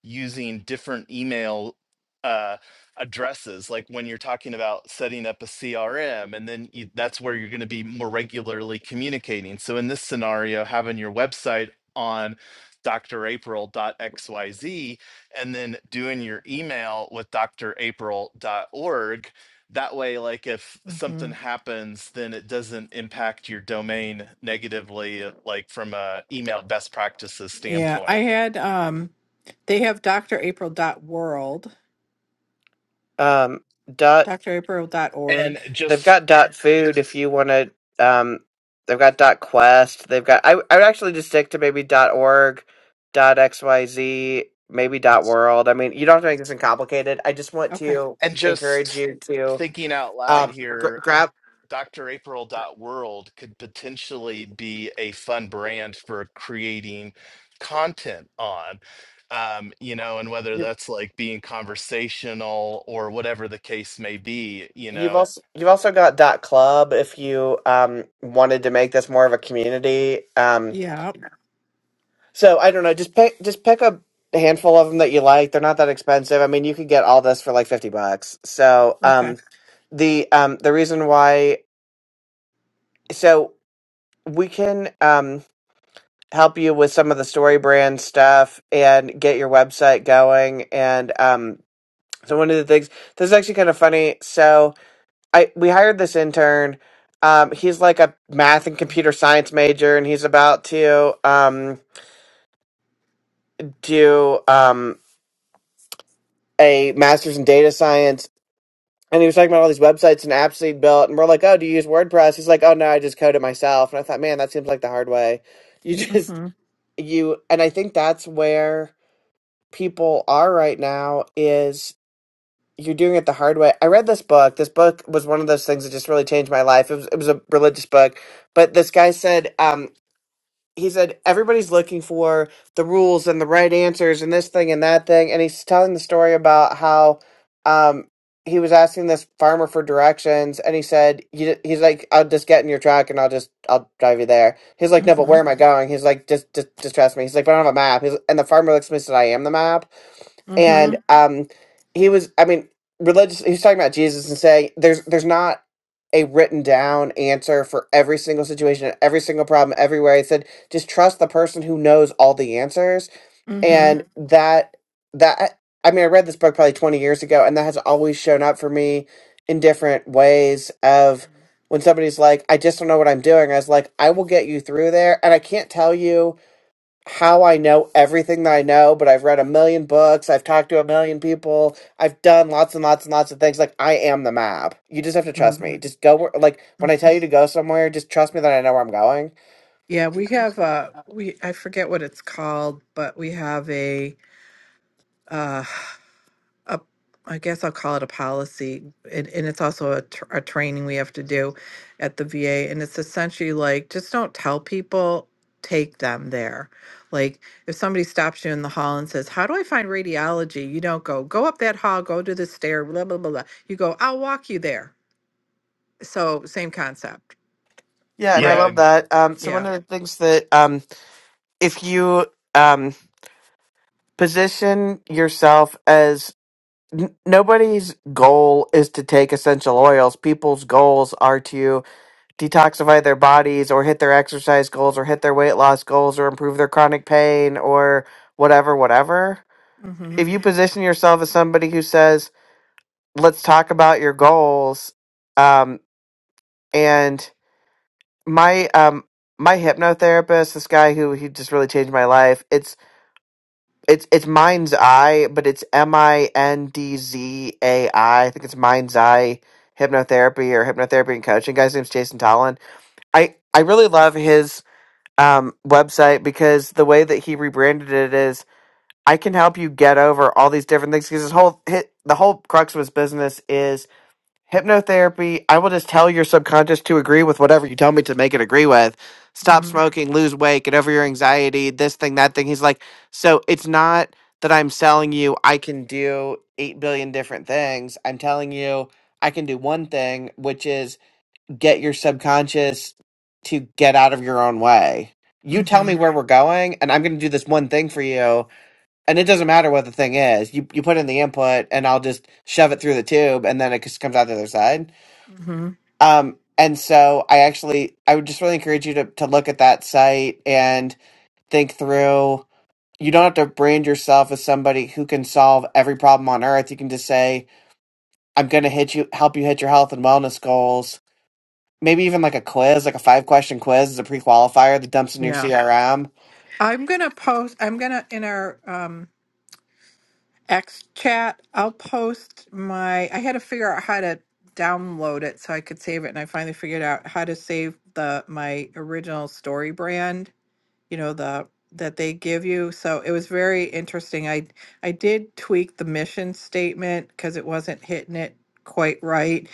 using different email uh, addresses. Like when you're talking about setting up a CRM, and then you, that's where you're going to be more regularly communicating. So in this scenario, having your website on drapril.xyz and then doing your email with d r april dot org That way, like if something
mhm.
happens, then it doesn't impact your domain negatively, uh, like from a email best practices
yeah, I
standpoint.
had um they have Dr. April dot world,
um, dot.
Doctor April dot
And
org.
They've
just
got dot .food if you want to. Um, they've got dot .quest. They've got. I, I would actually just stick to maybe dot .org, dot .xyz, maybe dot .world. I mean, you don't have to make this complicated. I just want
Okay.
to
and
encourage
just
you to
thinking out loud
um, gr-
here
grab.
Dr April dot world could potentially be a fun brand for creating content on um, you know and whether that's like being conversational or whatever the case may be you
You've
know
also you've also got dot club if you um wanted to make this more of a community. Um,
Yeah.
so I don't know, just pick just pick a handful of them that you like. They're not that expensive. I mean, you could get all this for like fifty bucks. So
Okay.
um the um the reason why so we can um help you with some of the story brand stuff and get your website going and um so one of the things this is actually kind of funny. So I we hired this intern. Um, he's like a math and computer science major, and he's about to um, do um, a master's in data science. And he was talking about all these websites and apps that he built, and we're like, "Oh, do you use WordPress?" He's like, "Oh no, I just code it myself." And I thought, man, that seems like the hard way. You just
Mhm.
you, and I think that's where people are right now is you're doing it the hard way. I read this book. This book was one of those things that just really changed my life. It was it was a religious book, but this guy said, um, he said everybody's looking for the rules and the right answers and this thing and that thing and he's telling the story about how um he was asking this farmer for directions and he said you, he's like i'll just get in your truck and i'll just i'll drive you there he's like no but where
Mhm.
am i going he's like just just, just trust me he's like but i don't have a map he's, and the farmer looks at me and said i am the map and
Mhm.
um he was i mean religious he was talking about jesus and saying there's there's not a written down answer for every single situation every single problem everywhere he said just trust the person who knows all the answers
Mhm.
and Mhm. that that i mean i read this book probably 20 years ago and that has always shown up for me in different ways of when somebody's like i just don't know what i'm doing i was like i will get you through there and i can't tell you how I know everything that I know, but I've read a million books, I've talked to a million people, I've done lots and lots and lots of things. Like I am the map. You just have to trust
Mhm. mhm.
me. Just go where like when I tell you to go somewhere, just trust me that I know where I'm going.
Yeah, we have uh we I forget what it's called, but we have a uh a I guess I'll call it a policy, and, and it's also a, tr- a training we have to do at the VA. And it's essentially like just don't tell people, take them there. Like if somebody stops you in the hall and says, How do I find radiology? You don't go, Go up that hall, go to the stair, blah, blah, blah, blah. You go, I'll walk you there. So, same concept,
Yeah, and I
yeah
right?
love that. Um, so one
Yeah.
of the things that um, if you um, position yourself as n- nobody's goal is to take essential oils, people's goals are to detoxify their bodies or hit their exercise goals or hit their weight loss goals or improve their chronic pain or whatever, whatever.
Mm-hmm.
If you position yourself as somebody who says, let's talk about your goals, um, and my um my hypnotherapist, this guy who he just really changed my life, it's it's it's mind's eye, but it's M I N D Z A I. I think it's mind's eye hypnotherapy or hypnotherapy and coaching. Guy's name's Jason Tallon. I I really love his um, website because the way that he rebranded it is I can help you get over all these different things because his whole hit the whole crux of his business is hypnotherapy. I will just tell your subconscious to agree with whatever you tell me to make it agree with. Stop
Mm-hmm.
smoking, lose weight, get over your anxiety, this thing, that thing. He's like, so it's not that I'm selling you I can do eight billion different things. I'm telling you I can do one thing, which is get your subconscious to get out of your own way. You tell
Mm-hmm.
me where we're going, and I'm going to do this one thing for you. And it doesn't matter what the thing is. You you put in the input, and I'll just shove it through the tube, and then it just comes out the other side.
Mm-hmm.
Um, and so I actually I would just really encourage you to to look at that site and think through. You don't have to brand yourself as somebody who can solve every problem on earth. You can just say, "I'm going to hit you, help you hit your health and wellness goals." maybe even like a quiz, like a five question quiz as a pre qualifier that dumps in your
Yeah.
CRM.
I'm going to post, I'm going to, in our, um, X chat. I'll post my. I had to figure out how to download it so I could save it, and I finally figured out how to save the my original story brand you know the that they give you so it was very interesting i i did tweak the mission statement because it wasn't hitting it quite right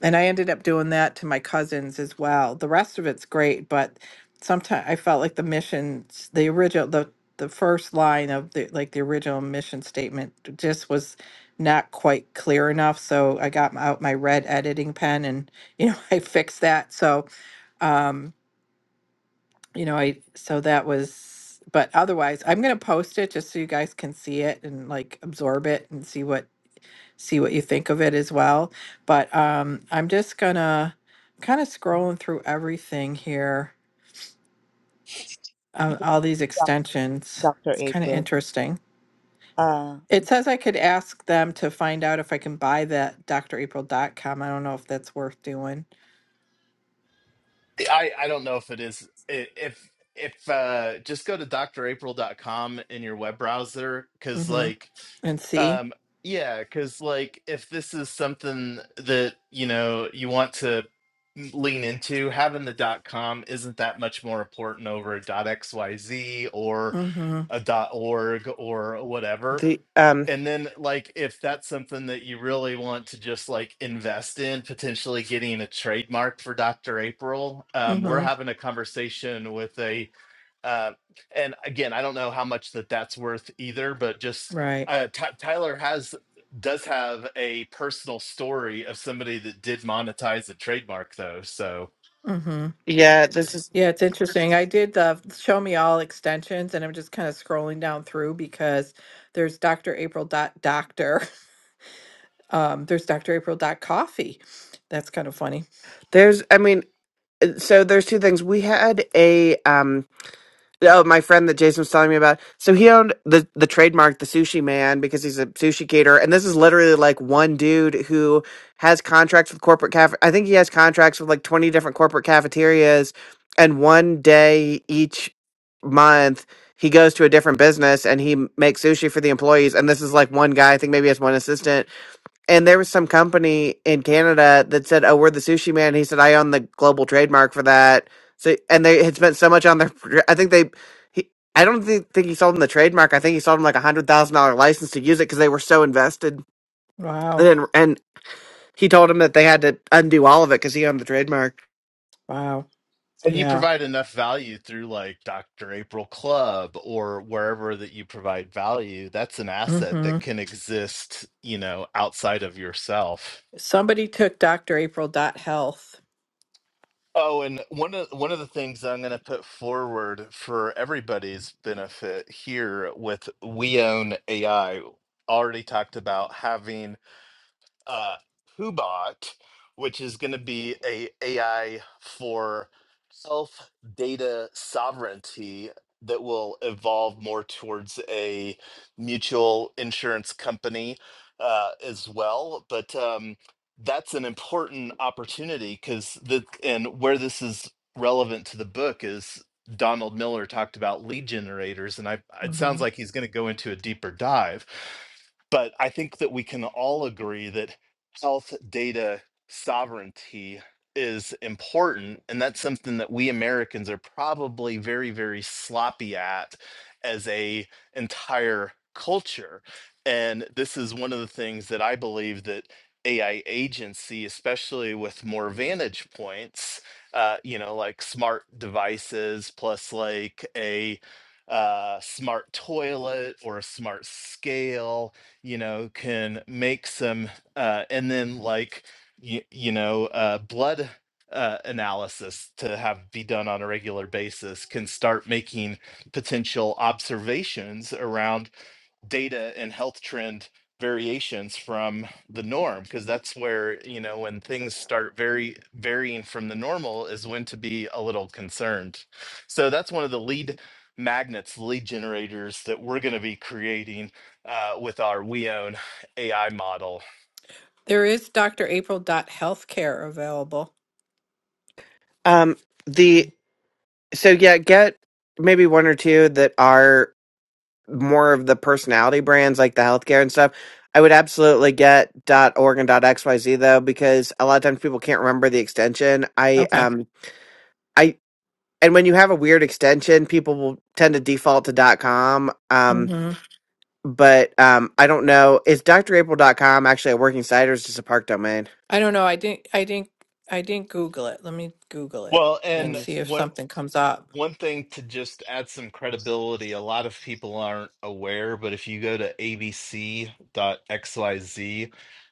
and i ended up doing that to my cousins as well the rest of it's great but sometimes i felt like the missions the original the the first line of the like the original mission statement just was not quite clear enough so i got m- out my red editing pen and you know i fixed that so um you know, I so that was but otherwise I'm gonna post it just so you guys can see it and like absorb it and see what see what you think of it as well. But um I'm just gonna kind of scrolling through everything here, um, all these
Doc-
extensions.
Dr.
It's kind of
April.
interesting.
Uh,
It says I could ask them to find out if I can buy that drapril.com. I don't know if that's worth doing.
i i don't know if it is i- if if uh just go to dr april dot com in your web browser because
Mm-hmm.
like
And see.
Um, yeah, because like if this is something that you know you want to lean into, having the dot com isn't that much more important over a dot xyz or
Mm-hmm.
a dot org or whatever.
The um
And then like if that's something that you really want to just like invest in, potentially getting a trademark for Dr. April, um, we're
Mm-hmm.
having a conversation with a uh, and again, I don't know how much that that's worth either, but just
Right.
uh, Ty Tyler has does have a personal story of somebody that did monetize a trademark though. So,
Mm-hmm.
yeah, this is
Yeah, it's interesting. I did the show me all extensions, and I'm just kind of scrolling down through because there's Dr. April dot doctor. Um, there's Dr. April dot coffee. That's kind of funny.
there's I mean, uh, so there's two things. We had a um Oh, my friend that Jason was telling me about. So he owned the the trademark, the Sushi Man, because he's a sushi caterer. And this is literally like one dude who has contracts with corporate caf. I think he has contracts with like twenty different corporate cafeterias, and one day each month he goes to a different business and he m- makes sushi for the employees. And this is like one guy. I think maybe he has one assistant and there was some company in Canada that said, "Oh, we're the sushi man." He said, "I own the global trademark for that." So, and they had spent so much on their. I think they, he, I don't think, think he sold them the trademark. I think he sold them like a hundred thousand dollar license to use it because they were so invested.
Wow.
And and he told him that they had to undo all of it because he owned the trademark.
Wow.
and you
Yeah.
provide enough value through like Dr. April Club or wherever that you provide value, that's an asset
hmm
that can exist, you know, outside of yourself.
Somebody took Dr. April dot health.
Oh, and one of one of the things I'm going to put forward for everybody's benefit here with We Own AI already talked about having uh, Hubot, which is going to be a AI for self data sovereignty that will evolve more towards a mutual insurance company uh, as well. But um, that's an important opportunity because the and where this is relevant to the book is Donald Miller talked about lead generators, and I it sounds
hmm
like he's going to go into a deeper dive but I think that we can all agree that health data sovereignty is important and that's something that we Americans are probably very very sloppy at as a entire culture and this is one of the things that I believe that AI agency especially with more vantage points uh, you know like smart devices plus like a uh, smart toilet or a smart scale you know can make some uh, and then like you, you know uh, blood uh, analysis to have be done on a regular basis can start making potential observations around data and health trend variations from the norm because that's where you know when things start very varying from the normal is when to be a little concerned so that's one of the lead magnets lead generators that we're going to be creating uh, with our we own ai model
There is Dr. April dot healthcare available.
Um, the so yeah, get maybe one or two that are more of the personality brands like the healthcare and stuff. I would absolutely get .org and .xyz though because a lot of times people can't remember the extension. I
Okay.
um I and when you have a weird extension, people will tend to default to .com. Um,
hmm
but um, I don't know. Is dr april dot .com actually a working site or is it just a park domain?
I don't know. I didn't. I didn't. I didn't Google it. Let me Google it
Well,
Yeah,
and
let
and
me
see
see.
if
what
something comes up.
one thing to just add some credibility, a lot of people aren't aware, but if you go to abc.xyz,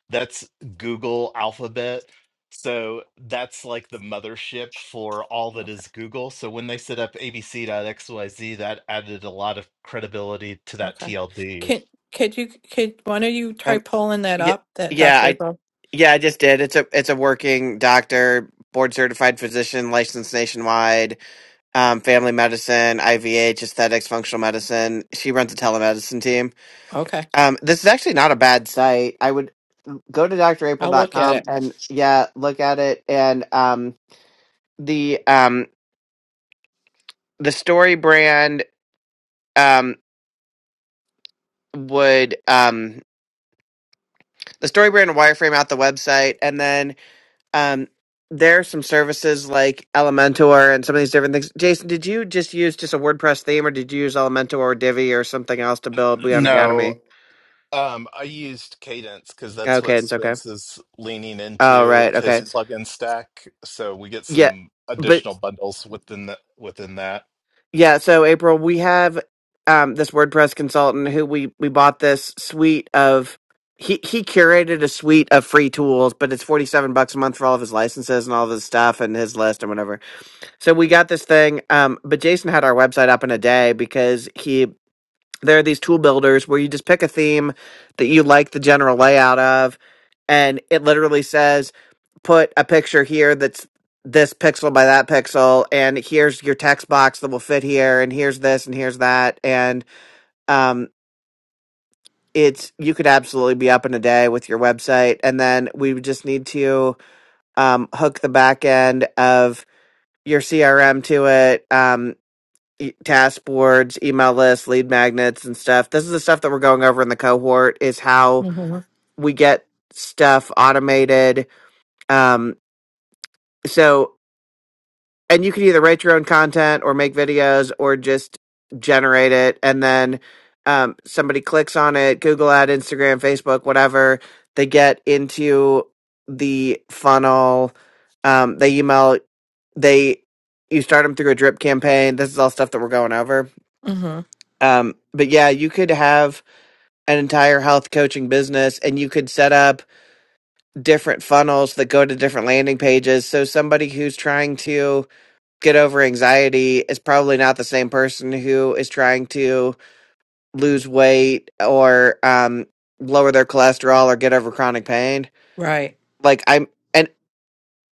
that's Google Alphabet. So that's like the mothership for all that is Google. So when they set up abc.xyz, that added a lot of credibility to that
Okay.
TLD.
Can could you could one of you try
Um,
pulling that
yeah,
up, that
yeah,
Dr.
I
Bo?
yeah I just did. It's a it's a working doctor, board certified physician, licensed nationwide um, family medicine, IVH, aesthetics, functional medicine. She runs a telemedicine team.
Okay.
Um, this is actually not a bad site. I would go to dr april
I'll
dot
look at
com
it.
and yeah, look at it. And um, the um, the story brand um, would um, the story brand wireframe out the website, and then um, there are some services like Elementor and some of these different things. Jason, did you just use just a WordPress theme, or did you use Elementor or Divi or something else to build Beyond
No,
Academy?
Um, I used Cadence because that's
Okay,
what
it's okay.
Spence is leaning
Oh,
into
right.
with his
Okay.
plugin stack. So we get
Yeah.
some
But
additional bundles within that. Within that,
yeah, so April, we have um this WordPress consultant who we we bought this suite of he he curated a suite of free tools, but it's 47 bucks a month for all of his licenses and all of his stuff and his list and whatever. So we got this thing um but Jason had our website up in a day because he there are these tool builders where you just pick a theme that you like the general layout of and it literally says put a picture here that's this pixel by that pixel and here's your text box that will fit here and here's this and here's that and um it's you could absolutely be up in a day with your website and then we would just need to um hook the back end of your CRM to it um e- task boards email lists lead magnets and stuff this is the stuff that we're going over in the cohort is how
hmm
we get stuff automated um so and you can either write your own content or make videos or just generate it and then um, somebody clicks on it google ad instagram facebook whatever they get into the funnel um, they email they you start them through a drip campaign this is all stuff that we're going over
hmm
um, but yeah you could have an entire health coaching business and you could set up different funnels that go to different landing pages so somebody who's trying to get over anxiety is probably not the same person who is trying to lose weight or um, lower their cholesterol or get over chronic pain.
Right.
Like I'm, and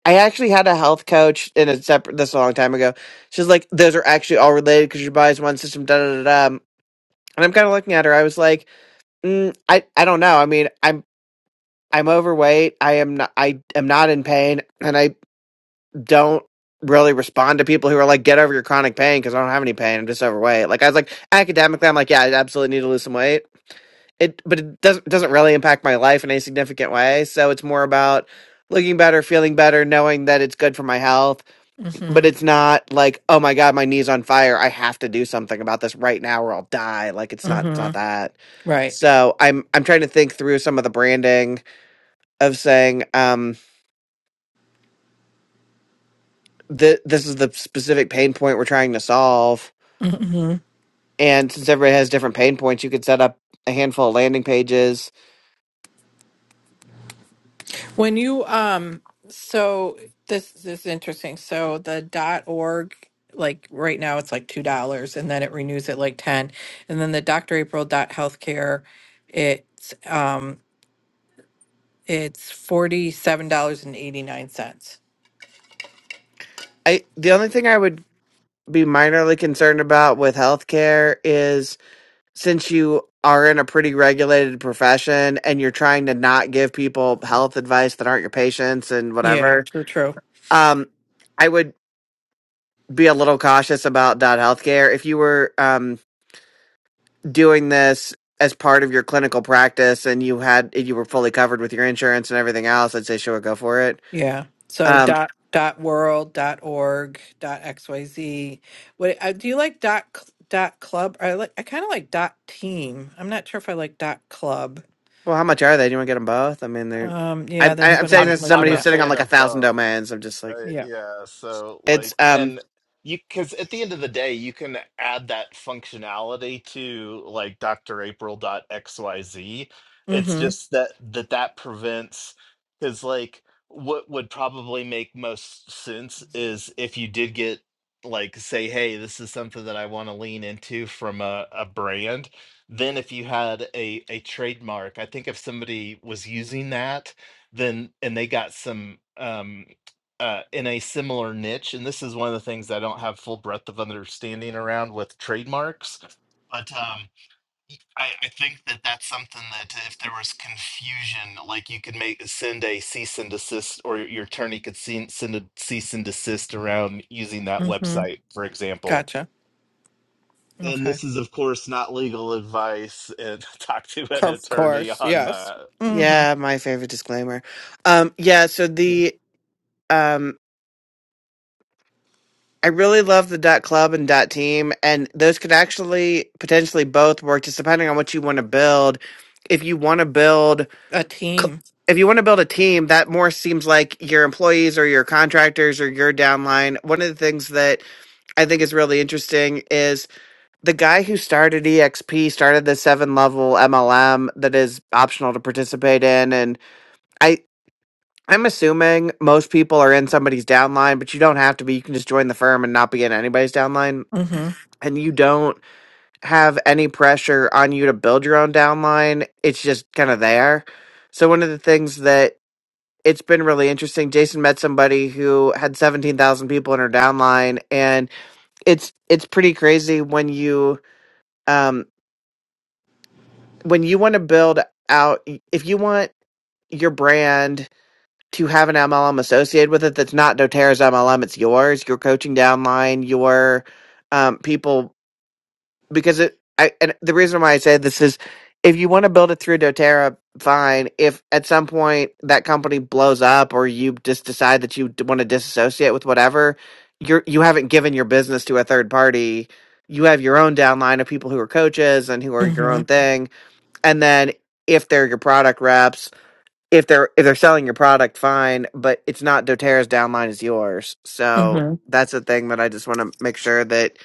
I actually had a health coach in a separate this a long time ago. She's like, those are actually all related because your body's one system. Da da da. da. Um, And I'm kind of looking at her. I was like, mm, I I don't know. I mean, I'm I'm overweight. I am not. I am not in pain, and I don't really respond to people who are like, get over your chronic pain because I don't have any pain. I'm just overweight. Like I was like academically, I'm like, yeah, I absolutely need to lose some weight. It, but it doesn't doesn't really impact my life in any significant way. So it's more about looking better, feeling better, knowing that it's good for my health.
hmm
But it's not like, oh my god, my knee's on fire. I have to do something about this right now, or I'll die. Like it's not it's
hmm
not that.
Right.
So I'm I'm trying to think through some of the branding of saying um, th- this is the specific pain point we're trying to solve
hmm
And since everybody has different pain points, you could set up a handful of landing pages.
When you um so this, this is interesting. So the dot org like right now it's like two dollars and then it renews at like ten. And then the Dr. April dot healthcare it's um it's forty seven dollars and eighty nine cents.
I the only thing I would be minorly concerned about with healthcare is since you are in a pretty regulated profession and you're trying to not give people health advice that aren't your patients and
Yeah,
whatever,
true, true.
um, I would be a little cautious about dot healthcare. If you were um, doing this as part of your clinical practice and you had you were fully covered with your insurance and everything else, I'd say sure go for it
Yeah. So
Um,
dot dot world dot org dot xyz. What uh, do you like dot cl- dot club? I like I kind of like dot team. I'm not sure if I like dot club.
Well, how much are they? Do you want to get them both? I mean, they're.
Um. Yeah,
I'm I-
that's
I'm
I'm
what
saying
I'm
this
I'm
to
looking
somebody
I'm a
who's
at.
sitting on
fan
like a
of
thousand
both.
domains. I'm just like
Uh,
Yeah.
yeah, so
it's
like,
um
and you, because at the end of the day, you can add that functionality to like drapril.xyz. It's
Mm-hmm.
just that that that prevents, because like what would probably make most sense is if you did get like say, hey, this is something that I want to lean into from a, a brand. Then if you had a a trademark, I think if somebody was using that, then and they got some. um uh, in a similar niche, and this is one of the things I don't have full breadth of understanding around with trademarks. But um, y- I, I think that that's something that if there was confusion, like you could make send a cease and desist, or your attorney could send, send a cease and desist around using that
Mm-hmm.
website, for example.
Gotcha.
And
Okay.
this is, of course, not legal advice. And talk to
Co-
an
Of
attorney
course.
on
Yes.
that.
Mm-hmm.
yeah my favorite disclaimer, um yeah so the um I really love the dot club and dot team and those could actually potentially both work just depending on what you want to build. If you want to build
A
cl-
team.
if you want to build a team that more seems like your employees or your contractors or your downline. One of the things that I think is really interesting is the guy who started exp started the seven level mlm that is optional to participate in and i i'm assuming most people are in somebody's downline but you don't have to be you can just join the firm and not be in anybody's downline
Mm-hmm.
and you don't have any pressure on you to build your own downline it's just kind of there so one of the things that it's been really interesting jason met somebody who had 17000 people in her downline and it's it's pretty crazy when you um when you want to build out, if you want your brand to have an MLM associated with it that's not doTERRA's MLM, it's yours, your coaching downline, your um, people, because it, I, and the reason why I say this is if you want to build it through doTERRA, fine. If at some point that company blows up or you just decide that you want to disassociate with whatever, you're, you haven't given your business to a third party. You have your own downline of people who are coaches and who are your
Mm-hmm.
own thing and then if they're your product reps if they're if they're selling your product fine but it's not doterra's downline is yours so
Mm-hmm.
that's the thing that i just want to make sure that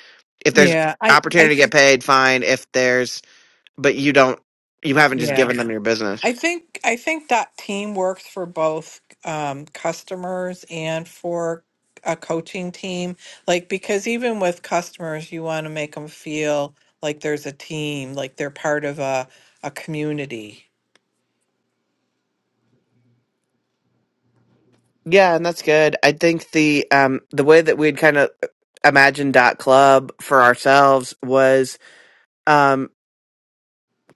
if there's
Yeah. I.
opportunity
I.
to get paid fine if there's but you don't you haven't just
Yeah.
given them your business
I think I think that team works for both um, customers and for a coaching team. Like because even with customers, you want to make them feel like there's a team, like they're part of a a community.
yeah and that's good i think the um the way that we'd kind of imagined dot club for ourselves was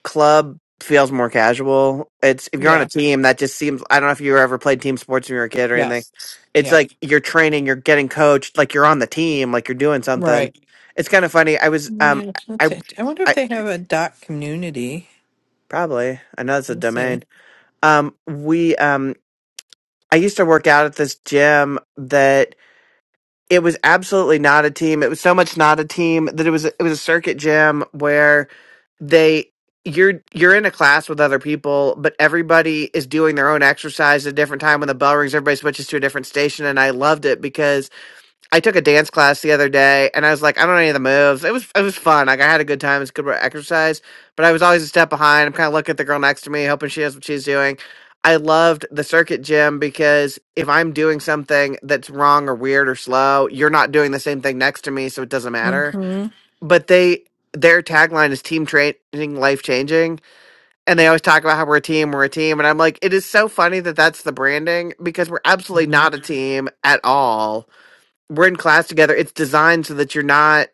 club feels more casual. It's if you're on a
Yeah.
team that just seems I don't know if you ever played team sports when you were a kid or anything.
Yes.
It's
Yeah.
like you're training, you're getting coached, like you're on the team, like you're doing something.
Right.
It's kind of funny. I was um
Yeah, that's
I
it. I wonder if
I
they have a dot community.
probably I know it's a
Let me see.
domain. Um we um I used to work out at this gym that it was absolutely not a team. It was so much not a team that it was it was a circuit gym where they you're you're in a class with other people, but everybody is doing their own exercise at a different time. When the bell rings, everybody switches to a different station, and I loved it because I took a dance class the other day, and I was like, I don't know any of the moves. It was it was fun. Like I had a good time. It's good exercise, but I was always a step behind. I'm kind of looking at the girl next to me, hoping she knows what she's doing. I loved the circuit gym because if I'm doing something that's wrong or weird or slow, you're not doing the same thing next to me, so it doesn't matter
Mm-hmm.
but they their tagline is team training life changing and they always talk about how we're a team we're a team and i'm like it is so funny that that's the branding because we're absolutely
Mm-hmm.
not a team at all we're in class together it's designed so that you're not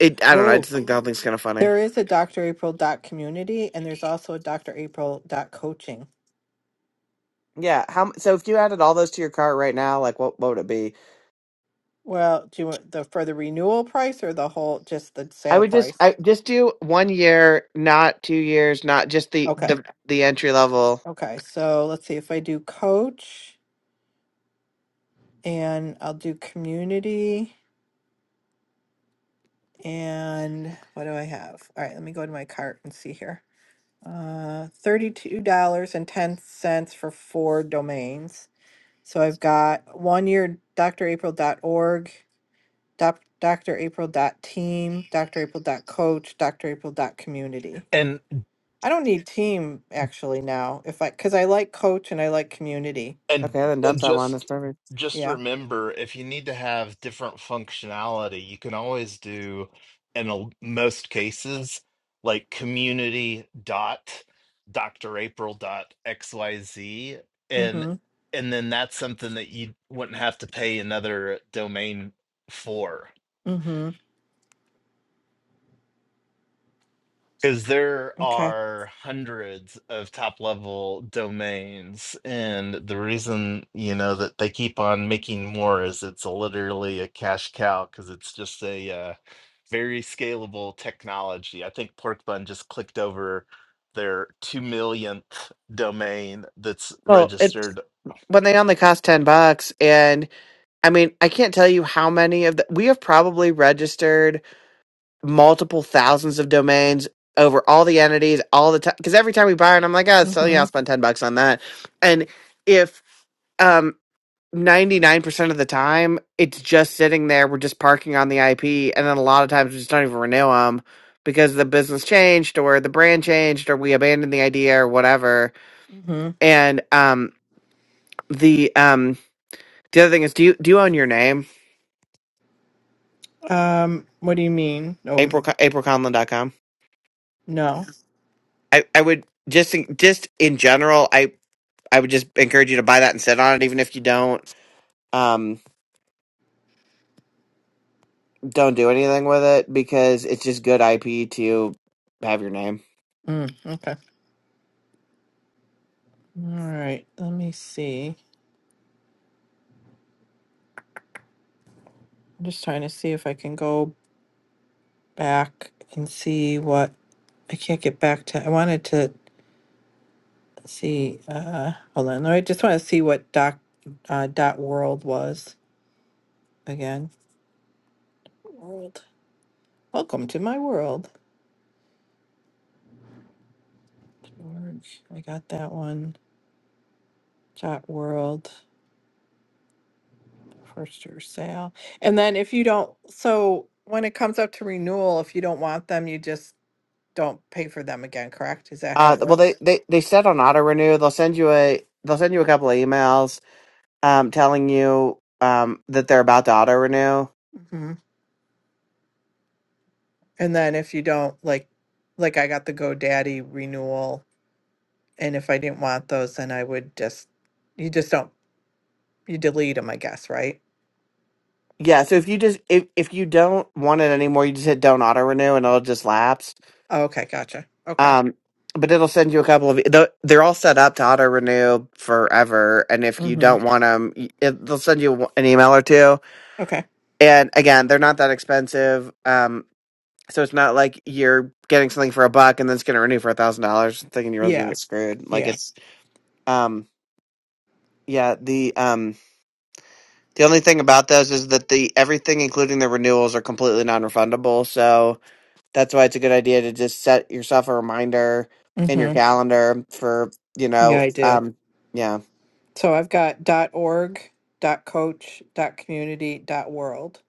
it i don't know i
Oh,
just think the whole thing's kind of funny
there is a Dr. April dot community, and there's also a Dr. April dot coaching.
yeah how m- so if you added all those to your cart right now like what, what would it be
Well, do you want the for the renewal price or the whole just the
i
sale
would just
price?
i just do one year not two years not just the
Okay.
the, the entry level
Okay. So let's see if I do coach and I'll do community and what do I have? All right, let me go to my cart and see here. Uh $32.10 for four domains. So I've got one year dr april dot org, doc- dr drapril.org, doc, drapril.team, dot coach, dr april dot community.
And.
I don't need team actually now. If I, because I like coach and I like community.
And
okay then dump
and
that one that's
just
perfect
just
Yeah.
remember, if you need to have different functionality, you can always do in a, most cases like community dot drapril dot xyz and
Mm-hmm.
and then that's something that you wouldn't have to pay another domain for.
Mm-hmm.
Because there
Okay.
are hundreds of top level domains, and the reason you know that they keep on making more is it's a, literally a cash cow because it's just a uh, very scalable technology. I think Pork Bun just clicked over their two millionth domain that's
well it's
registered.
when they only cost 10 bucks and. I mean, I can't tell you how many of the we have probably registered multiple thousands of domains over all the entities all the time. Because every time we buy one, I'm like, oh, it's selling.
Mm-hmm.
I'll spend ten bucks on that. And if um ninety nine percent of the time it's just sitting there, we're just parking on the IP, and then a lot of times we just don't even renew them because the business changed or the brand changed or we abandoned the idea or whatever.
Mm-hmm.
And um the um the other thing is, do you do you own your name?
Um, what do you mean? Oh,
April April Conlon dot com?
no.
I, I would just in- just in general, I I would just encourage you to buy that and sit on it, even if you don't um don't do anything with it because it's just good IP to have your name.
Mm, okay. All right. Let me see. I'm just trying to see if I can go back and see what I can't get back to. I wanted to see. Uh, hold on. I just want to see what doc uh, dot world was again. World. Welcome to my world. George, I got that one. Dot World for sure sale. And then if you don't, so when it comes up to renewal, if you don't want them, you just don't pay for them again, correct? Is that how
Uh,
it
well, they
works?
they they said on auto renew they'll send you a they'll send you a couple of emails um telling you um that they're about to auto renew.
hmm And then if you don't like, like I got the GoDaddy renewal, and if I didn't want those, then I would just, you just don't, you delete them, I guess, right?
Yeah, so if you just if if you don't want it anymore, you just hit don't auto renew and it'll just lapse.
Oh, Okay, gotcha. Okay.
Um, but it'll send you a couple of. the- They're all set up to auto renew forever, and if you
hmm
don't want them, they'll send you an email or two.
Okay.
And again, they're not that expensive, um, so it's not like you're getting something for a buck and then it's going to renew for a thousand dollars, thinking you're really going to
Yeah.
get screwed. Like
Yeah.
it's, um, yeah. The um, the only thing about those is that the everything, including the renewals, are completely non-refundable. So That's why it's a good idea to just set yourself a reminder in your
hmm
calendar for, you
Yeah,
know,
I do.
um yeah.
So I've got org, coach, community, world,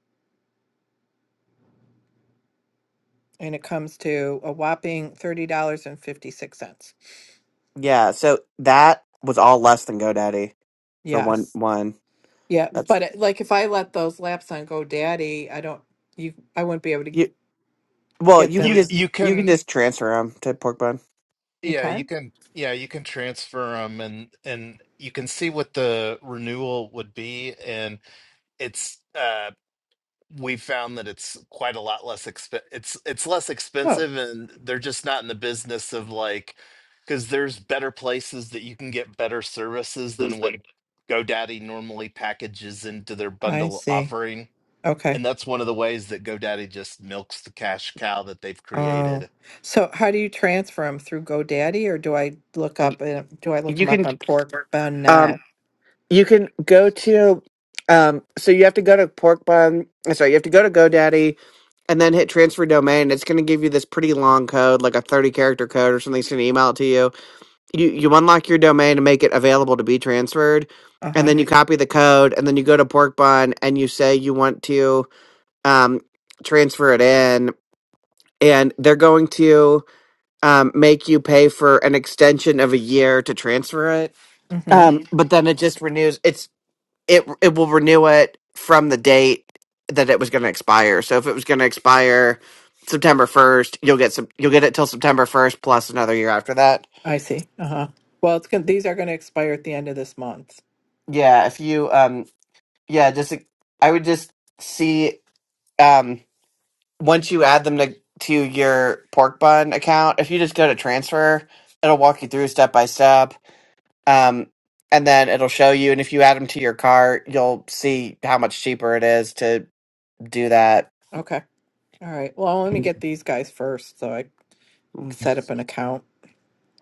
and it comes to a whopping thirty dollars and fifty six cents.
Yeah. So that was all less than GoDaddy for one
Yes,
one.
yeah,
That's
but it, like if I let those laps on GoDaddy, I don't you I wouldn't be able to
you well,
get
you can
You
them.
just
you
you can
can
just transfer them to Porkbun.
You
yeah you
can?
can yeah you can transfer them and and you can see what the renewal would be and it's uh we found that it's quite a lot less exp it's it's less
Oh,
expensive and they're just not in the business of like because there's better places that you can get better services than what GoDaddy normally packages into their
I
bundle
see.
offering.
Okay.
And that's one of the ways that GoDaddy just milks the cash cow that they've
Oh,
created.
so how do you transfer them through GoDaddy, or do I look up? uh, Do I look
You
them up
can
on Pork Bun now?
um you can go to um so you have to go to Porkbun, uh, sorry, you have to go to GoDaddy and then hit transfer domain. It's going to give you this pretty long code, like a 30 character code or something. It's going to email it to you you you unlock your domain and make it available to be transferred and
Uh
then you copy the code and then you go to porkbun and you say you want to um, transfer it in and they're going to um, make you pay for an extension of a year to transfer it
huh.
but then it just renews it's it it will renew it from the date that it was going to expire so if it was going to expire September 1st you'll get some you'll get it till September 1st plus another year after that
I see. Uh-huh. Well, it's going these are going to expire at the end of this month.
yeah if you um yeah just like, i would just see um once you add them to to your pork bun account if you just go to transfer it'll walk you through step by step um and then it'll show you and if you add them to your cart you'll see how much cheaper it is to do that
Okay. All right. Well, let me get these guys first so I
Mm,
set up an account.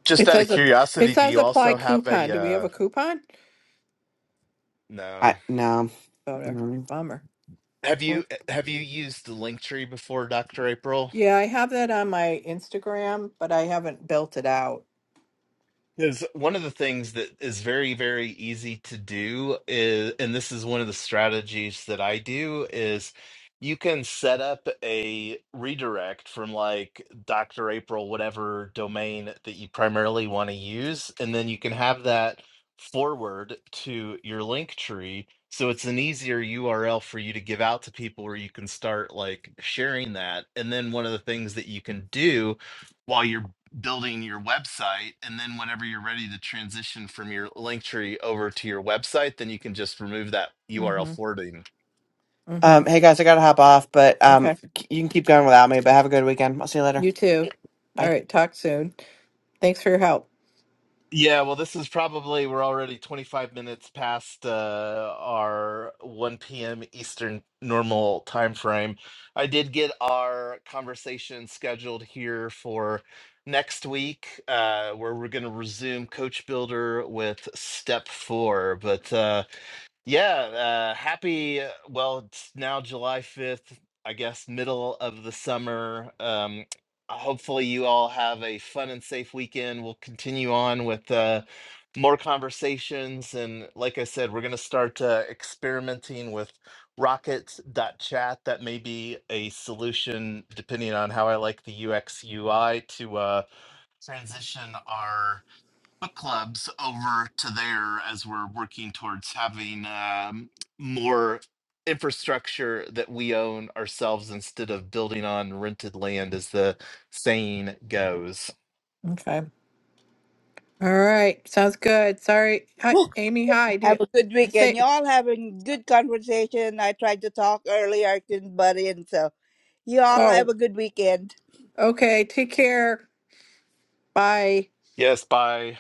Just
It
out of
says a it
curiosity, do
says
you
apply
also have
coupon.
a
Do we have
uh
a coupon?
no.
i no
Oh, there.
Mm.
Bummer.
Have
Poor-
you have you used the Linktree before, Dr. April?
Yeah, I have that on my Instagram, but I haven't built it out.
Because one of the things that is very, very easy to do is, and this is one of the strategies that I do, is you can set up a redirect from like Dr. April, whatever domain that you primarily want to use, and then you can have that forward to your link tree. So it's an easier URL for you to give out to people where you can start like sharing that. And then one of the things that you can do. while you're building your website and then whenever you're ready to transition from your link tree over to your website then you can just remove that url
Mhm.
forwarding
um
Mhm.
hey guys i gotta hop off but um
Okay.
c- you can keep going without me but have a good weekend i'll see you later
You too. All
bye
right, talk soon. Thanks for your help.
yeah well this is probably we're already 25 minutes past uh, our 1 p.m eastern normal time frame i did get our conversation scheduled here for next week uh, where we're going to resume coach builder with step four but uh, Yeah, uh, happy. uh, Well, it's now July 5th, I guess, middle of the summer. Um, hopefully, you all have a fun and safe weekend. We'll continue on with uh, more conversations. And like I said, we're going to start uh, experimenting with rockets.chat. That may be a solution, depending on how I like the UX UI, to uh, transition our book clubs over to there as we're working towards having um, more infrastructure that we own ourselves instead of building on rented land, as the saying goes.
Okay. All right. Sounds good. Sorry. Hi, Amy. Hi. Do
Have
you
a good weekend.
say
Y'all having good conversation. I tried to talk earlier, I couldn't butt in. So, y'all have
Oh,
a good weekend.
okay. Take care. Bye.
Yes, Bye.